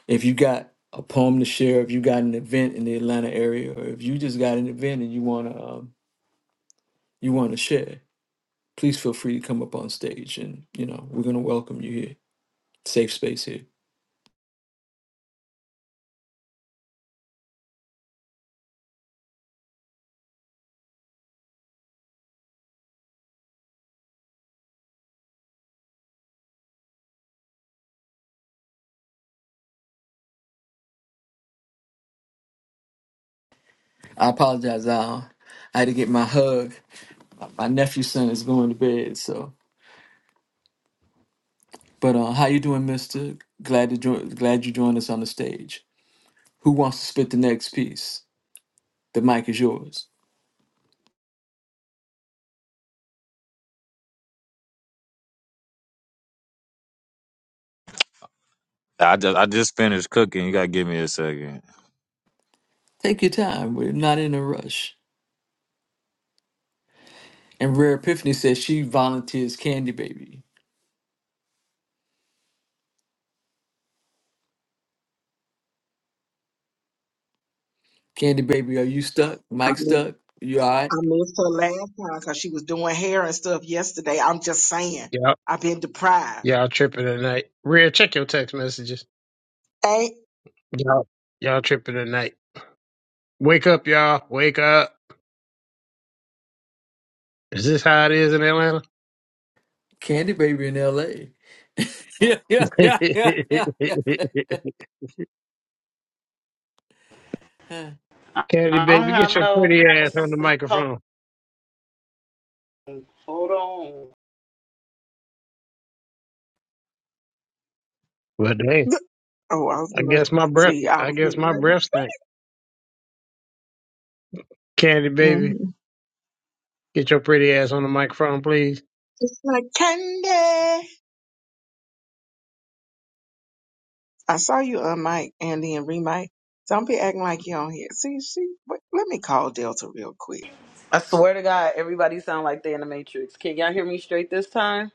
If you got a poem to share, if you got an event in the Atlanta area, or if you just got an event and you wanna um, you wanna share, please feel free to come up on stage, and you know we're gonna welcome you here. Safe space here. I apologize, Al. I had to get my hug. My nephew's son is going to bed, so. But uh, how you doing, Mister? Glad to join. Glad you joined us on the stage. Who wants to spit the next piece? The mic is yours.
I just I just finished cooking. You gotta give me a second.
Take your time. We're not in a rush. And Rare Epiphany says she volunteers Candy Baby. Candy Baby, are you stuck? Mike stuck? You all
I
right?
missed her last time because she was doing hair and stuff yesterday. I'm just saying,
Yeah,
I've been deprived.
y'all tripping tonight. Rare, check your text messages.
Ain't
Y'all, y'all tripping tonight. Wake up, y'all. Wake up. Is this how it is in Atlanta?
Candy Baby in L.A. (laughs) Yeah, yeah,
(laughs)
yeah, yeah, yeah, yeah.
Candy
I don't
baby,
have
get your
no.
pretty ass on the microphone.
Hold on.
Well, dang.
th- oh, I was
I
gonna
guess my breath.
see, I
I
was
guess
being
my
ready.
breath stank. Candy baby.
Mm-hmm.
Get your pretty ass on the microphone, please.
It's like candy. I saw you on mic, Andy and remake. Don't be acting like you on here. See, she. Wait, let me call Delta real quick.
I swear to God, everybody sound like they in the Matrix. Can y'all hear me straight this time?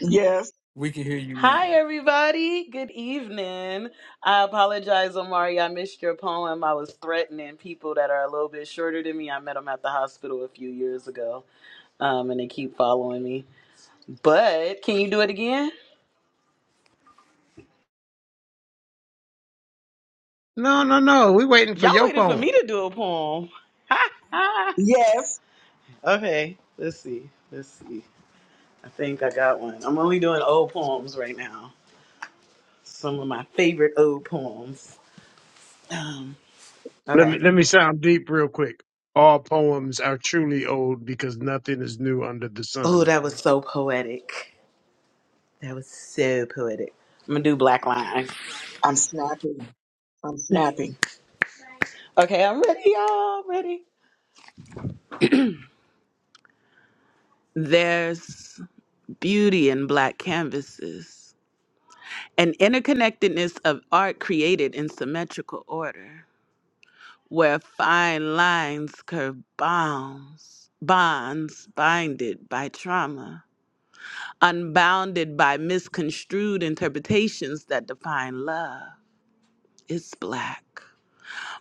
Yes,
(laughs) We can hear you
Hi,
now.
everybody. Good evening. I apologize, Omari. I missed your poem. I was threatening people that are a little bit shorter than me. I met them at the hospital a few years ago, um, and they keep following me. But can you do it again?
No, no, no. We waiting for
Y'all
your
waited for
poem.
me to do a poem. (laughs)
yes.
okay, let's see. Let's see. I think I got one. I'm only doing old poems right now. Some of my favorite old poems. Um,
Let
okay.
me let me sound deep real quick. All poems are truly old because nothing is new under the
Oh,
sun.
that was so poetic. That was so poetic. I'm gonna do black line.
I'm snapping. I'm snapping.
Okay, I'm ready, y'all. I'm Ready. There's beauty in black canvases, an interconnectedness of art created in symmetrical order. where fine lines curve bounds, bonds binded by trauma, unbounded by misconstrued interpretations that define love. It's black.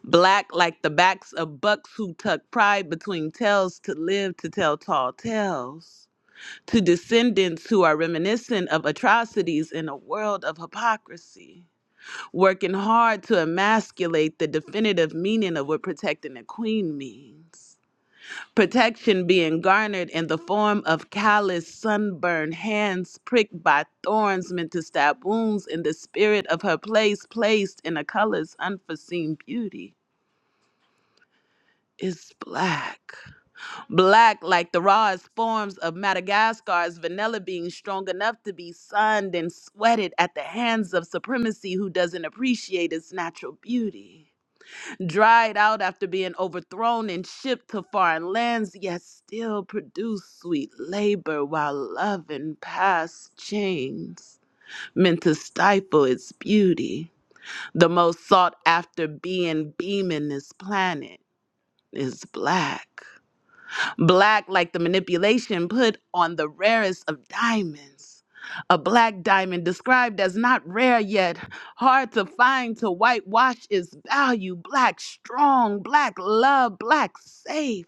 Black like the backs of bucks who tuck pride between tails to live to tell tall tales. To descendants who are reminiscent of atrocities in a world of hypocrisy, working hard to emasculate the definitive meaning of what protecting a queen means protection being garnered in the form of calloused, sunburned hands pricked by thorns meant to stab wounds in the spirit of her place placed in a color's unforeseen beauty is black. Black like the rawest forms of Madagascar's vanilla bean strong enough to be sunned and sweated at the hands of supremacy who doesn't appreciate its natural beauty dried out after being overthrown and shipped to foreign lands, yet still produce sweet labor while loving past chains, meant to stifle its beauty. The most sought after being beaming this planet is black. Black, like the manipulation put on the rarest of diamonds. A black diamond described as not rare yet, hard to find to whitewash its value. Black strong, black love, black safe.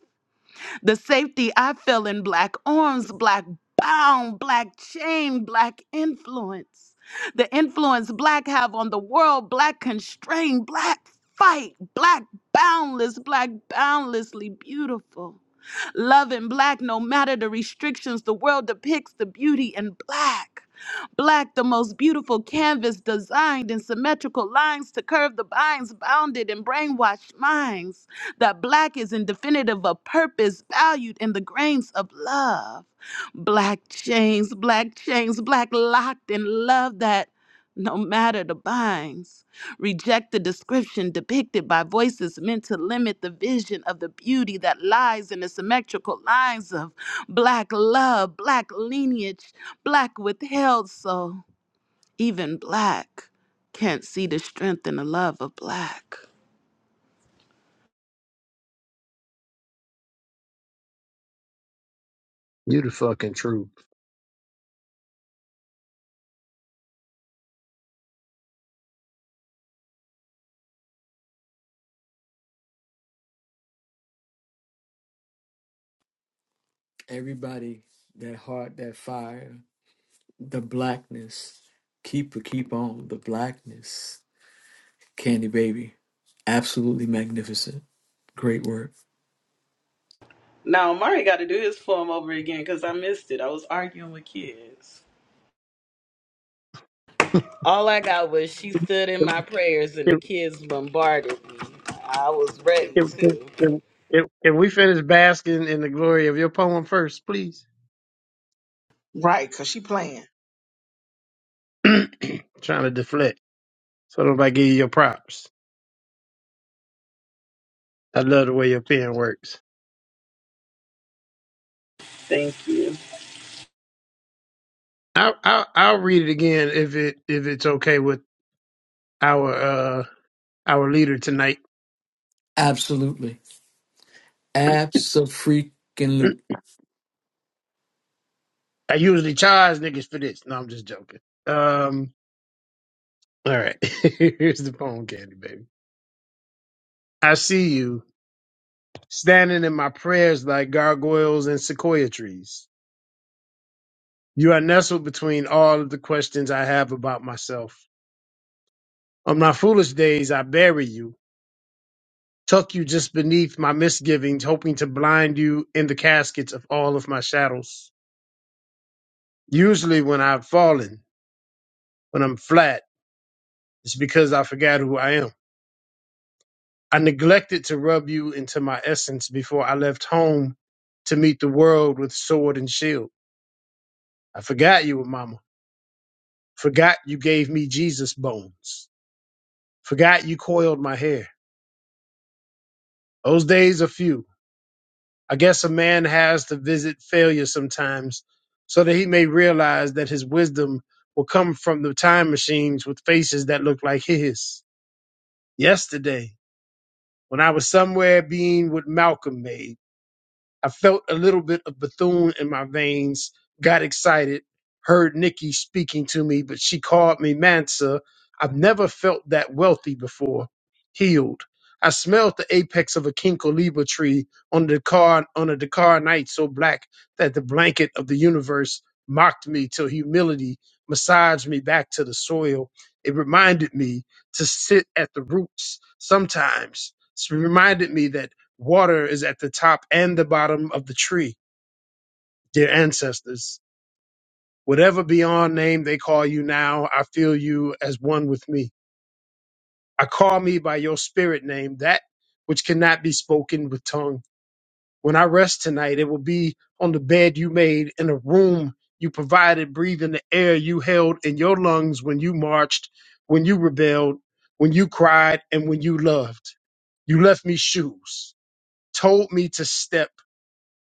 The safety I feel in black arms, black bound, black chain, black influence. The influence black have on the world, black constrained, black fight, black boundless, black boundlessly beautiful loving black no matter the restrictions. The world depicts the beauty in black. Black, the most beautiful canvas designed in symmetrical lines to curve the binds, bounded in brainwashed minds. That black is indefinitive of purpose, valued in the grains of love. Black chains, black chains, black locked in love that no matter the binds. Reject the description depicted by voices meant to limit the vision of the beauty that lies in the symmetrical lines of black love, black lineage, black withheld soul. Even black can't see the strength and the love of black.
You the fucking truth.
Everybody, that heart, that fire. The blackness. Keep keep on. The blackness. Candy baby. Absolutely magnificent. Great work.
Now, Mari got to do his form over again because I missed it. I was arguing with kids. All I got was she stood in
Can,
my prayers and the
can,
kids bombarded me. I was ready
can, can-
too.
can- can we finish basking in the glory of your poem first, please?
Right, cause she playing.
(clears throat) Trying to deflect. So nobody give you your props. I love the way your pen works.
Thank you.
I'll, I'll, I'll read it again if it if it's okay with our uh our leader tonight.
Absolutely. Abso-freaking-lute.
I usually charge niggas for this. No, I'm just joking. Um, all right. (laughs) Here's the phone candy, baby. I see you standing in my prayers like gargoyles and sequoia trees. You are nestled between all of the questions I have about myself. On my foolish days, I bury you, tuck you just beneath my misgivings, hoping to blind you in the caskets of all of my shadows. Usually, when I've fallen, when I'm flat, it's because I forgot who I am. I neglected to rub you into my essence before I left home to meet the world with sword and shield. I forgot you, were Mama. Forgot you gave me Jesus bones. Forgot you coiled my hair. Those days are few. I guess a man has to visit failure sometimes so that he may realize that his wisdom will come from the time machines with faces that look like his. Yesterday, when I was somewhere being with Malcolm X. I felt a little bit of Bethune in my veins, got excited, heard Nikki speaking to me, but she called me Mansa. I've never felt that wealthy before. Healed. I smelled the apex of a Kinkoliba tree on the car on a Dakar night so black that the blanket of the universe mocked me till humility massaged me back to the soil. It reminded me to sit at the roots sometimes. It reminded me that water is at the top and the bottom of the tree, dear ancestors. Whatever beyond name they call you now, I feel you as one with me. I call me by your spirit name, that which cannot be spoken with tongue. When I rest tonight, it will be on the bed you made, in a room you provided, breathing the air you held in your lungs when you marched, when you rebelled, when you cried, and when you loved. You left me shoes, told me to step,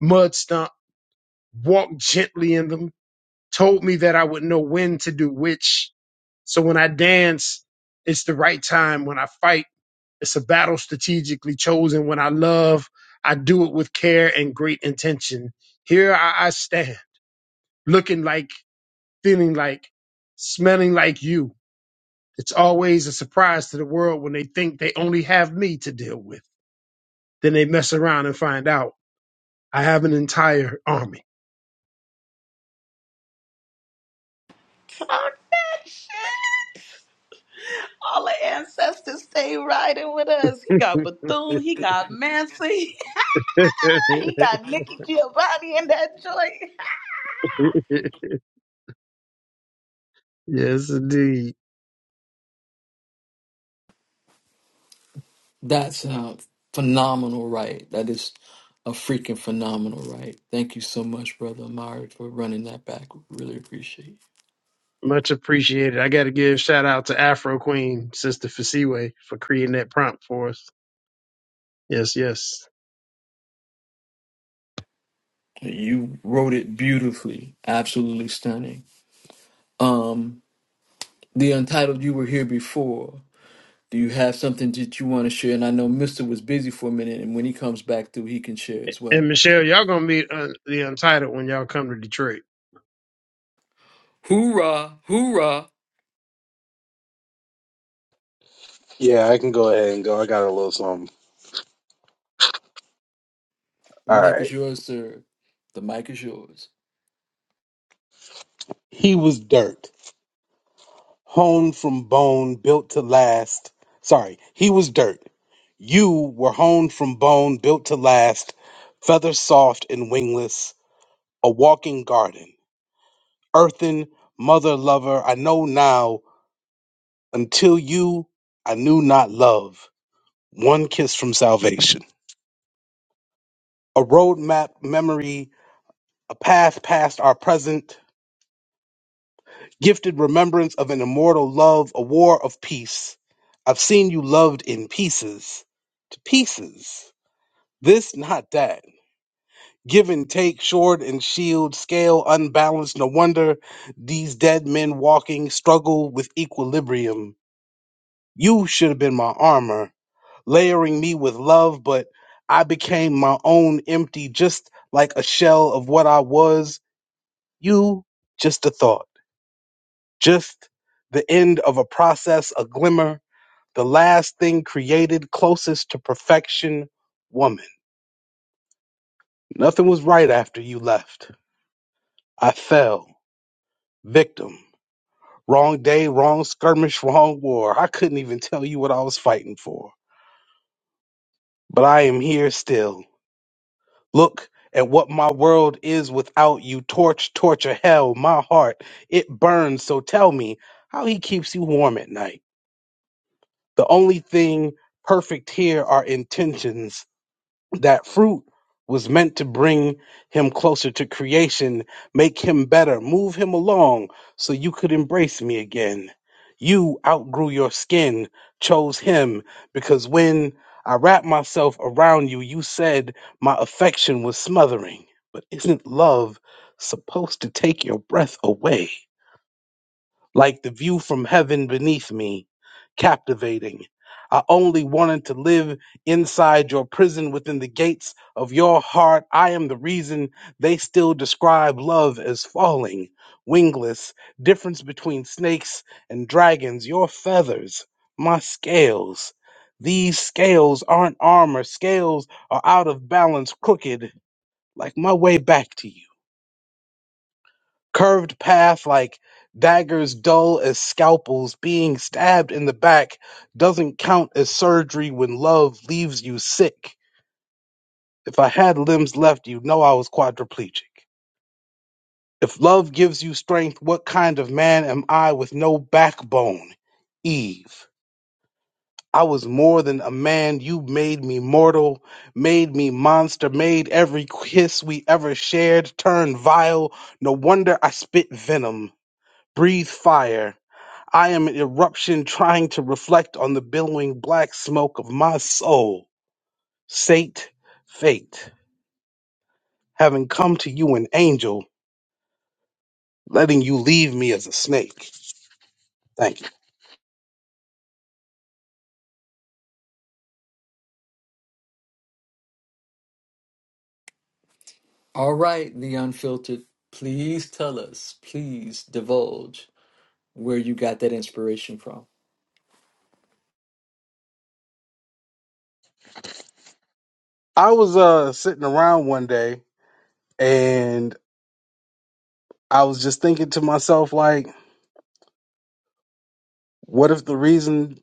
mud stumps walked gently in them, told me that I would know when to do which. So when I dance, it's the right time. When I fight, it's a battle strategically chosen. When I love, I do it with care and great intention. Here I, I stand, looking like, feeling like, smelling like you. It's always a surprise to the world when they think they only have me to deal with. Then they mess around and find out I have an entire army.
Talk that shit. All the ancestors stay riding with us. He got Bethune, he got Mancy, (laughs) he got Nikki Giovanni in that joint.
(laughs) Yes, indeed.
That's a phenomenal write. That is a freaking phenomenal write. Thank you so much, brother Amari, for running that back. Really appreciate
Much appreciated. I got to give shout out to Afro Queen, Sister Fasiwe, for creating that prompt for us. Yes, yes.
it. You wrote it beautifully. Absolutely stunning. Um, the untitled you were here before. Do you have something that you want to share? And I know Mister was busy for a minute, and when he comes back through, he can share as
And
well.
Michelle, y'all gonna meet uh, the Untitled when y'all come to Detroit.
Hoorah, hoorah.
Yeah, I can go ahead and go. I got a little something.
The
All
mic is
right.
yours, sir. The mic is yours.
He was dirt, honed from bone, built to last. Sorry, he was dirt. You were honed from bone, built to last, feather soft and wingless, a walking garden. Earthen, mother lover, I know now, until you, I knew not love. One kiss from salvation. A roadmap memory, a path past our present, gifted remembrance of an immortal love, a war of peace. I've seen you loved in pieces, to pieces. This, not that. Give and take, sword and shield, scale unbalanced. No wonder these dead men walking struggle with equilibrium. You should have been my armor, layering me with love, but I became my own empty, just like a shell of what I was. You, just a thought. just the end of a process, a glimmer, the last thing created closest to perfection, woman. Nothing was right after you left. I fell, victim. Wrong day, wrong skirmish, wrong war. I couldn't even tell you what I was fighting for. But I am here still. Look at what my world is without you. Torch, torture, hell, my heart. It burns, so tell me how he keeps you warm at night. The only thing perfect here are intentions. That fruit was meant to bring him closer to creation, make him better, move him along so you could embrace me again. You outgrew your skin, chose him, because when I wrapped myself around you, you said my affection was smothering. But isn't love supposed to take your breath away? like the view from heaven beneath me, captivating. I only wanted to live inside your prison within the gates of your heart. I am the reason they still describe love as falling, wingless, difference between snakes and dragons, your feathers, my scales. These scales aren't armor, scales are out of balance, crooked, like my way back to you curved path like daggers dull as scalpels being stabbed in the back doesn't count as surgery when love leaves you sick if i had limbs left you would know i was quadriplegic if love gives you strength what kind of man am i with no backbone eve i was more than a man you made me mortal made me monster made every kiss we ever shared turn vile no wonder i spit venom breathe fire I am an eruption trying to reflect on the billowing black smoke of my soul. Sate, fate, having come to you an angel, letting you leave me as a snake. Thank you.
All right, the unfiltered. Please tell us. Please divulge where you got that inspiration from.
I was uh sitting around one day and I was just thinking to myself, like, what if the reason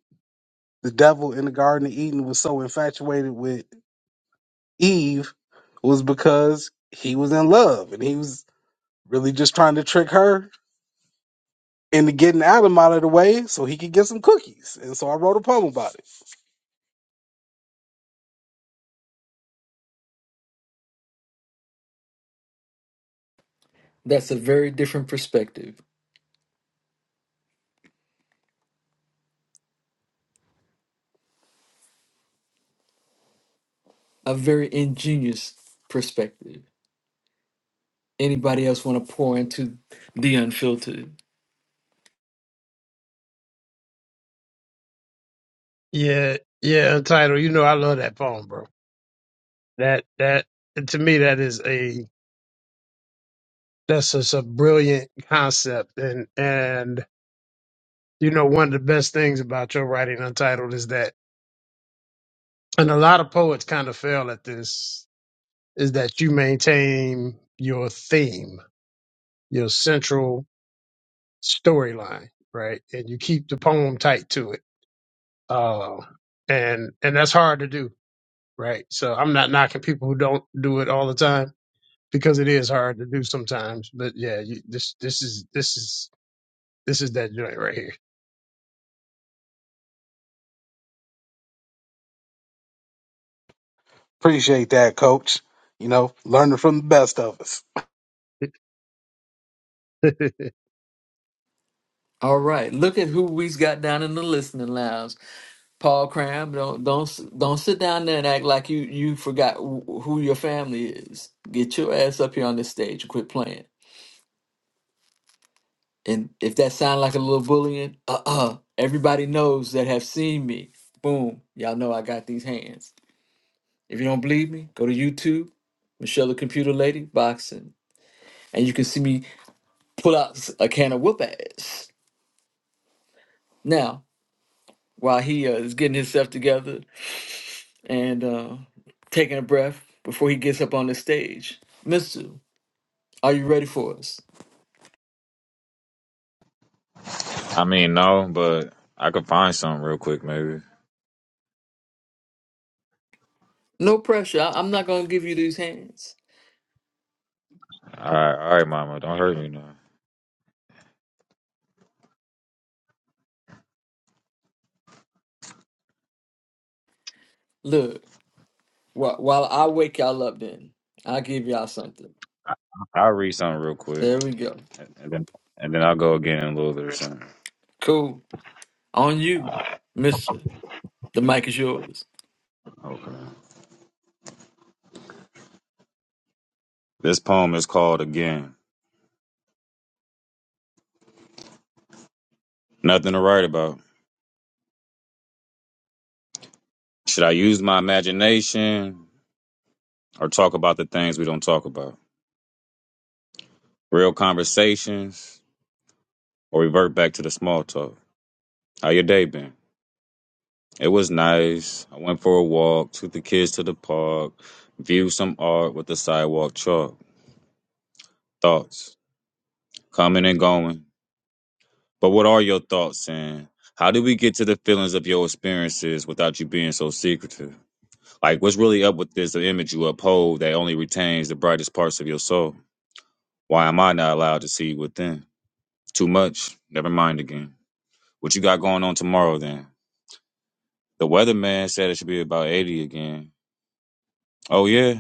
the devil in the Garden of Eden was so infatuated with Eve was because he was in love and he was really just trying to trick her into getting Adam out of the way so he could get some cookies. And so I wrote a poem about it.
That's a very different perspective. A very ingenious perspective. Anybody else want to pour into the unfiltered?
Yeah, yeah, Untitled. You know I love that poem, bro. That that to me that is a that's just a brilliant concept, and and you know one of the best things about your writing Untitled is that, and a lot of poets kind of fail at this is that you maintain your theme your central storyline, right? And you keep the poem tight to it. Uh, and and that's hard to do, right? So I'm not knocking people who don't do it all the time because it is hard to do sometimes. But yeah, you, this this is this is this is that joint right
Appreciate that, coach. You know, learning from the best of us.
here. (laughs)
All right, look at who we've got down in the listening lounge. Paul Cram, don't don't don't sit down there and act like you you forgot wh- who your family is. Get your ass up here on this stage and quit playing. And if that sound like a little bullying, uh uh everybody knows that have seen me. Boom, y'all know I got these hands. If you don't believe me, go to YouTube, Michelle the Computer Lady boxing, and you can see me pull out s- a can of whoop ass. Now, while he uh, is getting himself together and uh, taking a breath before he gets up on the stage. Are you ready for us?
I mean, no, but I could find something real quick, maybe.
No pressure. I, am not gonna give you these hands.
All right, all right, Mama, don't hurt me now.
Look, while, while I wake y'all up, then I'll give y'all something.
I'll read something real quick,
There we go.
and then and then I'll go again in a little bit or something.
Cool. On you, Mister. The mic is yours.
Okay. This poem is called "Again." Nothing to write about. Should I use my imagination or talk about the things we don't talk about? Real conversations or revert back to the small talk? How your day been? It was nice. I went for a walk, took the kids to the park, viewed some art with the sidewalk chalk. Thoughts coming and going. But what are your thoughts, Sam? How did we get to the feelings of your experiences without you being so secretive? Like, what's really up with this image you uphold that only retains the brightest parts of your soul? Why am I not allowed to see within? Too much. Never mind again. What you got going on tomorrow then? The weatherman said it should be about 80 again. Oh, yeah?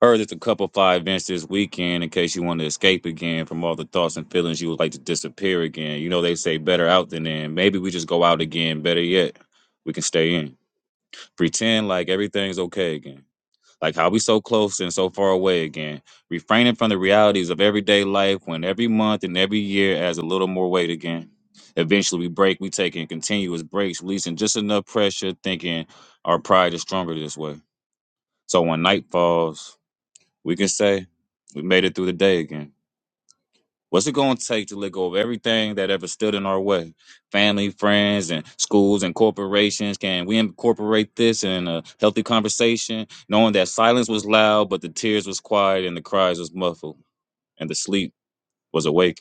heard it's a couple five events this weekend in case you want to escape again from all the thoughts and feelings you would like to disappear again. You know, they say better out than in. Maybe we just go out again. Better yet, we can stay in. Pretend like everything's okay again. Like how we so close and so far away again. Refraining from the realities of everyday life when every month and every year adds a little more weight again. Eventually we break, we take in continuous breaks, releasing just enough pressure, thinking our pride is stronger this way. So when night falls, we can say we made it through the day again. What's it going to take to let go of everything that ever stood in our way? Family, friends, and schools and corporations. Can we incorporate this in a healthy conversation, knowing that silence was loud, but the tears was quiet and the cries was muffled and the sleep was awake?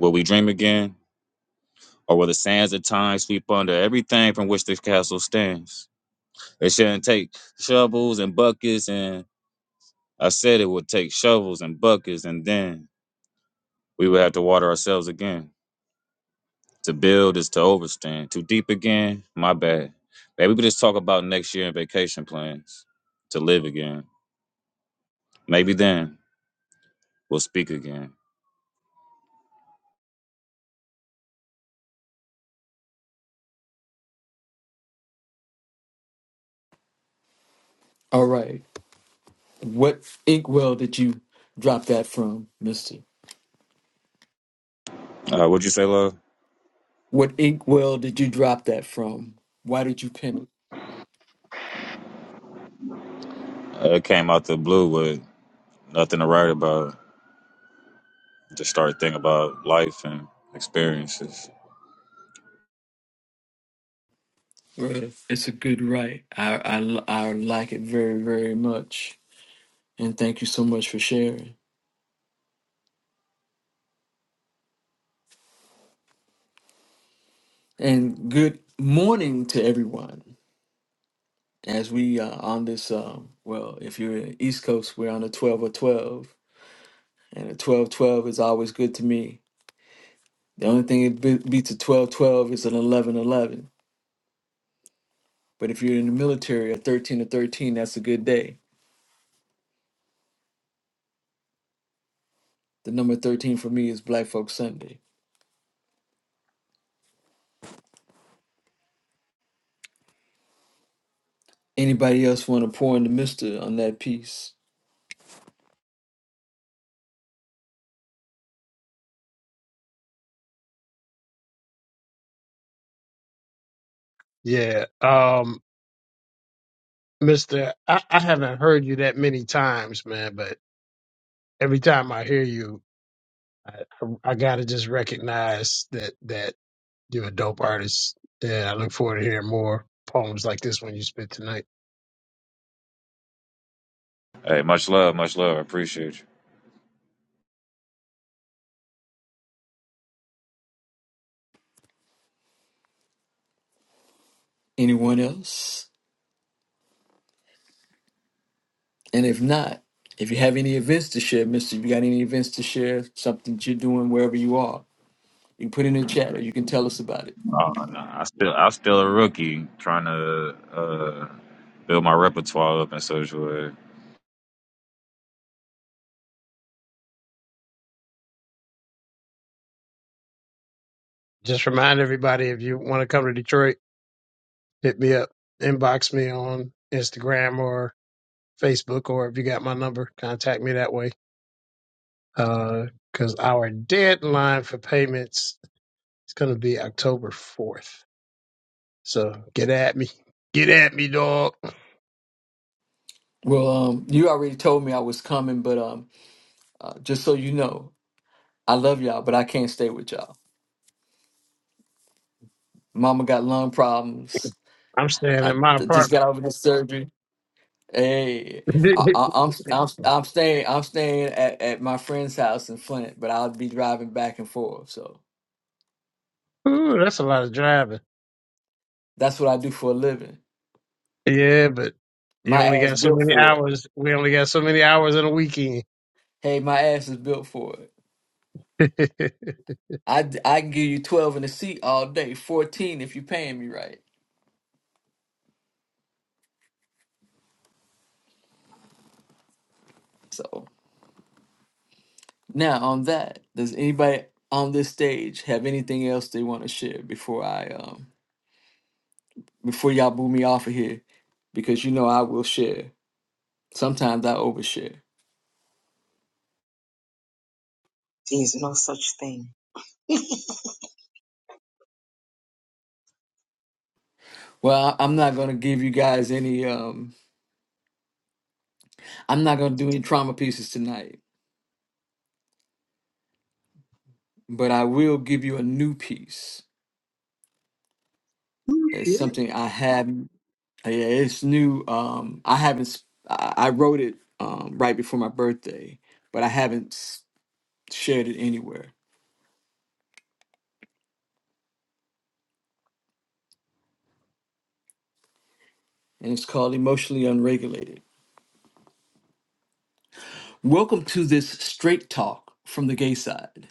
Will we dream again? Or will the sands of time sweep under everything from which this castle stands? It shouldn't take shovels and buckets, and I said it would take shovels and buckets, and then We would have to water ourselves again. To build is to overstand. Too deep again? My bad. Maybe we just talk about next year and vacation plans. To live again. Maybe then we'll speak again.
All right. What inkwell did you drop that from, Mister?
Uh, what'd you say, love?
What inkwell did you drop that from? Why did you pin it?
Uh, It came out the blue with nothing to write about. Just started thinking about life and experiences.
Well, It's a good write. I, I I like it very very much, and thank you so much for sharing. And good morning to everyone. As we are on this, um, well, if you're in East Coast, we're on a 12 or 12. And a 12 12 is always good to me. The only thing it be- beats a 12 12 is an 11 11. But if you're in the military, a 13 or 13, that's a good day. The number 13 for me is Black Folk Sunday. Anybody else want to pour in the mister on that piece?
yeah, um, Mister, I, I haven't heard you that many times, man. But every time I hear you, I, I, I gotta just recognize that that. You're a dope artist. And I look forward to hearing more poems like this one you spit tonight.
Hey, much love, much love. I appreciate you.
Anyone else? And if not, if you have any events to share, mister, you got any events to share, something that you're doing wherever you are, You can put it in the chat or you can tell us about it.
Oh, no, I still I'm still a rookie trying to uh, build my repertoire up in social work.
Just remind everybody if you want to come to Detroit, hit me up, inbox me on Instagram or Facebook, or if you got my number, contact me that way. Uh, Because our deadline for payments is going to be October 4th. So get at me. Get at me, dog.
Well, um, you already told me I was coming, but um, uh, just so you know, I love y'all, but I can't stay with y'all. Mama got lung problems.
I'm staying
I
in my
d- just
apartment.
got over the surgery. Hey,
(laughs)
I, I, I'm I'm I'm staying I'm staying at, at my friend's house in Flint, but I'll be driving back and forth. So
Ooh, that's a lot of driving.
that's what I do for a living.
Yeah, but you
My
only
ass
got so
built
many
for it.
hours. We only got so many hours in a weekend.
Hey, my ass is built for it.
(laughs) that
I, d- I can give you twelve in the seat all day, fourteen if you're paying me right. So. Now, on that, does anybody on this stage have anything else they want to share before I um before y'all boo me off of here? Because you know I will share. Sometimes I overshare.
There's no such thing. (laughs)
Well, I- I'm not gonna give you guys any um I'm not gonna do any trauma pieces tonight, but I will give you a new piece. It's something I have yeah, it's new. Um I haven't s- I I wrote it um right before my birthday, but I haven't s- shared it anywhere. And it's called Emotionally Unregulated. Welcome to this straight talk from the gay side.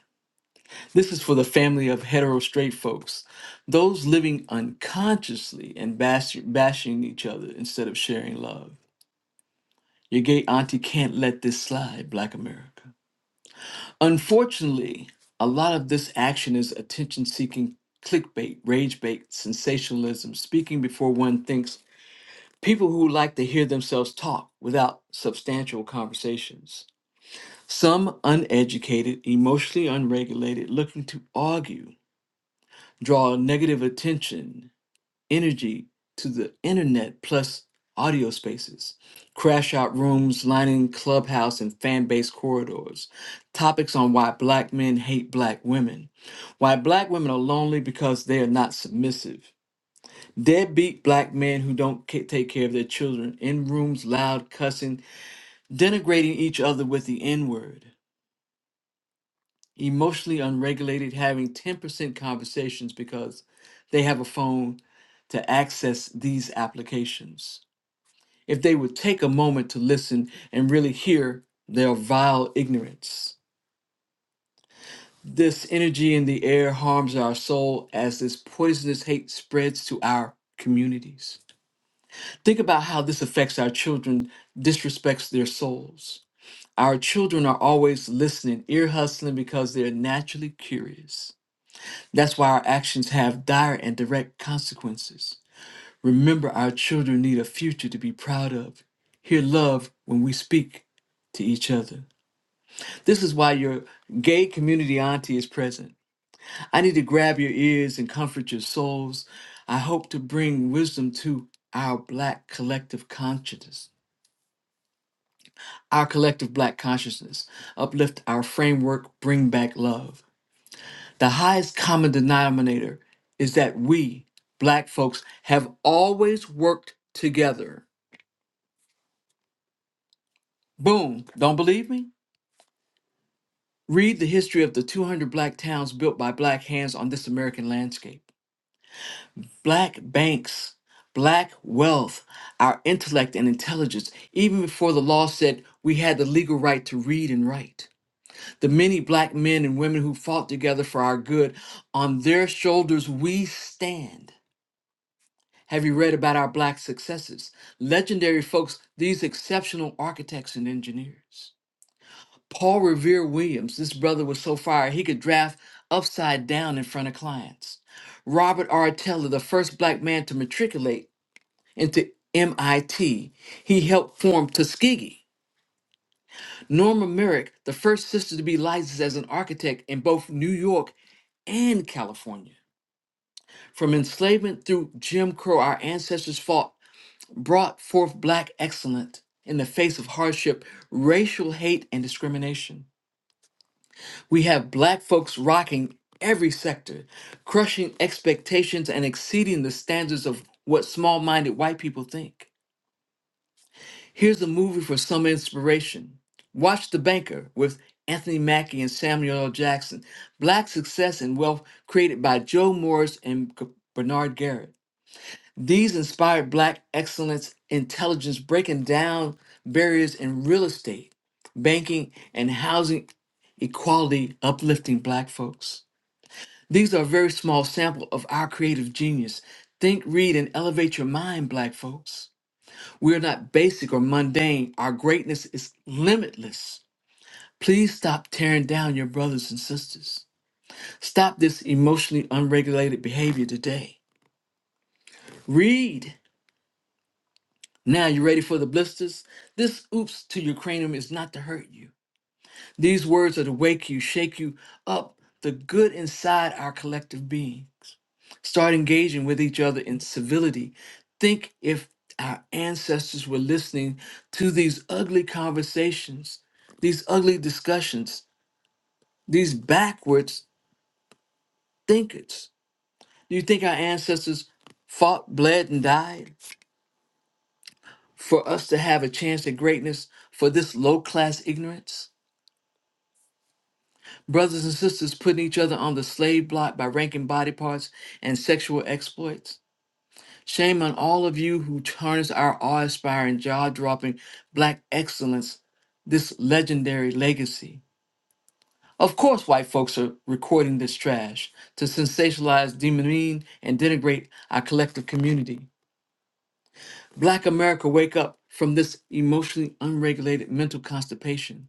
This is for the family of hetero straight folks, those living unconsciously and bash- bashing each other instead of sharing love. Your gay auntie can't let this slide, Black America. Unfortunately, a lot of this action is attention seeking clickbait, rage bait, sensationalism, speaking before one thinks, people who like to hear themselves talk without substantial conversations. Some uneducated, emotionally unregulated, looking to argue, draw negative attention, energy to the internet plus audio spaces, crash out rooms lining clubhouse and fan base corridors, topics on why black men hate black women, why black women are lonely because they are not submissive. Deadbeat black men who don't ca- take care of their children in rooms, loud cussing, denigrating each other with the N word emotionally unregulated, having 10% conversations because they have a phone to access these applications. If they would take a moment to listen and really hear their vile ignorance. This energy in the air harms our soul as this poisonous hate spreads to our communities. Think about how this affects our children, disrespects their souls. Our children are always listening, ear hustling because they're naturally curious. That's why our actions have dire and direct consequences. Remember, our children need a future to be proud of. Hear love when we speak to each other. This is why your gay community auntie is present. I need to grab your ears and comfort your souls. I hope to bring wisdom to our black collective consciousness. Our collective black consciousness. Uplift our framework, bring back love. The highest common denominator is that we, black folks, have always worked together. Boom. Don't believe me? Read the history of the 200 black towns built by black hands on this American landscape. Black banks, black wealth, our intellect and intelligence, even before the law said we had the legal right to read and write. The many black men and women who fought together for our good, on their shoulders we stand. Have you read about our Black successes? Legendary folks, these exceptional architects and engineers. Paul Revere Williams, this brother was so fire he could draft upside down in front of clients. Robert R. Teller, the first black man to matriculate into MIT, he helped form Tuskegee. Norma Merrick, the first sister to be licensed as an architect in both New York and California. From enslavement through Jim Crow, our ancestors fought brought forth black excellence in the face of hardship, racial hate, and discrimination. We have black folks rocking every sector, crushing expectations and exceeding the standards of what small minded white people think. Here's a movie for some inspiration Watch The Banker with Anthony Mackie and Samuel L. Jackson. Black success and wealth created by Joe Morris and G- Bernard Garrett. These inspired Black excellence intelligence breaking down barriers in real estate, banking, and housing equality, uplifting Black folks. These are a very small sample of our creative genius. Think, read, and elevate your mind, Black folks. We are not basic or mundane. Our greatness is limitless. Please stop tearing down your brothers and sisters. Stop this emotionally unregulated behavior today. Read. Now, you ready for the blisters? This oops to your cranium is not to hurt you. These words are to wake you, shake you up, the good inside our collective being. Start engaging with each other in civility. Think if our ancestors were listening to these ugly conversations, these ugly discussions, these backwards thinkers. Do you think our ancestors fought, bled, and died for us to have a chance at greatness for this low class ignorance? Brothers and sisters putting each other on the slave block by ranking body parts and sexual exploits. Shame on all of you who tarnish our awe-inspiring, jaw-dropping black excellence, this legendary legacy. Of course, white folks are recording this trash to sensationalize, demean, and denigrate our collective community. Black America, wake up from this emotionally unregulated mental constipation.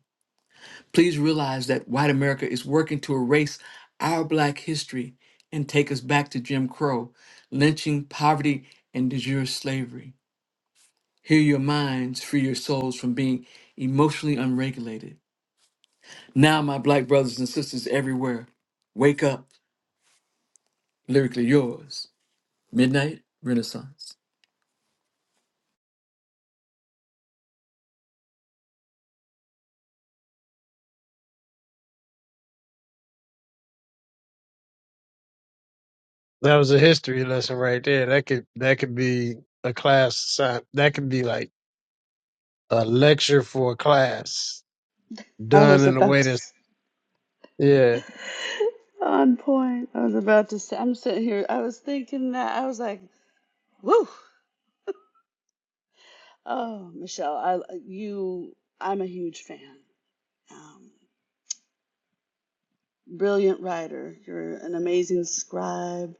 Please realize that white America is working to erase our black history and take us back to Jim Crow, lynching, poverty, and de jure slavery. Hear your minds, free your souls from being emotionally unregulated. Now, my black brothers and sisters everywhere, wake up, lyrically yours. Midnight Renaissance.
was a history lesson right there. That could that could be a class assign- that could be like a lecture for a class
I
done
was
in a
about
way
to
that's
s-
yeah.
on point. I was about to say I'm sitting here. I was thinking that I was like, woo. Oh, Michelle, I you I'm a huge fan. Um, brilliant writer. You're an amazing scribe.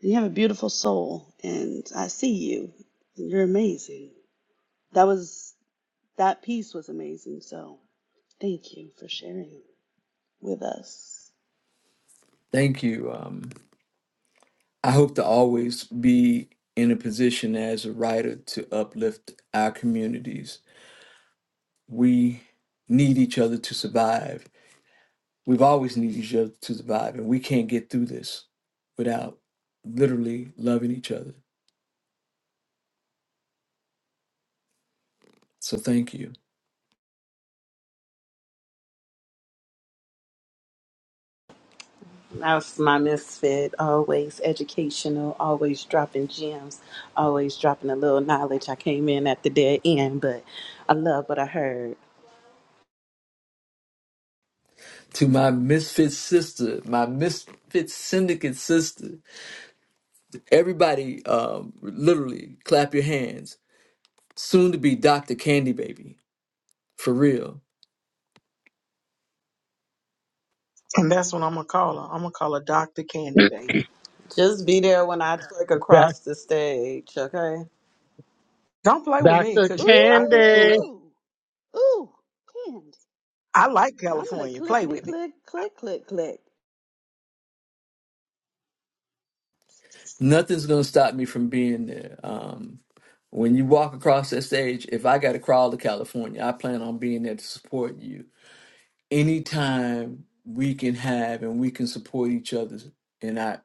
You have a beautiful soul, and I see you. And you're amazing. That was that piece was amazing. So thank you for sharing with us.
Thank you. Um, I hope to always be in a position as a writer to uplift our communities we need each other to survive. We've always needed each other to survive, and we can't get through this without literally loving each other. So thank you.
(laughs) That's my misfit. Always educational, always dropping gems, always dropping a little knowledge. I came in at the dead end, but I love what I heard.
To my misfit sister, my misfit syndicate sister, everybody, um, literally clap your hands. Soon to be Dr. Candy Baby, for real.
And that's what I'm gonna call her. I'm gonna call her Dr. Candy Baby.
Just be there when I click
Doc,
across the stage, okay?
Don't play with me,
Dr.
cause you know I would pull
Candy.
up.
Ooh, ooh, candy.
I like
I'm gonna
California. Play
clickety
with me.
click, click, click, click.
Nothing's gonna stop me from being there. Um, when you walk across that stage, if I got to crawl to California, I plan on being there to support you anytime we can have and we can support each other in our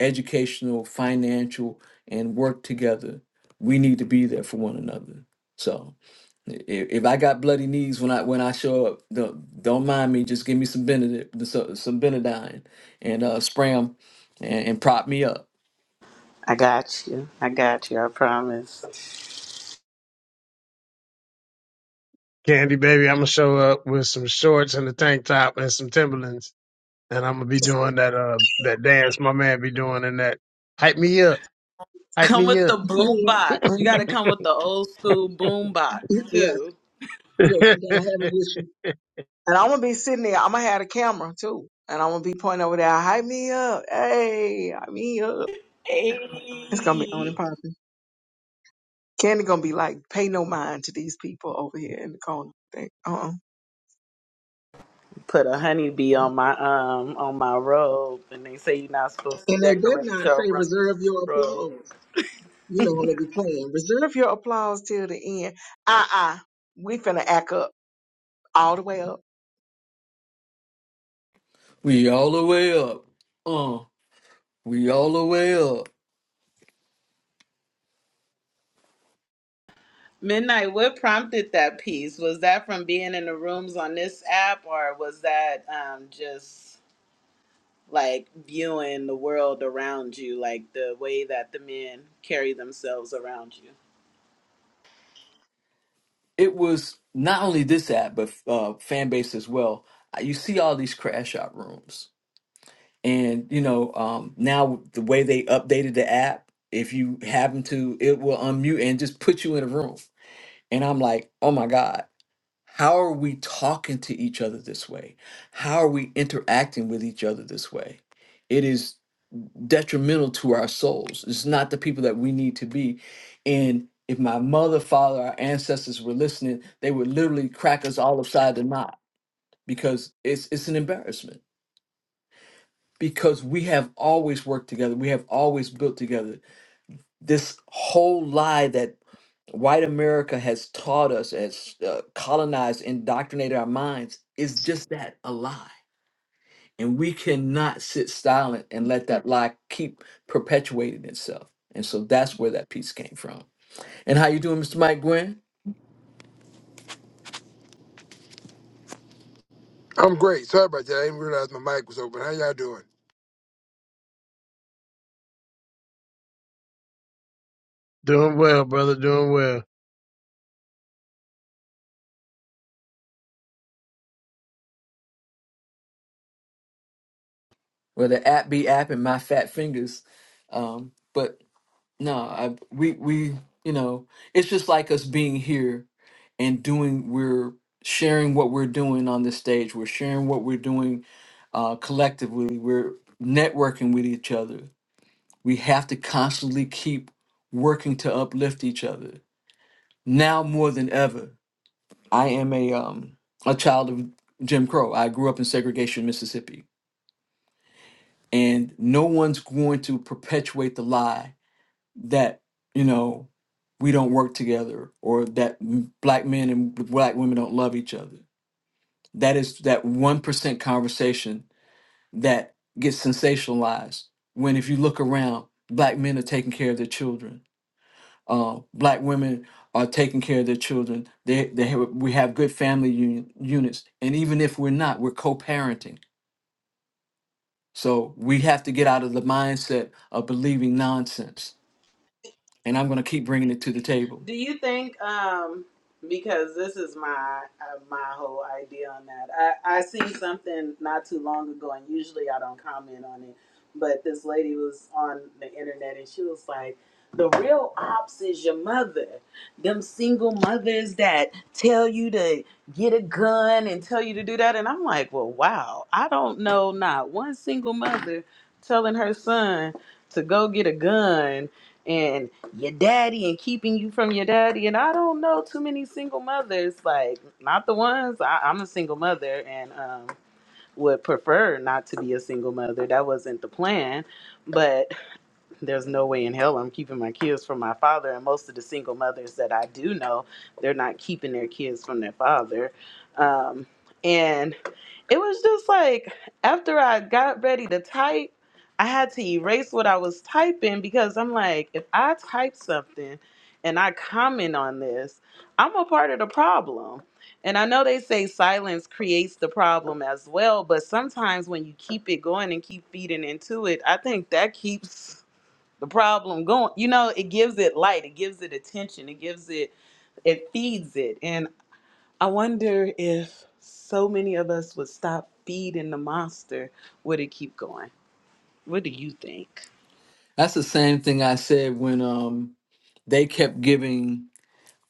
educational, financial, and work together, we need to be there for one another. So if, if I got bloody knees when I when I show up, don't, don't mind me. Just give me some Benedict, some, some Benadine, and uh, spray 'em and, and prop me up.
I got you. I got you. I promise.
Candy baby, I'm gonna show up with some shorts and a tank top and some Timberlands and I'm gonna be doing that uh that dance my man be doing in that hype me up, hype
Come
me
with
up.
the boom
Yeah.
box. You got to
Mhm.
come with the old school boom
Y-
box
Yes,
too.
yes,
(laughs)
you gotta have it with you. And I'm gonna be sitting there. I'm gonna have a camera too, and I'm gonna be pointing over there. Hype me up, hey, hype me up. It's gonna be on and
Hey,
popping. Candy gonna be like, pay no mind to these people over here in the corner. They- Uh-uh.
put a honeybee on my um on my robe, and they say you're not supposed to
And they better
decorate
not
your
say
ro-
reserve your
robe.
applause. You know I'm gonna be playing. Reserve your applause till the end. Uh-uh. We finna act up all the way up.
We all the way up. Uh, we all the way up.
Midnight. What prompted that piece? Was that from being in the rooms on this app, or was that um just like viewing the world around you, like the way that the men carry themselves around you?
it was not only this app but uh, fan base as well. Uh, You see all these crash out rooms, and you know um, now the way they updated the app, if you happen to, it will unmute and just put you in a room. And I'm like, oh my god, how are we talking to each other this way? How are we interacting with each other this way? It is detrimental to our souls. It's not the people that we need to be. And if my mother, father, our ancestors were listening, they would literally crack us all upside the knot because it's it's an embarrassment. Because we have always worked together, we have always built together. This whole lie that white America has taught us, has uh, colonized, indoctrinated our minds, is just that a lie. And we cannot sit silent and let that lie keep perpetuating itself. And so that's where that piece came from. And how you doing, Mr. Mike Gwynn?
I'm great. Sorry about that. I didn't realize my mic was open. How y'all doing?
doing well, brother, doing well.
Well, the app be app and my fat fingers. Um, but No, I we we you know it's just like us being here and doing we're sharing what we're doing on this stage. We're sharing what we're doing uh, collectively. We're networking with each other. We have to constantly keep working to uplift each other now more than ever. I am a um a child of Jim Crow. I grew up in segregation, Mississippi, and no one's going to perpetuate the lie that you know we don't work together or that m- black men and black women don't love each other that is that 1% conversation that gets sensationalized when if you look around black men are taking care of their children uh, black women are taking care of their children they, they have, we have good family uni- units and even if we're not we're co-parenting so we have to get out of the mindset of believing nonsense and i'm going to keep bringing it to the table
Do you think um because this is my uh, my whole idea on that. I I seen something not too long ago and usually I don't comment on it, but this lady was on the internet and she was like the real ops is your mother. Them single mothers that tell you to get a gun and tell you to do that. And I'm like, well, wow. I don't know not one single mother telling her son to go get a gun and." your daddy and keeping you from your daddy. And I don't know too many single mothers, like not the ones. I, I'm a single mother and um, would prefer not to be a single mother. That wasn't the plan, but (laughs) there's no way in hell I'm keeping my kids from my father. And most of the single mothers that I do know, they're not keeping their kids from their father. Um, and it was just like after I got ready to type, I had to erase what I was typing because I'm like, if I type something and I comment on this, I'm a part of the problem. And I know they say silence creates the problem as well, but sometimes when you keep it going and keep feeding into it, I think that keeps the problem going. You know, it gives it light, it gives it attention, it gives it, it feeds it. and. I wonder if so many of us would stop feeding the monster, would it keep going? What do you think?
That's the same thing I said when um they kept giving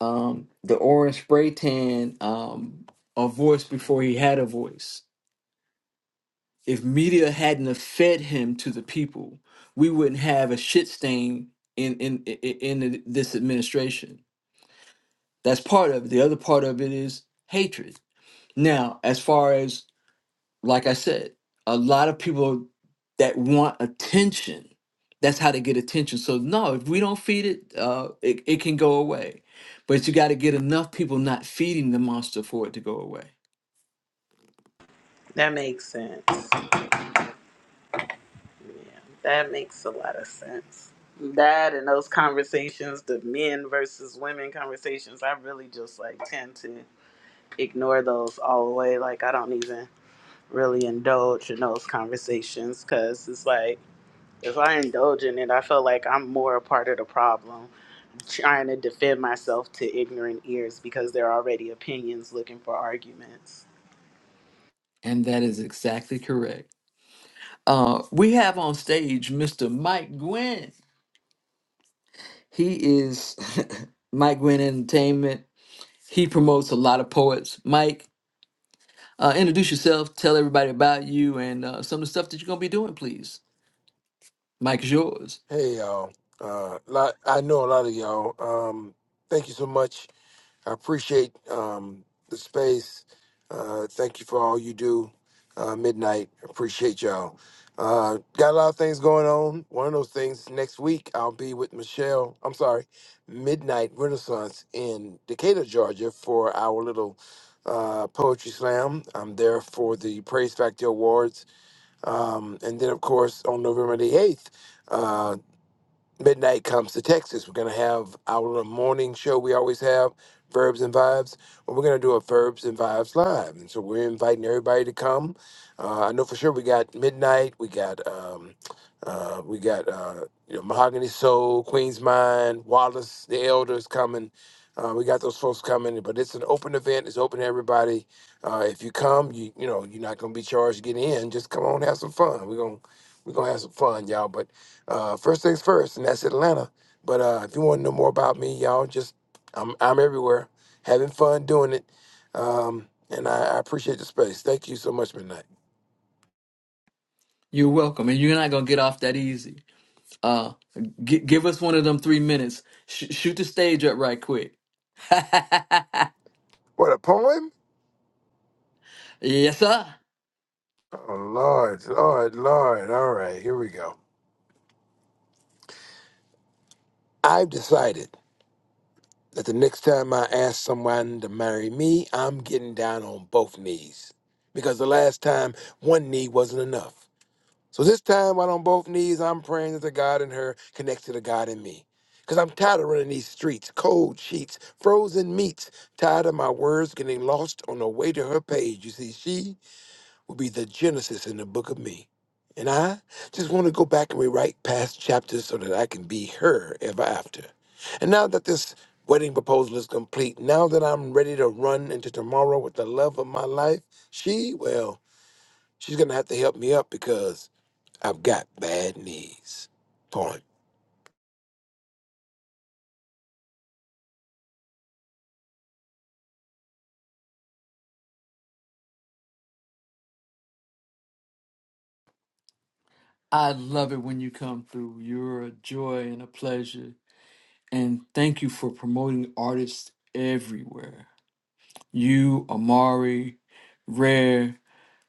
um the orange spray tan um a voice before he had a voice. If media hadn't have fed him to the people, we wouldn't have a shit stain in in in, in this administration. That's part of it. The other part of it is hatred. Now, as far as Like I said, a lot of people that want attention, that's how they get attention. So no, if we don't feed it, uh, it, it can go away. But you got to get enough people not feeding the monster for it to go away.
That makes sense. That makes a lot of sense. That and those conversations, the men versus women conversations, I really just like tend to ignore those all the way. Like, I don't even really indulge in those conversations because it's like, if I indulge in it, I feel like I'm more a part of the problem trying to defend myself to ignorant ears because they're already opinions looking for arguments.
And that is exactly correct. Uh, we have on stage Mr. Mike Gwynn. He is (laughs) Mike Gwynn Entertainment. He promotes a lot of poets. Mike, uh, introduce yourself, tell everybody about you and uh, some of the stuff that you're going to be doing, please. Mike is yours.
Hey y'all. Uh lot I know a lot of y'all. Um thank you so much. I appreciate um the space. Uh thank you for all you do. Uh midnight. Appreciate y'all. Uh got a lot of things going on. One of those things next week I'll be with Michelle. I'm sorry, Midnight Renaissance in Decatur, Georgia for our little uh poetry slam. I'm there for the Praise Factor Awards Um, and then, of course, on November the 8th, midnight comes to Texas. We're gonna have our morning show we always have, Verbs and Vibes. Well, we're gonna do a Verbs and Vibes live, and so we're inviting everybody to come. Uh, I know for sure we got midnight. We got um, uh, we got uh, you know Mahogany Soul, Queen's Mind, Wallace, the Elders coming. Uh, we got those folks coming, but it's an open event. It's open to everybody. Uh, if you come, you you know you're not gonna be charged to get in. Just come on, have some fun. We're gonna we're gonna have some fun, y'all. But uh, first things first, and that's Atlanta. But uh, if you want to know more about me, y'all, just I'm I'm everywhere, having fun doing it, um, and I, I appreciate the space. Thank you so much, Midnight.
You're welcome, and you're not gonna get off that easy. Uh, g- give us one of them three minutes. Sh- shoot the stage up right quick. (laughs)
What a poem!
yes, sir.
Oh Lord, Lord, Lord! All right, here we go. I've decided that the next time I ask someone to marry me, I'm getting down on both knees because the last time one knee wasn't enough. So this time, while on both knees, I'm praying that the God in her connects to the God in me. Because I'm tired of running these streets, cold sheets, frozen meats, tired of my words getting lost on the way to her page. You see, she will be the Genesis in the book of me. And I just want to go back and rewrite past chapters so that I can be her ever after. And now that this wedding proposal is complete, now that I'm ready to run into tomorrow with the love of my life, she, well, she's going to have to help me up I've got bad knees. Point.
I love it when you come through. You're a joy and a pleasure, and thank you for promoting artists everywhere. You, Amari, Rare,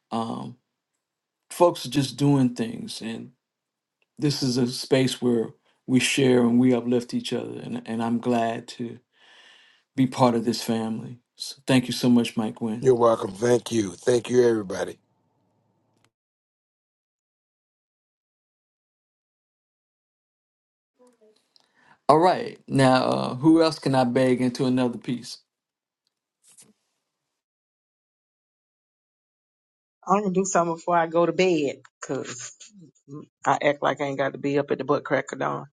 um, folks are just doing things, and this is a space where we share and we uplift each other, and, and I'm glad to. be part of this family. So thank you so much, Mike Wynn.
You're welcome. Thank you. Thank you, everybody.
All right. Now, uh, who else can I beg into another piece?
I'm gonna do something before I go to bed, cause I act like I ain't got to be up at the butt crack of dawn.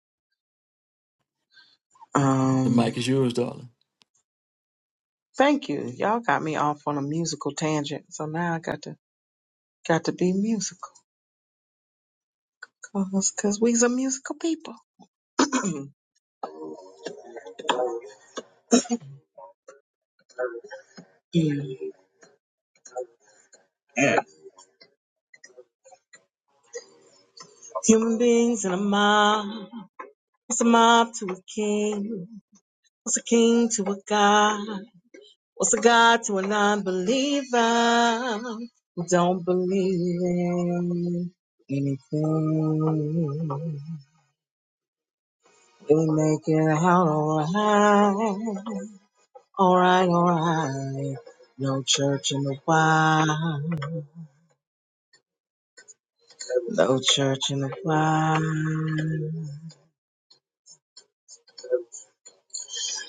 The
Um,
mic is yours, darling.
thank you. Y'all got me off on a musical tangent, so now I got to got to be musical, Cause cause we's a musical people. (clears throat) Human beings in a mob. What's a mob to a king? What's a king to a god? What's a God to a non-believer who don't believe in anything? They make it out alright, alright, alright. No church in the wild, no church in the wild.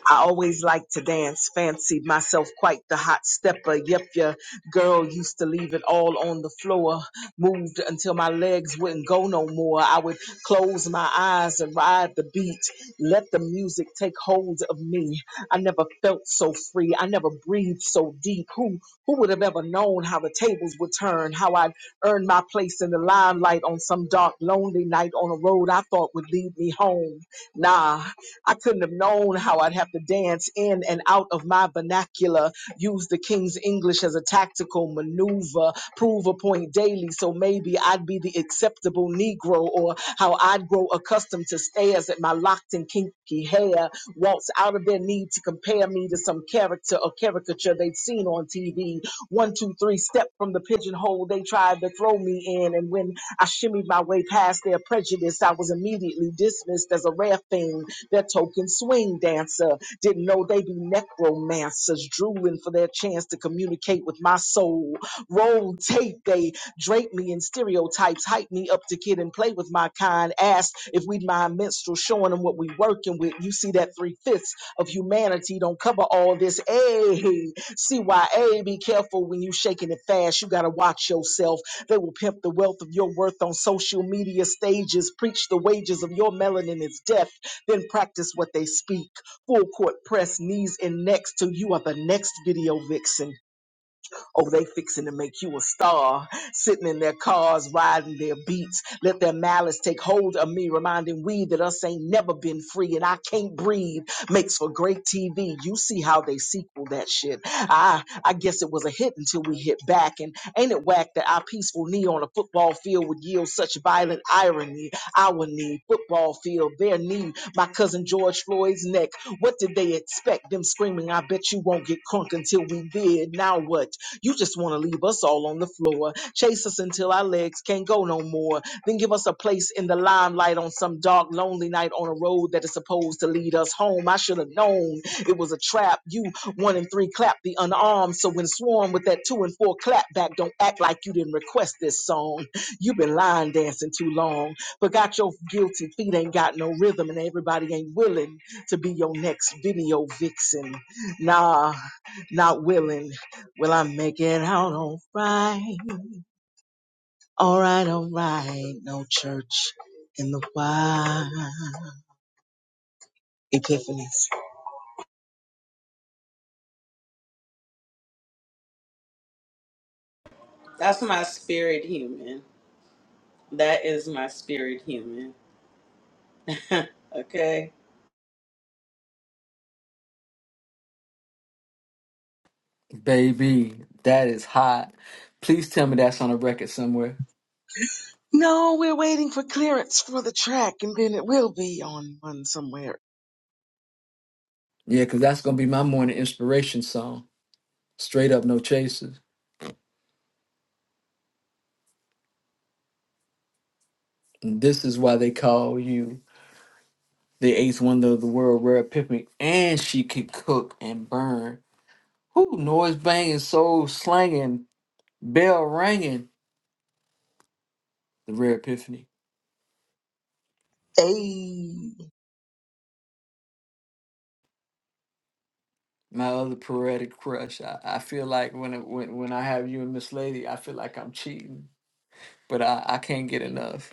I always liked to dance, fancied myself quite the hot stepper. Yep, your girl used to leave it all on the floor, moved until my legs wouldn't go no more. I would close my eyes and ride the beat, let the music take hold of me. I never felt so free, I never breathed so deep. Who who would have ever known how the tables would turn, how I'd earn my place in the limelight on some dark, lonely night on a road I thought would lead me home? Nah, I couldn't have known how I'd have to dance in and out of my vernacular, use the King's English as a tactical maneuver, prove a point daily. So maybe I'd be the acceptable Negro, or how I'd grow accustomed to stares at my locked and kinky hair, waltz out of their need to compare me to some character or caricature they'd seen on TV. One, two, three, step from the pigeonhole they tried to throw me in. And when I shimmied my way past their prejudice. I was immediately dismissed as a rare thing, their token swing dancer. Didn't know they be necromancers, drooling for their chance to communicate with my soul. Roll tape, they drape me in stereotypes, hype me up to kid and play with my kind. Asked if we'd mind minstrel showing them what we working with. You see that three fifths of humanity don't cover all this. Hey, CYA, be careful when you shaking it fast. You gotta watch yourself. They will pimp the wealth of your worth on social media stages, preach the wages of your melanin is death, then practice what they speak. Full court press, knees and necks till you are the next video vixen. Oh, they fixing to make you a star, sitting in their cars, riding their beats. Let their malice take hold of me, reminding we that us ain't never been free and I can't breathe. Makes for great TV. You see how they sequel that shit. I I guess it was a hit until we hit back. And ain't it whack that our peaceful knee on a football field would yield such violent irony? Our knee, football field, their knee, my cousin George Floyd's neck. What did they expect? Them screaming, I bet you won't get crunk until we did. Now what? You just want to leave us all on the floor, chase us until our legs can't go no more, then give us a place in the limelight on some dark, lonely night on a road that is supposed to lead us home. I should have known it was a trap. You one and three clap the unarmed, so when swarm with that two and four clap back, don't act like you didn't request this song. You've been line dancing too long, but got your guilty feet ain't got no rhythm, and everybody ain't willing to be your next video vixen. Nah, not willing. Will I make it out all right? All right, all right. No church in the wild. Epiphanies.
That's my spirit human. That is my spirit human. (laughs) okay?
Baby, that is hot. Please tell me that's on a record somewhere.
No, we're waiting for clearance for the track, and then it will be on one somewhere.
Yeah, because that's going to be my morning inspiration song. Straight up, no chasers. And this is why they call you the eighth wonder of the world, rare epiphany. And she can cook and burn. Whoo, noise banging, soul slanging, bell ringing, the rare epiphany.
Hey,
my other poetic crush. I, I feel like when it, when when I have you and Miss Lady, I feel like I'm cheating, but I, I can't get enough.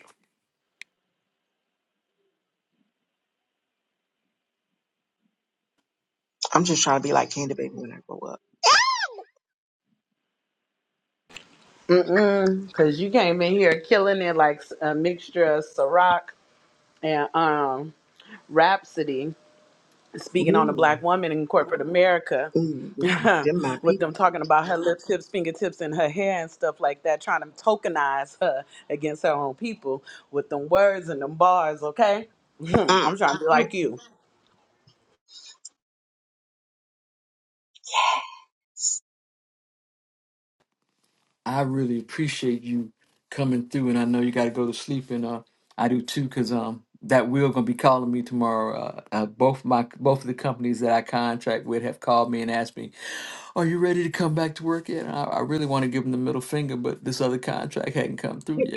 I'm just trying to be like Candy Baby when I grow up.
Mm-mm, because you came in here killing it like s- a mixture of Ciroc and um, Rhapsody, speaking on a
Ooh,
black woman in corporate America.
ooh, mm.
(laughs)
Them my
with
people.
them talking about her lip tips, fingertips, and her hair and stuff like that, trying to tokenize her against her own people with them words and them bars, okay? (laughs)
Mm,
I'm trying to be
mm.
like you.
I really appreciate you coming through, and I know you got to go to sleep, and uh, I do too, cause um that will gonna be calling me tomorrow. Uh, uh, both my both of the companies that I contract with have called me and asked me, "Are you ready to come back to work yet?" And I, I really want to give them the middle finger, but this other contract hadn't come through yet.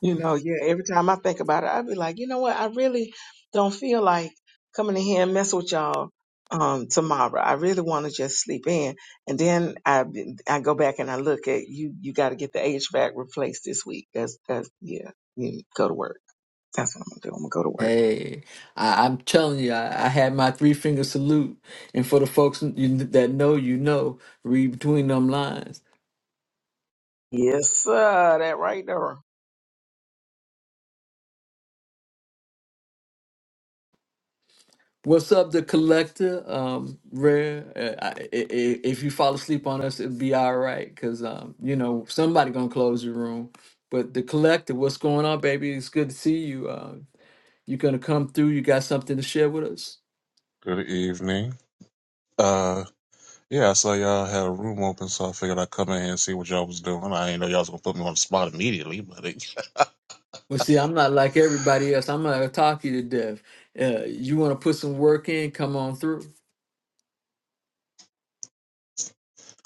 You know, yeah, every time I think about it, I'd be like, you know what? I really don't feel like coming in here and mess with y'all um tomorrow. I really want to just sleep in. And then I I go back and I look at you you got to get the HVAC replaced this week. That's that's yeah. You go to work. That's what I'm going to do. I'm going to go to work.
Hey, I, I'm telling you, I, I had my three finger salute. And for the folks you, that know, you know, read between them lines.
Yes, sir. That right there.
What's up, the collector? Um, rare. Uh, I, I, I- if you fall asleep on us, it'll be all right, cause um, you know, somebody gonna close your room. But the collector, what's going on, baby? It's good to see you. Uh, you gonna come through? You got something to share with us?
Good evening. Uh, yeah, I saw y'all had a room open, so I figured I'd come in here and see what y'all was doing. I didn't know y'all was gonna put me on the spot immediately, but it,
Well, see, I'm not like everybody else. I'm not gonna talk you to death. Uh, you wanna put some work in? Come on through.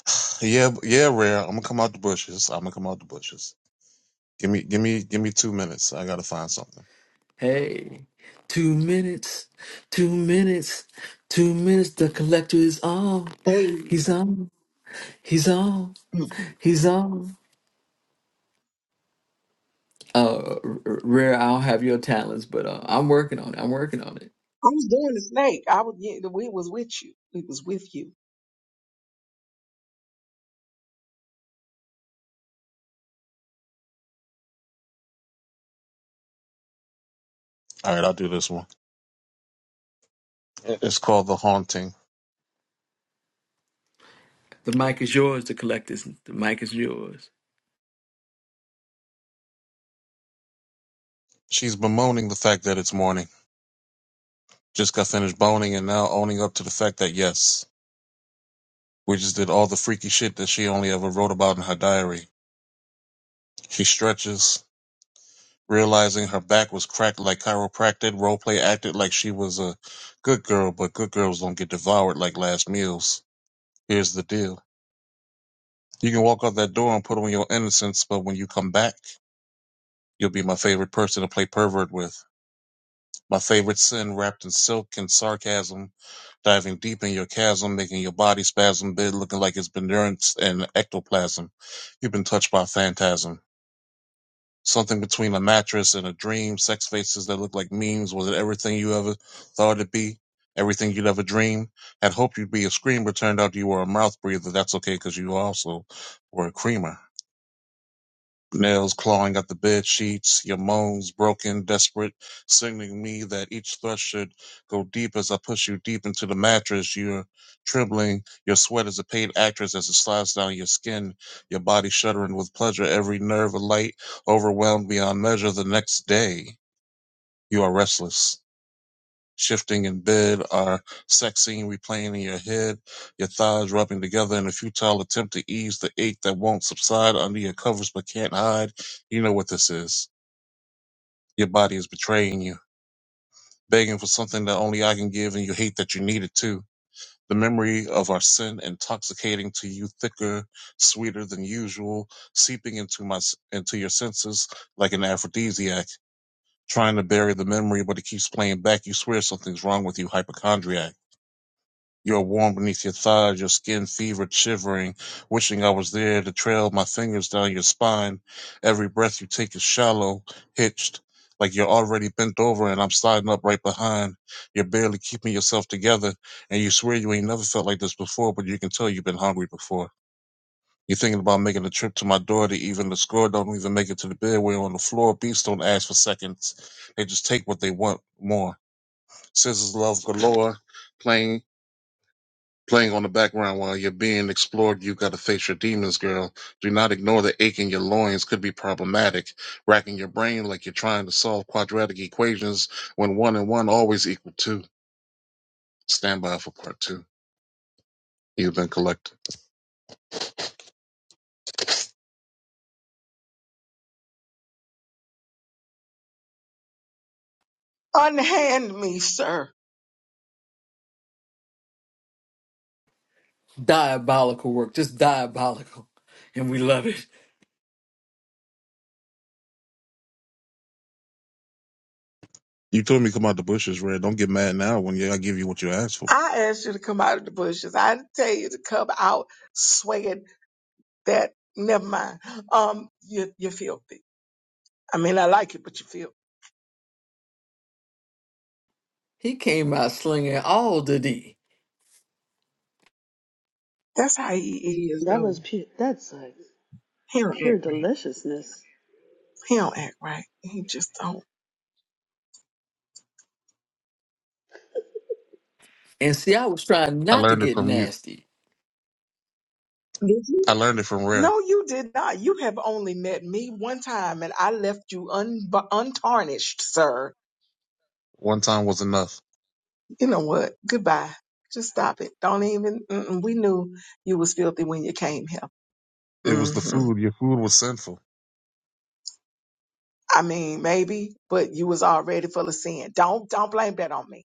(laughs) yeah, yeah, rare. I'm gonna come out the bushes. I'm gonna come out the bushes. Give me, give me, give me two minutes. I gotta find something.
Hey, two minutes, two minutes, two minutes. The collector is on.
Hey.
He's on. He's on.
I
He's on. Uh, R- R- Rare, I don't have your talents, but uh, I'm working on it. I'm working on it.
was doing the snake. I was yeah, we was with you. We was with you.
All right, I'll do this one. It's called the haunting.
The mic is yours. The collector's. The mic is yours.
She's bemoaning the fact that it's morning. Just got finished boning and now owning up to the fact that yes, we just did all the freaky shit that she only ever wrote about in her diary. She stretches, Realizing her back was cracked like chiropractic, roleplay acted like she was a good girl, but good girls don't get devoured like last meals. Here's the deal. You can walk out that door and put on your innocence, but when you come back, you'll be my favorite person to play pervert with. My favorite sin wrapped in silk and sarcasm, diving deep in your chasm, making your body spasm bid looking like it's been nursed in ectoplasm. You've been touched by a phantasm. Something between a mattress and a dream, sex faces that look like memes. Was it everything you ever thought it'd be? Everything you'd ever dream? Had hoped you'd be a screamer, turned out you were a mouth breather. That's okay because you also were a creamer nails clawing at the bed sheets, your moans broken, desperate, signaling me that each thrust should go deep as I push you deep into the mattress. You're trembling, your sweat is a paid actress as it slides down your skin, your body shuddering with pleasure, every nerve alight, overwhelmed beyond measure the next day. You are restless shifting in bed are sexing, replaying in your head, your thighs rubbing together in a futile attempt to ease the ache that won't subside under your covers but can't hide. You know what this is. Your body is betraying you, begging for something that only I can give, and you hate that you need it too. The memory of our sin intoxicating to you thicker, sweeter than usual, seeping into my into your senses like an aphrodisiac. Trying to bury the memory, but it keeps playing back. You swear something's wrong with you, hypochondriac You're warm beneath your thighs, your skin fevered, shivering, wishing I was there to trail my fingers down your spine. Every breath you take is shallow, hitched, like you're already bent over and I'm sliding up right behind. You're barely keeping yourself together, and you swear you ain't never felt like this before, but you can tell you've been hungry before. You're thinking about making a trip to my door to even the score, don't even make it to the bed. We're on the floor. Beasts don't ask for seconds. They just take what they want more. Scissors love galore, playing playing on the background while you're being explored. You've got to face your demons, girl. Do not ignore the ache in your loins could be problematic, racking your brain like you're trying to solve quadratic equations when one and one always equal two. Stand by for part two. You've been collected.
Unhand me, sir.
Diabolical work, just diabolical, and we love it.
You told me come out the bushes, Red. Don't get mad now when I give you what you asked for.
I asked you to come out of the bushes. I didn't tell you to come out swinging that. Never mind. Um, you, you're filthy. I mean, I like you, but you're filthy.
He came out slinging all the D,
That's how he is,
That
though.
was pure. That's like
He don't
pure
act right.
deliciousness.
He don't act right. He just don't.
and see, I was trying
I
not to
learned it
get
from you.
nasty.
Did you?
I learned it from Rare.
No, you did not. You have only met me one time, and I left you un- untarnished, sir.
One time was enough.
You know what? Goodbye. Just stop it. Don't even. Mm-mm. We knew you was filthy when you came here.
It was the
Mm-hmm.
food. Your food was sinful.
I mean, maybe, but you was already full of sin. Don't don't blame that on me.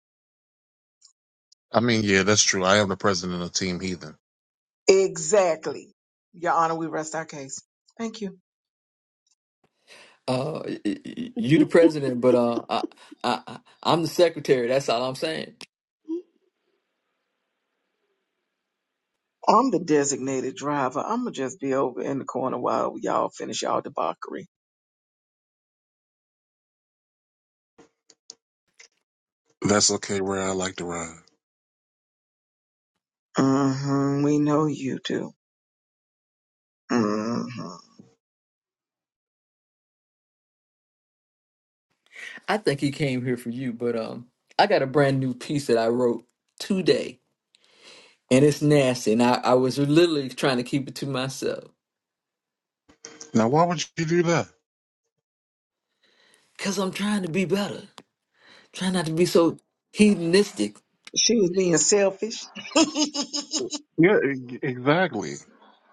I mean, yeah, that's true. I am the president of Team Heathen.
Exactly. Your Honor, we rest our case. Thank you.
Uh, y- y-
(laughs)
you the president, but uh, I, I, I- I'm the secretary. That's all I'm saying.
I'm the designated driver. I'ma just be over in the corner while y'all finish y'all debauchery.
That's okay, Rare. I like to ride.
Mm-hmm. We know you do. Mm-hmm.
I think he came here for you, but um, I got a brand new piece that I wrote today, and it's nasty. And I, I was literally trying to keep it to myself
Now, why would you do that?
because I'm trying to be better, trying not to be so hedonistic.
She was being selfish. (laughs)
Yeah, e- exactly.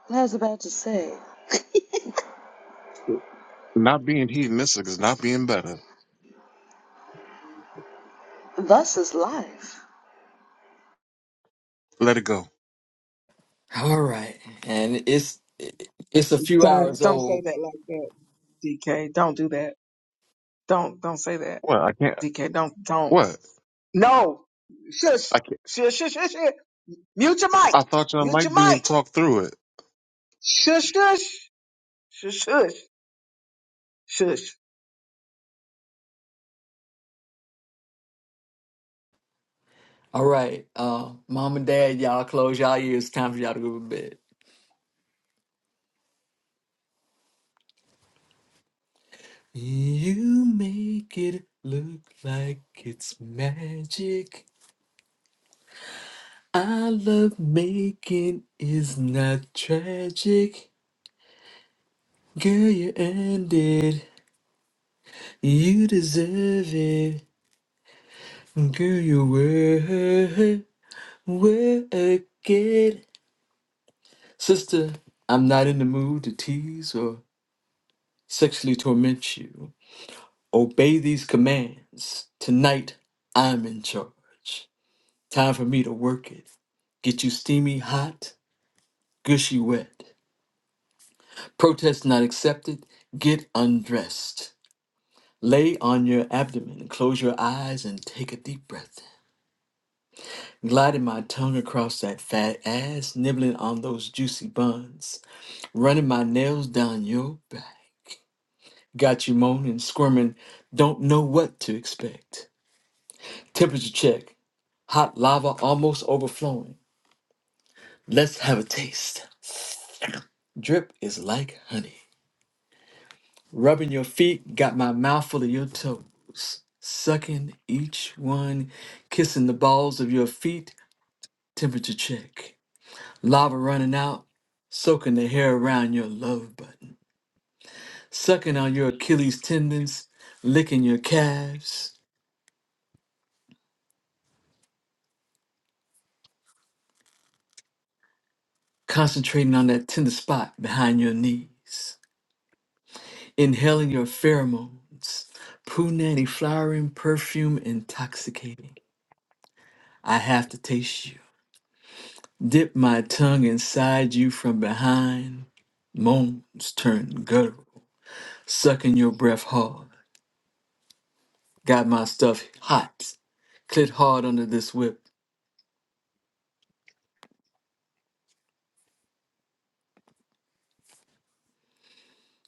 I was about to say,
Not being hedonistic is not being better.
thus is life.
Let it go.
All right, and it's it's a few
don't
hours
don't say
old.
that like that, DK. Don't do that. Don't don't say that,
What? I can't.
DK. Don't don't.
What?
No. Shush.
I can't.
Shush. Shush. Shush. shush. Mute your mic.
I thought y'all
Mute
liked
your mic.
being talked through it.
Shush, shush, shush, shush, shush.
All right, uh, mom and dad, y'all close y'all ears. It's Time for y'all to go to bed. You make it look like it's magic. I love making is not tragic. Girl, you earned it. You deserve it. Girl, you were work it. Sister, I'm not in the mood to tease or sexually torment you. Obey these commands. Tonight, I'm in charge. Time for me to work it. Get you steamy, hot, gushy, wet. Protest not accepted. Get undressed. Lay on your abdomen, close your eyes, and take a deep breath. in. Gliding my tongue across that fat ass, nibbling on those juicy buns, running my nails down your back. Got you moaning, squirming, don't know what to expect. Temperature check, hot lava almost overflowing. Let's have a taste. Drip is like honey. rubbing your feet, got my mouth full of your toes, sucking each one, kissing the balls of your feet, temperature check, lava running out, soaking the hair around your love button, sucking on your Achilles tendons, licking your calves, concentrating on that tender spot behind your knees, inhaling your pheromones, poo nanny flowering perfume intoxicating. I have to taste you. Dip my tongue inside you from behind. Moans turn guttural. Sucking your breath hard. Got my stuff hot. Clit hard under this whip.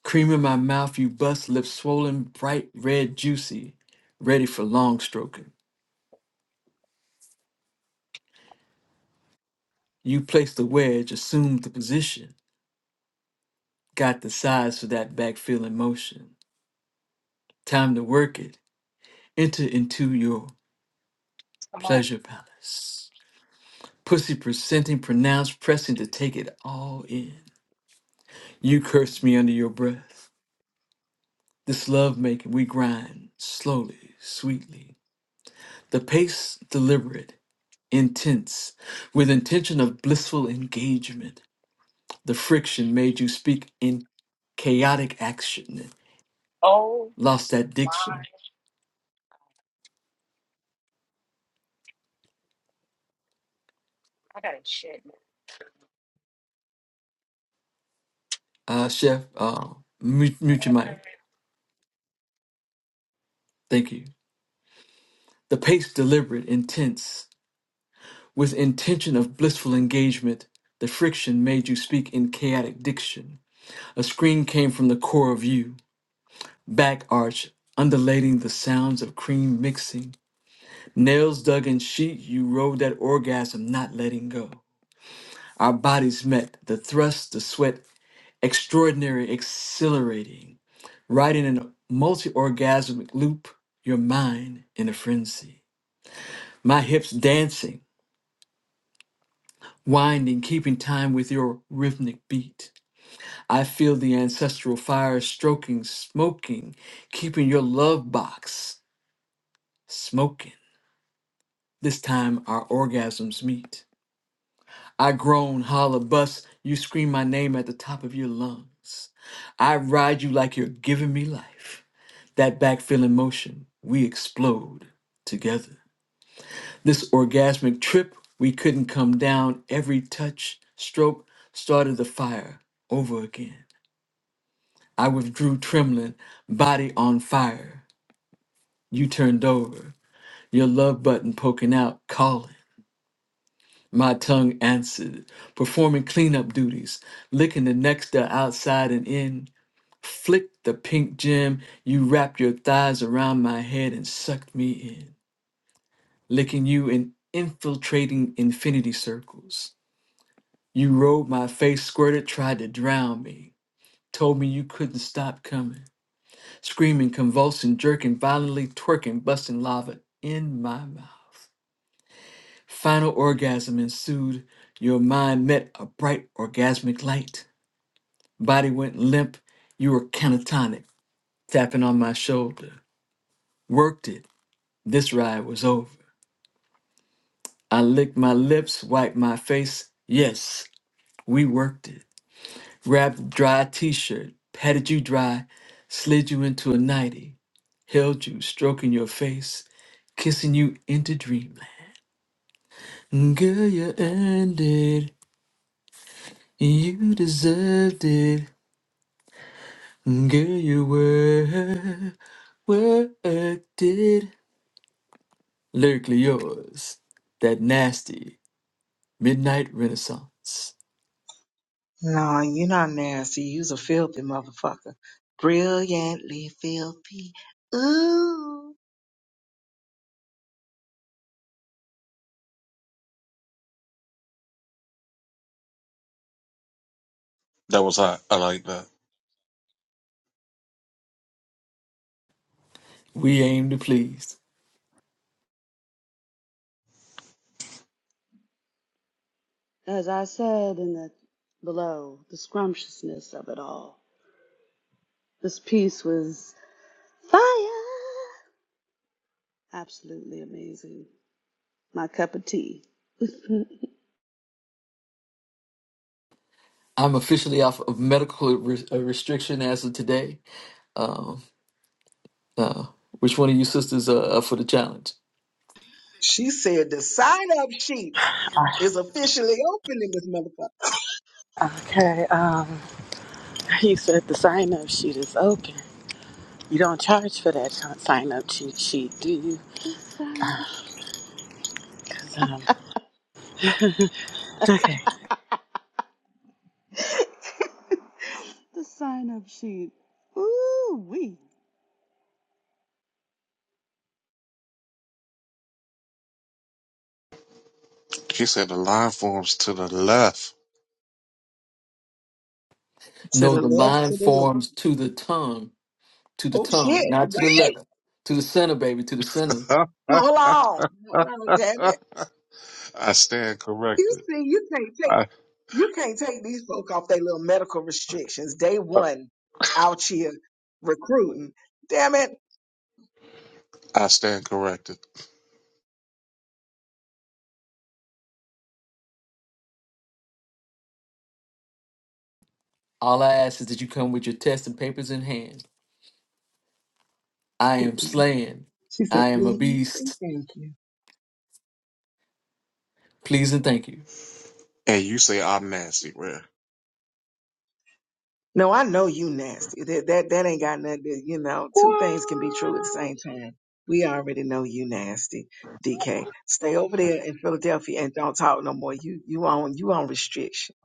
Cream in my mouth, you bust lips swollen, bright red, juicy. Ready for long stroking. You place the wedge, assume the position. Got the size for that back feeling motion. Time to work it. Enter into your
Come on.
pleasure palace. Pussy presenting, pronounced, pressing to take it all in. You cursed me under your breath. This love making we grind slowly, sweetly. The pace deliberate, intense, with intention of blissful engagement. The friction made you speak in chaotic action.
Oh
Lost that
my.
diction.
I got a shit.
Uh, chef, uh, mute, mute your mic. Thank you. The pace deliberate, intense, with intention of blissful engagement. The friction made you speak in chaotic diction. A scream came from the core of you back arch undulating the sounds of cream mixing nails dug in sheet you rode that orgasm not letting go our bodies met the thrust the sweat extraordinary exhilarating riding in a multi-orgasmic loop your mind in a frenzy my hips dancing winding keeping time with your rhythmic beat i feel the ancestral fire stroking smoking keeping your love box smoking This time our orgasms meet. I groan, holler, bust. You scream my name at the top of your lungs. I ride you like you're giving me life. That back feeling motion, we explode together. This orgasmic trip, we couldn't come down. Every touch, stroke started the fire over again. I withdrew trembling, body on fire. You turned over, your love button poking out, calling. My tongue answered, performing cleanup duties, licking the nectar outside and in. Flick the pink gem, you wrapped your thighs around my head and sucked me in, licking you and infiltrating infinity circles. You rolled my face, squirted, tried to drown me, told me you couldn't stop coming, screaming, convulsing, jerking, violently twerking, busting lava in my mouth. Final orgasm ensued. Your mind met a bright orgasmic light. Body went limp. You were catatonic, tapping on my shoulder. Worked it. This ride was over. I licked my lips, wiped my face. Yes, we worked it. Wrapped a dry t shirt, patted you dry, slid you into a nightie, held you, stroking your face, kissing you into dreamland. Girl, you earned it. You deserved it. Girl, you were worked it. Lyrically yours. That nasty midnight renaissance.
No, you're not nasty. You's a filthy motherfucker. Brilliantly filthy. Ooh.
That was hot. I like that.
We aim to please.
As I said in the below, the scrumptiousness of it all. This piece was fire, absolutely amazing. My cup of tea. (laughs)
I'm officially off of medical re- uh, restriction as of today. Um, uh, which one of you sisters are up for the challenge?
She said the sign up sheet is officially open in this motherfucker.
Okay, um, he said the sign up sheet is open. You don't charge for that sign up cheat sheet, do you?
The sign up
'Cause, um, okay.
sheet. (laughs) the sign up sheet. Ooh wee.
She said the line forms to the left.
To the
No, the
left,
line
to the left.
forms to the tongue, to the
Oh shit.
tongue, not to
Wait,
the left, to the center, baby, to the center.
hold on. Hold on, damn it.
(laughs) I stand
You
corrected.
see, you can't take,
I
you can't take these folk off their little medical restrictions. Day one out here recruiting. Damn it.
I stand corrected.
All I ask is that you come with your test and papers in hand. I am slaying.
She said,
I am a
please and
beast.
thank you.
Please and thank you.
And you say I'm nasty, man.
No, I know you nasty. That that that ain't got nothing to, you know, two things can be true
What?
at the same time. We already know you nasty, DK. Stay over there in Philadelphia and don't talk no more. You you on you on restriction.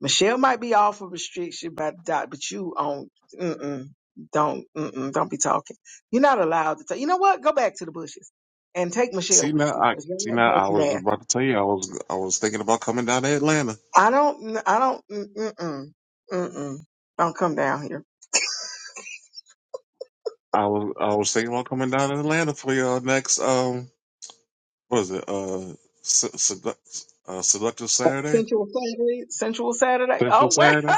Michelle might be off of restriction by the doc, but you on mm-mm, don't mm-mm, don't be talking. You're not allowed to talk. You know what? Go back to the bushes and take Michelle
See
with
now,
you
I
because you're
see
not
now. I was
nasty.
about to tell you I was I was thinking about coming down to Atlanta.
I don't I don't mm-mm, mm-mm. Don't come down here.
I was I was thinking about coming down to Atlanta for your next um what is it uh, se- seduct- uh seductive Saturday
Sensual Saturday, Sensual Saturday.
sensual
Oh wait,
Saturday.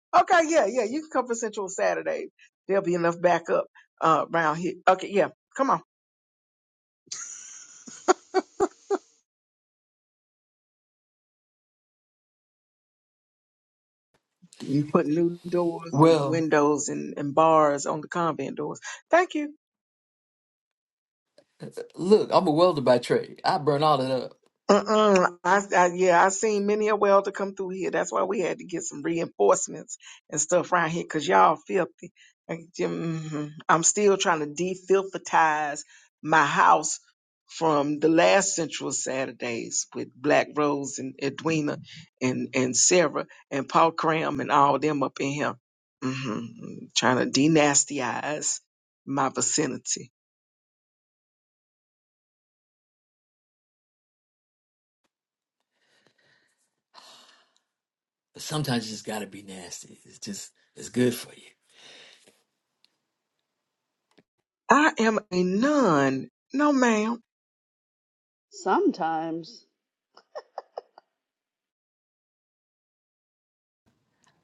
(laughs) okay, yeah, yeah. You can come for Sensual Saturday. There'll be enough backup uh, around here. Okay, yeah, come on. You put new doors and
Well,
windows and, and bars on the convent doors. Thank you.
look, I'm a welder by trade. I burn all that up.
Uh-uh. I, I yeah, I seen many a welder come through here. That's why we had to get some reinforcements and stuff around here, cause y'all filthy. Like, mm, I'm still trying to defilthatize my house from the last Central Saturdays with Black Rose and Edwina and and Sarah and Paul Cram and all them up in here. Mm hmm Trying to denastize my vicinity.
But sometimes you just gotta be nasty. It's just it's good for you.
I am a nun. No, ma'am.
Sometimes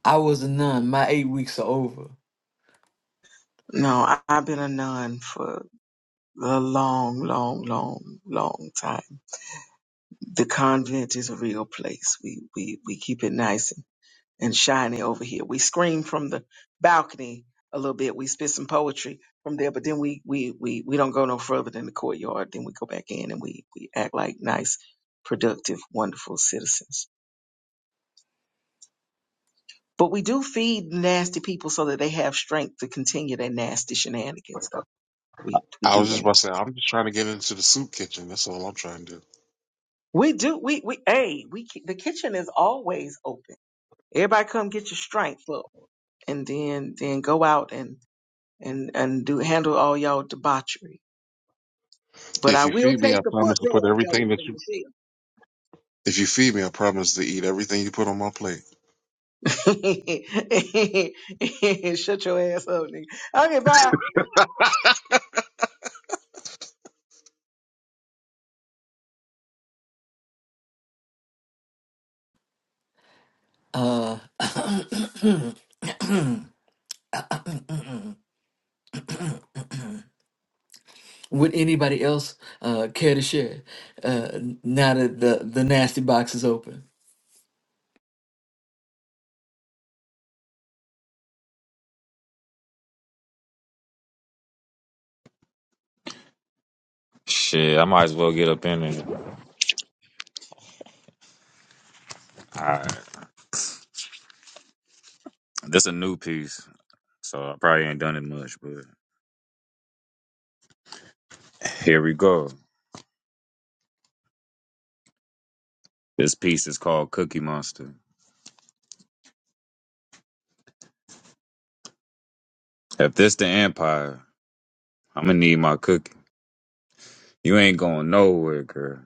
I was a nun. My eight weeks are over.
No, I, I've been a nun for a long, long, long, long time. The convent is a real place. We we we keep it nice and, and shiny over here. We scream from the balcony a little bit. We spit some poetry from there, but then we we we we don't go no further than the courtyard. Then we go back in and we we act like nice, productive, wonderful citizens. But we do feed nasty people so that they have strength to continue their nasty shenanigans. Though we we
I
do
was just
that.
about to say I'm just trying to get into the soup kitchen. That's all I'm trying to do.
We do. We we hey, we ki- the kitchen is always open. Everybody come get your strength up, and then then go out and and and do handle all y'all debauchery. But
If
I
you
will
feed me, I
take the
promise
foot
to put
rub though
everything that you. If you feed me, I promise to eat everything you put on my plate.
from Michelle. (laughs) Shut your ass up, nigga. Okay, bye.
(laughs)
Uh (coughs) (clears throat) would anybody else uh care to share? Uh now that the, the nasty box is open.
Shit, I might as well get up in it. All right, this a new piece, so I probably ain't done it much, but here we go. This piece is called Cookie Monster. If this the empire, I'm gonna need my cookie. You ain't going nowhere, girl.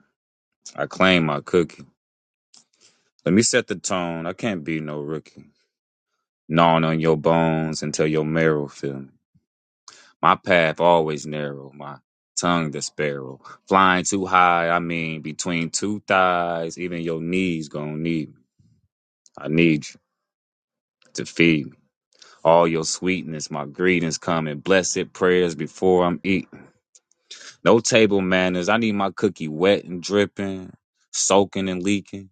I claim my cookie. Let me set the tone. I can't be no rookie. Gnawing on your bones until your marrow feel me. My path always narrow, my tongue the sparrow. Flying too high, I mean between two thighs, even your knees gon' need me. I need you to feed me. All your sweetness, my greetings come in blessed prayers before I'm eating. No table manners, I need my cookie wet and dripping, soaking and leaking,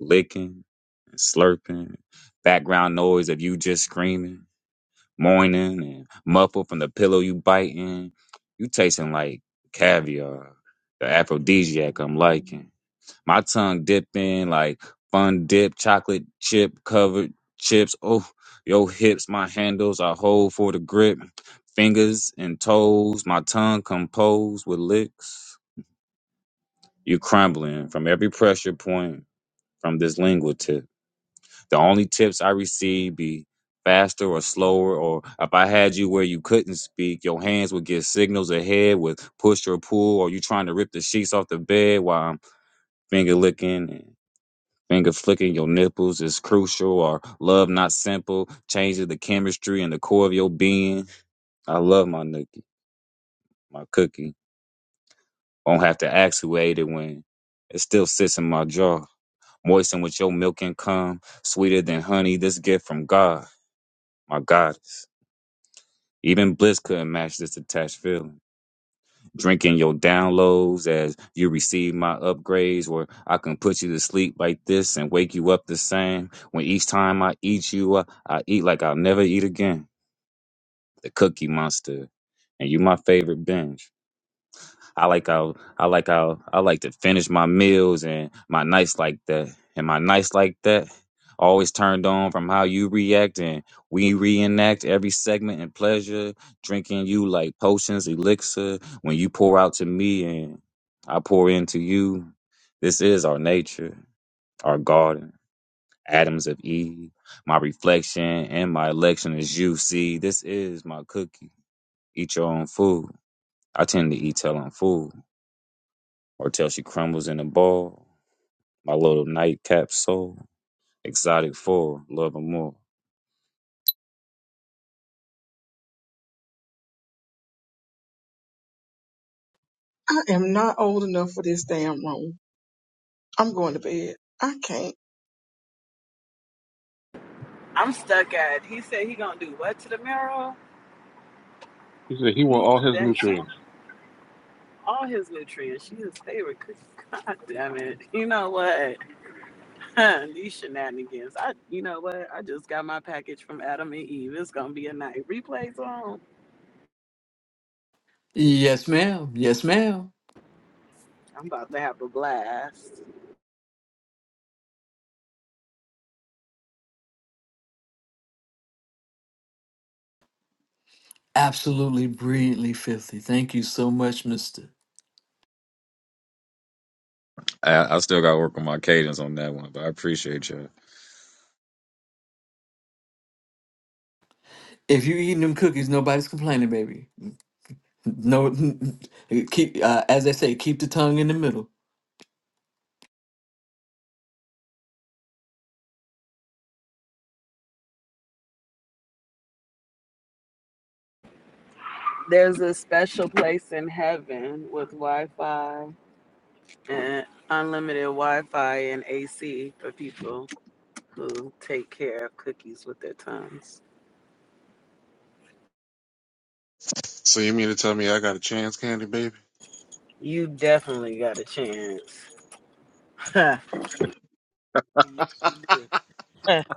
licking and slurping. Background noise of you just screaming. Morning and muffled from the pillow you biting. You tasting like caviar, the aphrodisiac I'm liking. My tongue dipping like fun dip, chocolate chip covered chips. Oh, your hips, my handles I hold for the grip. Fingers and toes, my tongue composed with licks. You crumbling from every pressure point from this lingual tip. The only tips I received be faster or slower, or if I had you where you couldn't speak, your hands would give signals ahead with push or pull, or you trying to rip the sheets off the bed while I'm finger licking and finger flicking your nipples is crucial, or love not simple changes the chemistry and the core of your being. I love my nookie, my cookie. Won't have to actuate it when it still sits in my jaw. Moistened with your milk and cum, sweeter than honey, this gift from God, my goddess. Even Bliss couldn't match this attached feeling. Drinking your downloads as you receive my upgrades, where I can put you to sleep like this and wake you up the same. When each time I eat you, I, I eat like I'll never eat again. The Cookie Monster, and you my favorite binge. I like how I like how I like to finish my meals and my nights like that. And my nights like that always turned on from how you react and we reenact every segment in pleasure, drinking you like potions, elixir. When you pour out to me and I pour into you, this is our nature, our garden, Adams of Eve. My reflection and my election is you. See, this is my cookie. Eat your own food. I tend to eat till I'm full or till she crumbles in a ball. My little nightcap soul, exotic four, love and more.
I am not old enough for this damn room. I'm going to bed. I can't.
I'm stuck at. He said he gonna do what to the marrow?
He said he want
He
all his
that she
nutrients.
all his nutrients. She his favorite. cookie. (laughs) God damn it! You know what? Huh, These shenanigans. I, you know what? I just got my package from Adam and Eve. It's gonna be a night. Replays on.
Yes, ma'am. Yes, ma'am.
I'm about to have a blast.
Absolutely brilliantly filthy. Thank you so much, mister.
I, I still got to work on my cadence on that one, but I appreciate you.
If you eating them cookies, nobody's complaining, baby. No, (laughs) keep uh, as they say, keep the tongue in the middle.
There's a special place in heaven with Wi-Fi and unlimited Wi-Fi and AC for people who take care of cookies with their tongues.
So you mean to tell me I got a chance, Candy Baby?
You definitely got a chance. (laughs) yes, you do. (laughs) and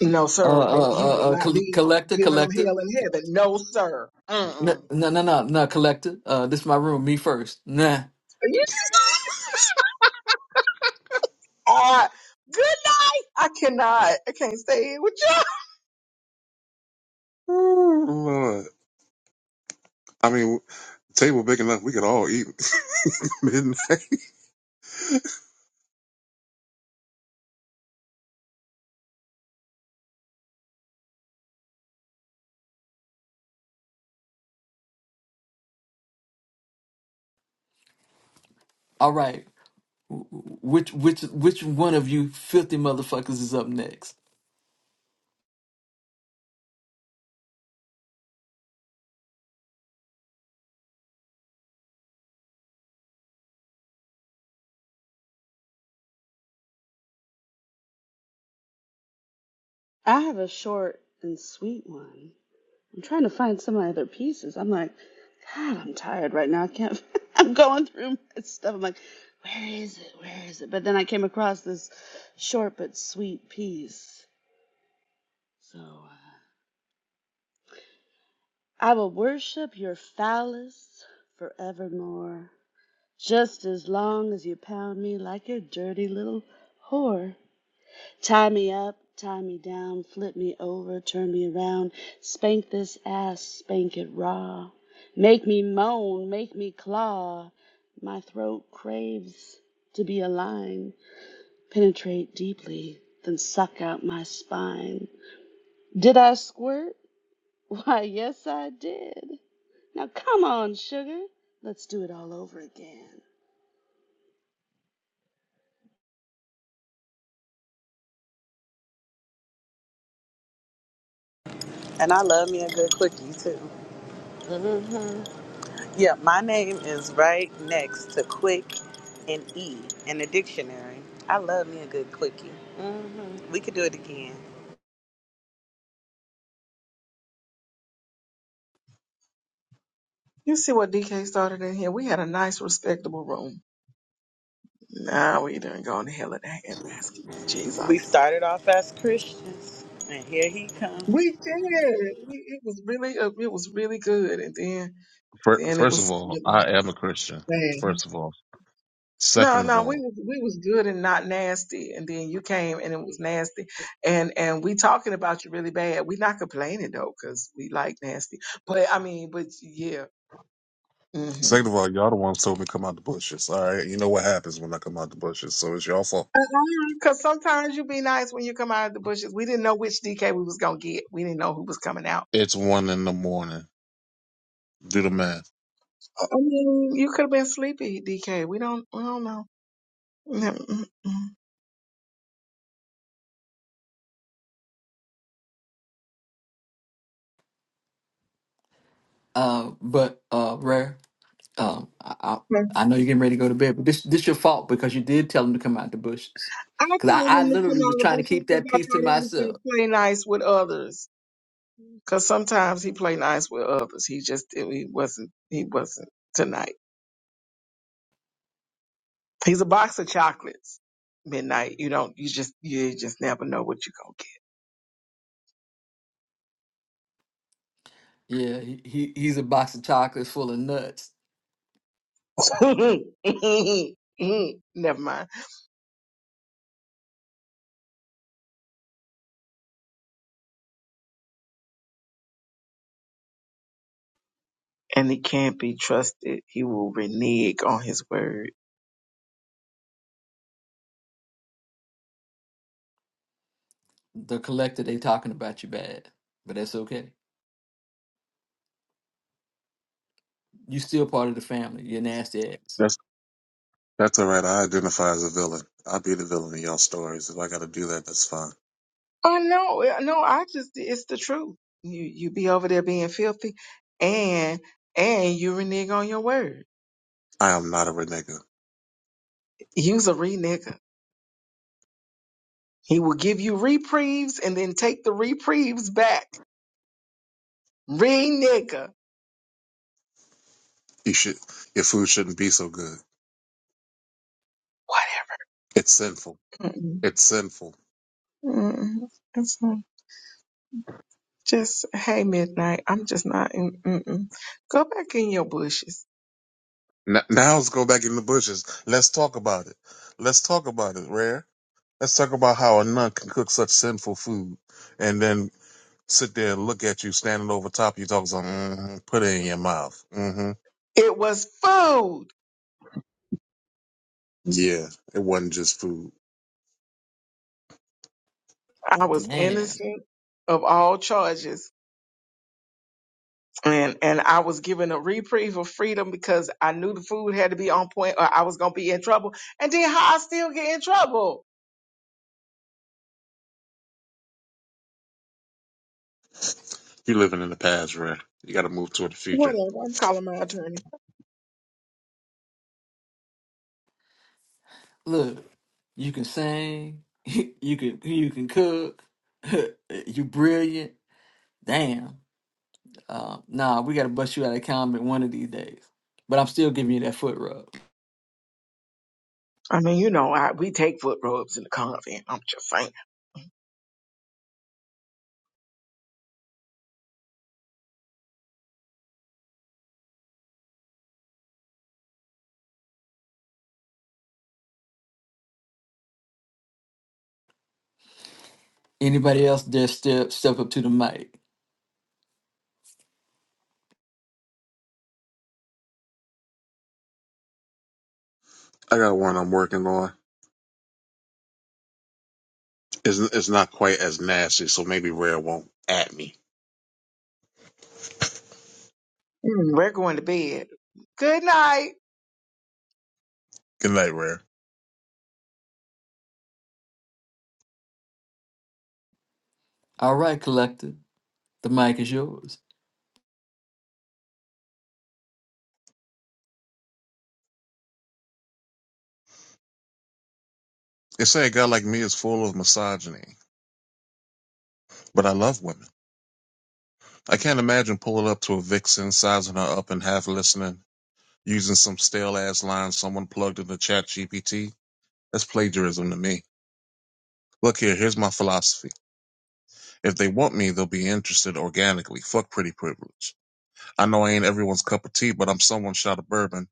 No,
Uh, uh,
sir. They, he will
uh, uh
not
col-
be
collector,
giving them
collector.
hell in heaven. No, sir.
No,
Mm-mm.
no, no, no, no, collector. Uh, this is my room. Me first. Nah.
Uh, good night. I cannot. I can't stay here with you.
Ooh, Lord. I mean, table big enough we could all eat (laughs) midnight.
All right. Wh- Which, which, which one of you filthy motherfuckers is up next?
I have a short and sweet one. I'm trying to find some of my other pieces. I'm like, God, I'm tired right now. I can't. (laughs) I'm going through my stuff. I'm like, where is it? Where is it? But then I came across this short but sweet piece. So uh, I will worship your phallus forevermore, just as long as you pound me like your dirty little whore. Tie me up, tie me down, flip me over, turn me around. Spank this ass, spank it raw. Make me moan, make me claw. My throat craves to be a line. Penetrate deeply, then suck out my spine. Did I squirt? (laughs) Why, yes, I did. Now come on, sugar. Let's do it all over again.
I love me a good cookie too. Yeah, my name is right next to quick and E in the dictionary. I love me a good quickie. hmm We could do it again.
You see what DK started in here? We had a nice, respectable room. Now we done gone to hell in a handbasket.
We
Jesus.
started off as Christians, and here he comes.
We did. We, it was really, uh, it was really good, and then,
Fir-
then it
First of
was
all,
really
I am a Christian.
bad.
First of all.
No,
Second of
no, we
all,
was we was good and not nasty, and then you came and it was nasty, and and we talking about you really bad. We not complaining though, cause we like nasty. But I mean, but yeah. hmm
second of all, y'all the ones told me to come out the bushes. All right, you know what happens when I come out the bushes, so it's y'all fault.
Because sometimes you be nice when you come out of the bushes. We didn't know which DK we was gonna get. We didn't know who was coming out.
It's one in the morning. Do the math.
I mean, you could have been sleepy, DK. We don't. We don't know. Mm-mm-mm.
Uh, but uh, rare. Um, I, I, I know you're getting ready to go to bed, but this, this your fault because you did tell him to come out the bushes.
I
Cause I,
told
I
him to come
literally
out
was
of the
trying to
bushes
keep
because
that
I thought
piece to
he was
myself.
gonna play nice with others. Because sometimes he play nice with others. He just he wasn't. He wasn't tonight. He's a box of chocolates. Midnight. You don't. You just. You just never know what you're
Yeah, he, he he's a box of chocolates full of nuts.
gonna get. (laughs) Never mind. and he can't be trusted. He will renege on his word.
the collector they talking about you bad, but that's okay. You still part of the family. You're nasty ass.
That's that's all right. I identify as a villain. I will be the villain in y'all stories. If I got to do that, that's fine.
Oh no, uh, no, I just it's the truth. You you be over there being filthy and and you renege on your word.
I am not a renegade.
You's a renegger. He will give you reprieves and then take the reprieves back. Renegger.
You should your food shouldn't be so good.
Whatever.
It's sinful.
Mm-mm,
It's sinful.
mm-mm. It's, uh, just hey midnight. I'm just not in mm-mm. go back in your bushes.
Now, now let's go back in the bushes. Let's talk about it. Let's talk about it, Rare. Let's talk about how a nun can cook such sinful food, and then sit there and look at you standing over top of you talking something, mm-hmm, put it in your mouth. hmm
It was food
Yeah, it wasn't just food.
I was
Damn.
innocent of all charges. And and I was given a reprieve of freedom because I knew the food had to be on point or I was gonna be in trouble. And then how I still get in trouble.
you living in the past, Ray. You got to move toward the future.
Whatever. I'm calling my attorney.
Look, you can sing. (laughs) You can you can cook. (laughs) you brilliant. Damn. Uh, nah, we gotta bust you out of combat one of these days. But I'm still giving you that foot rub.
I mean, you know, I, we take foot rubs in the convent. I'm just saying.
Anybody else dare step step up to the mic?
I got one I'm working on. It's, it's not quite as nasty, so maybe Rare won't at me.
Mm, We're going to bed. Good night.
Good night, Rare.
All right, collector. The mic is yours.
They say a guy like me is full of misogyny, but I love women. I can't imagine pulling up to a vixen, sizing her up and half listening, using some stale ass lines someone plugged into chat GPT. That's plagiarism to me. Look here, here's my philosophy. If they want me, they'll be interested organically. Fuck pretty privilege. I know I ain't everyone's cup of tea, but I'm someone shot of bourbon.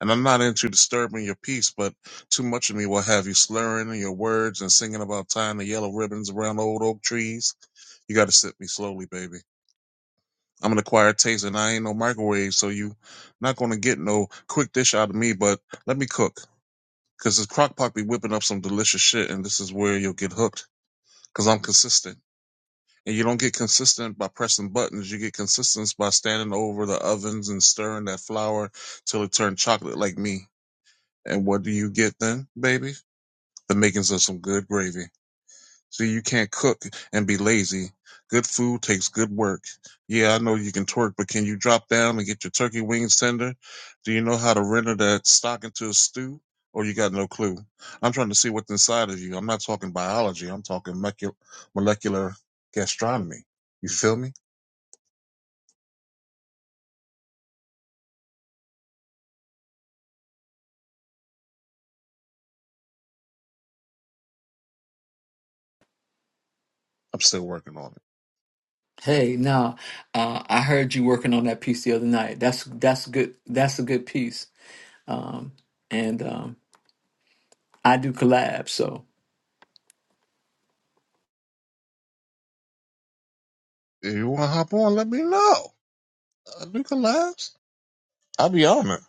And I'm not into disturbing your peace, but too much of me will have you slurring your words and singing about tying the yellow ribbons around old oak trees. You gotta sip me slowly, baby. I'm an acquired taste and I ain't no microwave, so you not gonna get no quick dish out of me, but let me cook. Cause this crock pot be whipping up some delicious shit and this is where you'll get hooked. Cause I'm consistent. And you don't get consistent by pressing buttons. You get consistent by standing over the ovens and stirring that flour till it turned chocolate like me. And what do you get then, baby? The makings of some good gravy. So you can't cook and be lazy. Good food takes good work. Yeah, I know you can twerk, but can you drop down and get your turkey wings tender? Do you know how to render that stock into a stew? Or you got no clue? I'm trying to see what's inside of you. I'm not talking biology. I'm talking molecular gastronomy. You feel me? I'm still working on it.
Hey, now, Uh, I heard you working on that piece the other night. That's that's good. That's a good piece um, and um, I do collabs. So
If you want to hop on, let me know. Uh, we can last. I'll be on it.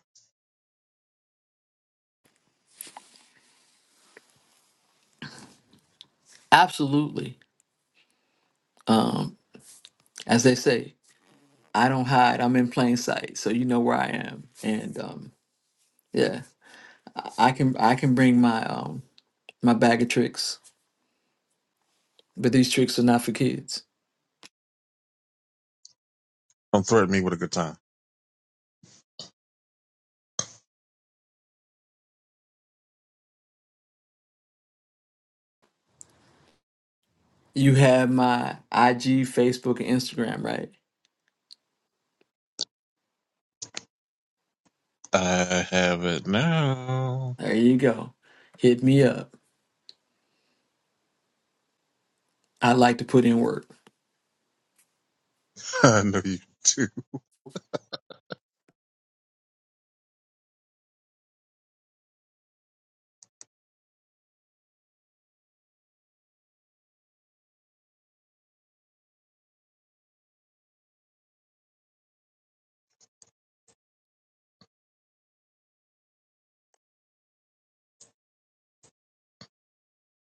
absolutely, um, as they say, I don't hide. I'm in plain sight, so you know where I am. And um, yeah, I I can I can bring my um, my bag of tricks, but these tricks are not for kids.
Don't threaten me with a good time.
You have my IG, Facebook, and Instagram, right?
I have it now.
There you go. Hit me up. I like to put in work.
(laughs) I know you do.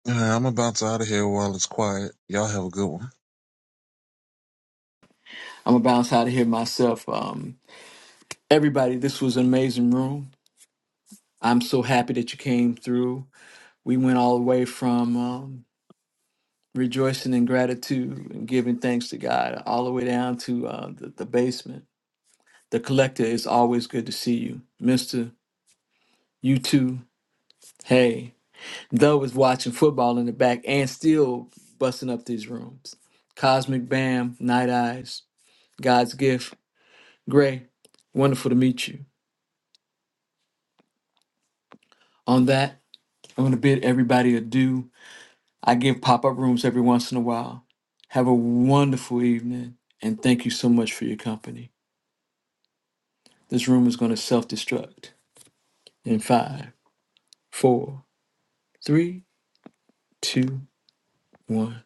Yeah, I'm about to out of here while it's quiet. Y'all have a good one.
I'm gonna bounce out of here myself. Um, everybody, this was an amazing room. I'm so happy that you came through. we went all the way from um, rejoicing in gratitude and giving thanks to God, all the way down to uh, the, the basement. The collector is always good to see you, Mister. You too. Hey, Doe was watching football in the back and still busting up these rooms. Cosmic Bam, Night Eyes, God's Gift, Gray. Wonderful to meet you. On that, I'm gonna bid everybody adieu I give pop up rooms every once in a while. Have a wonderful evening, and thank you so much for your company. This room is going to self destruct in five, four, three, two, one.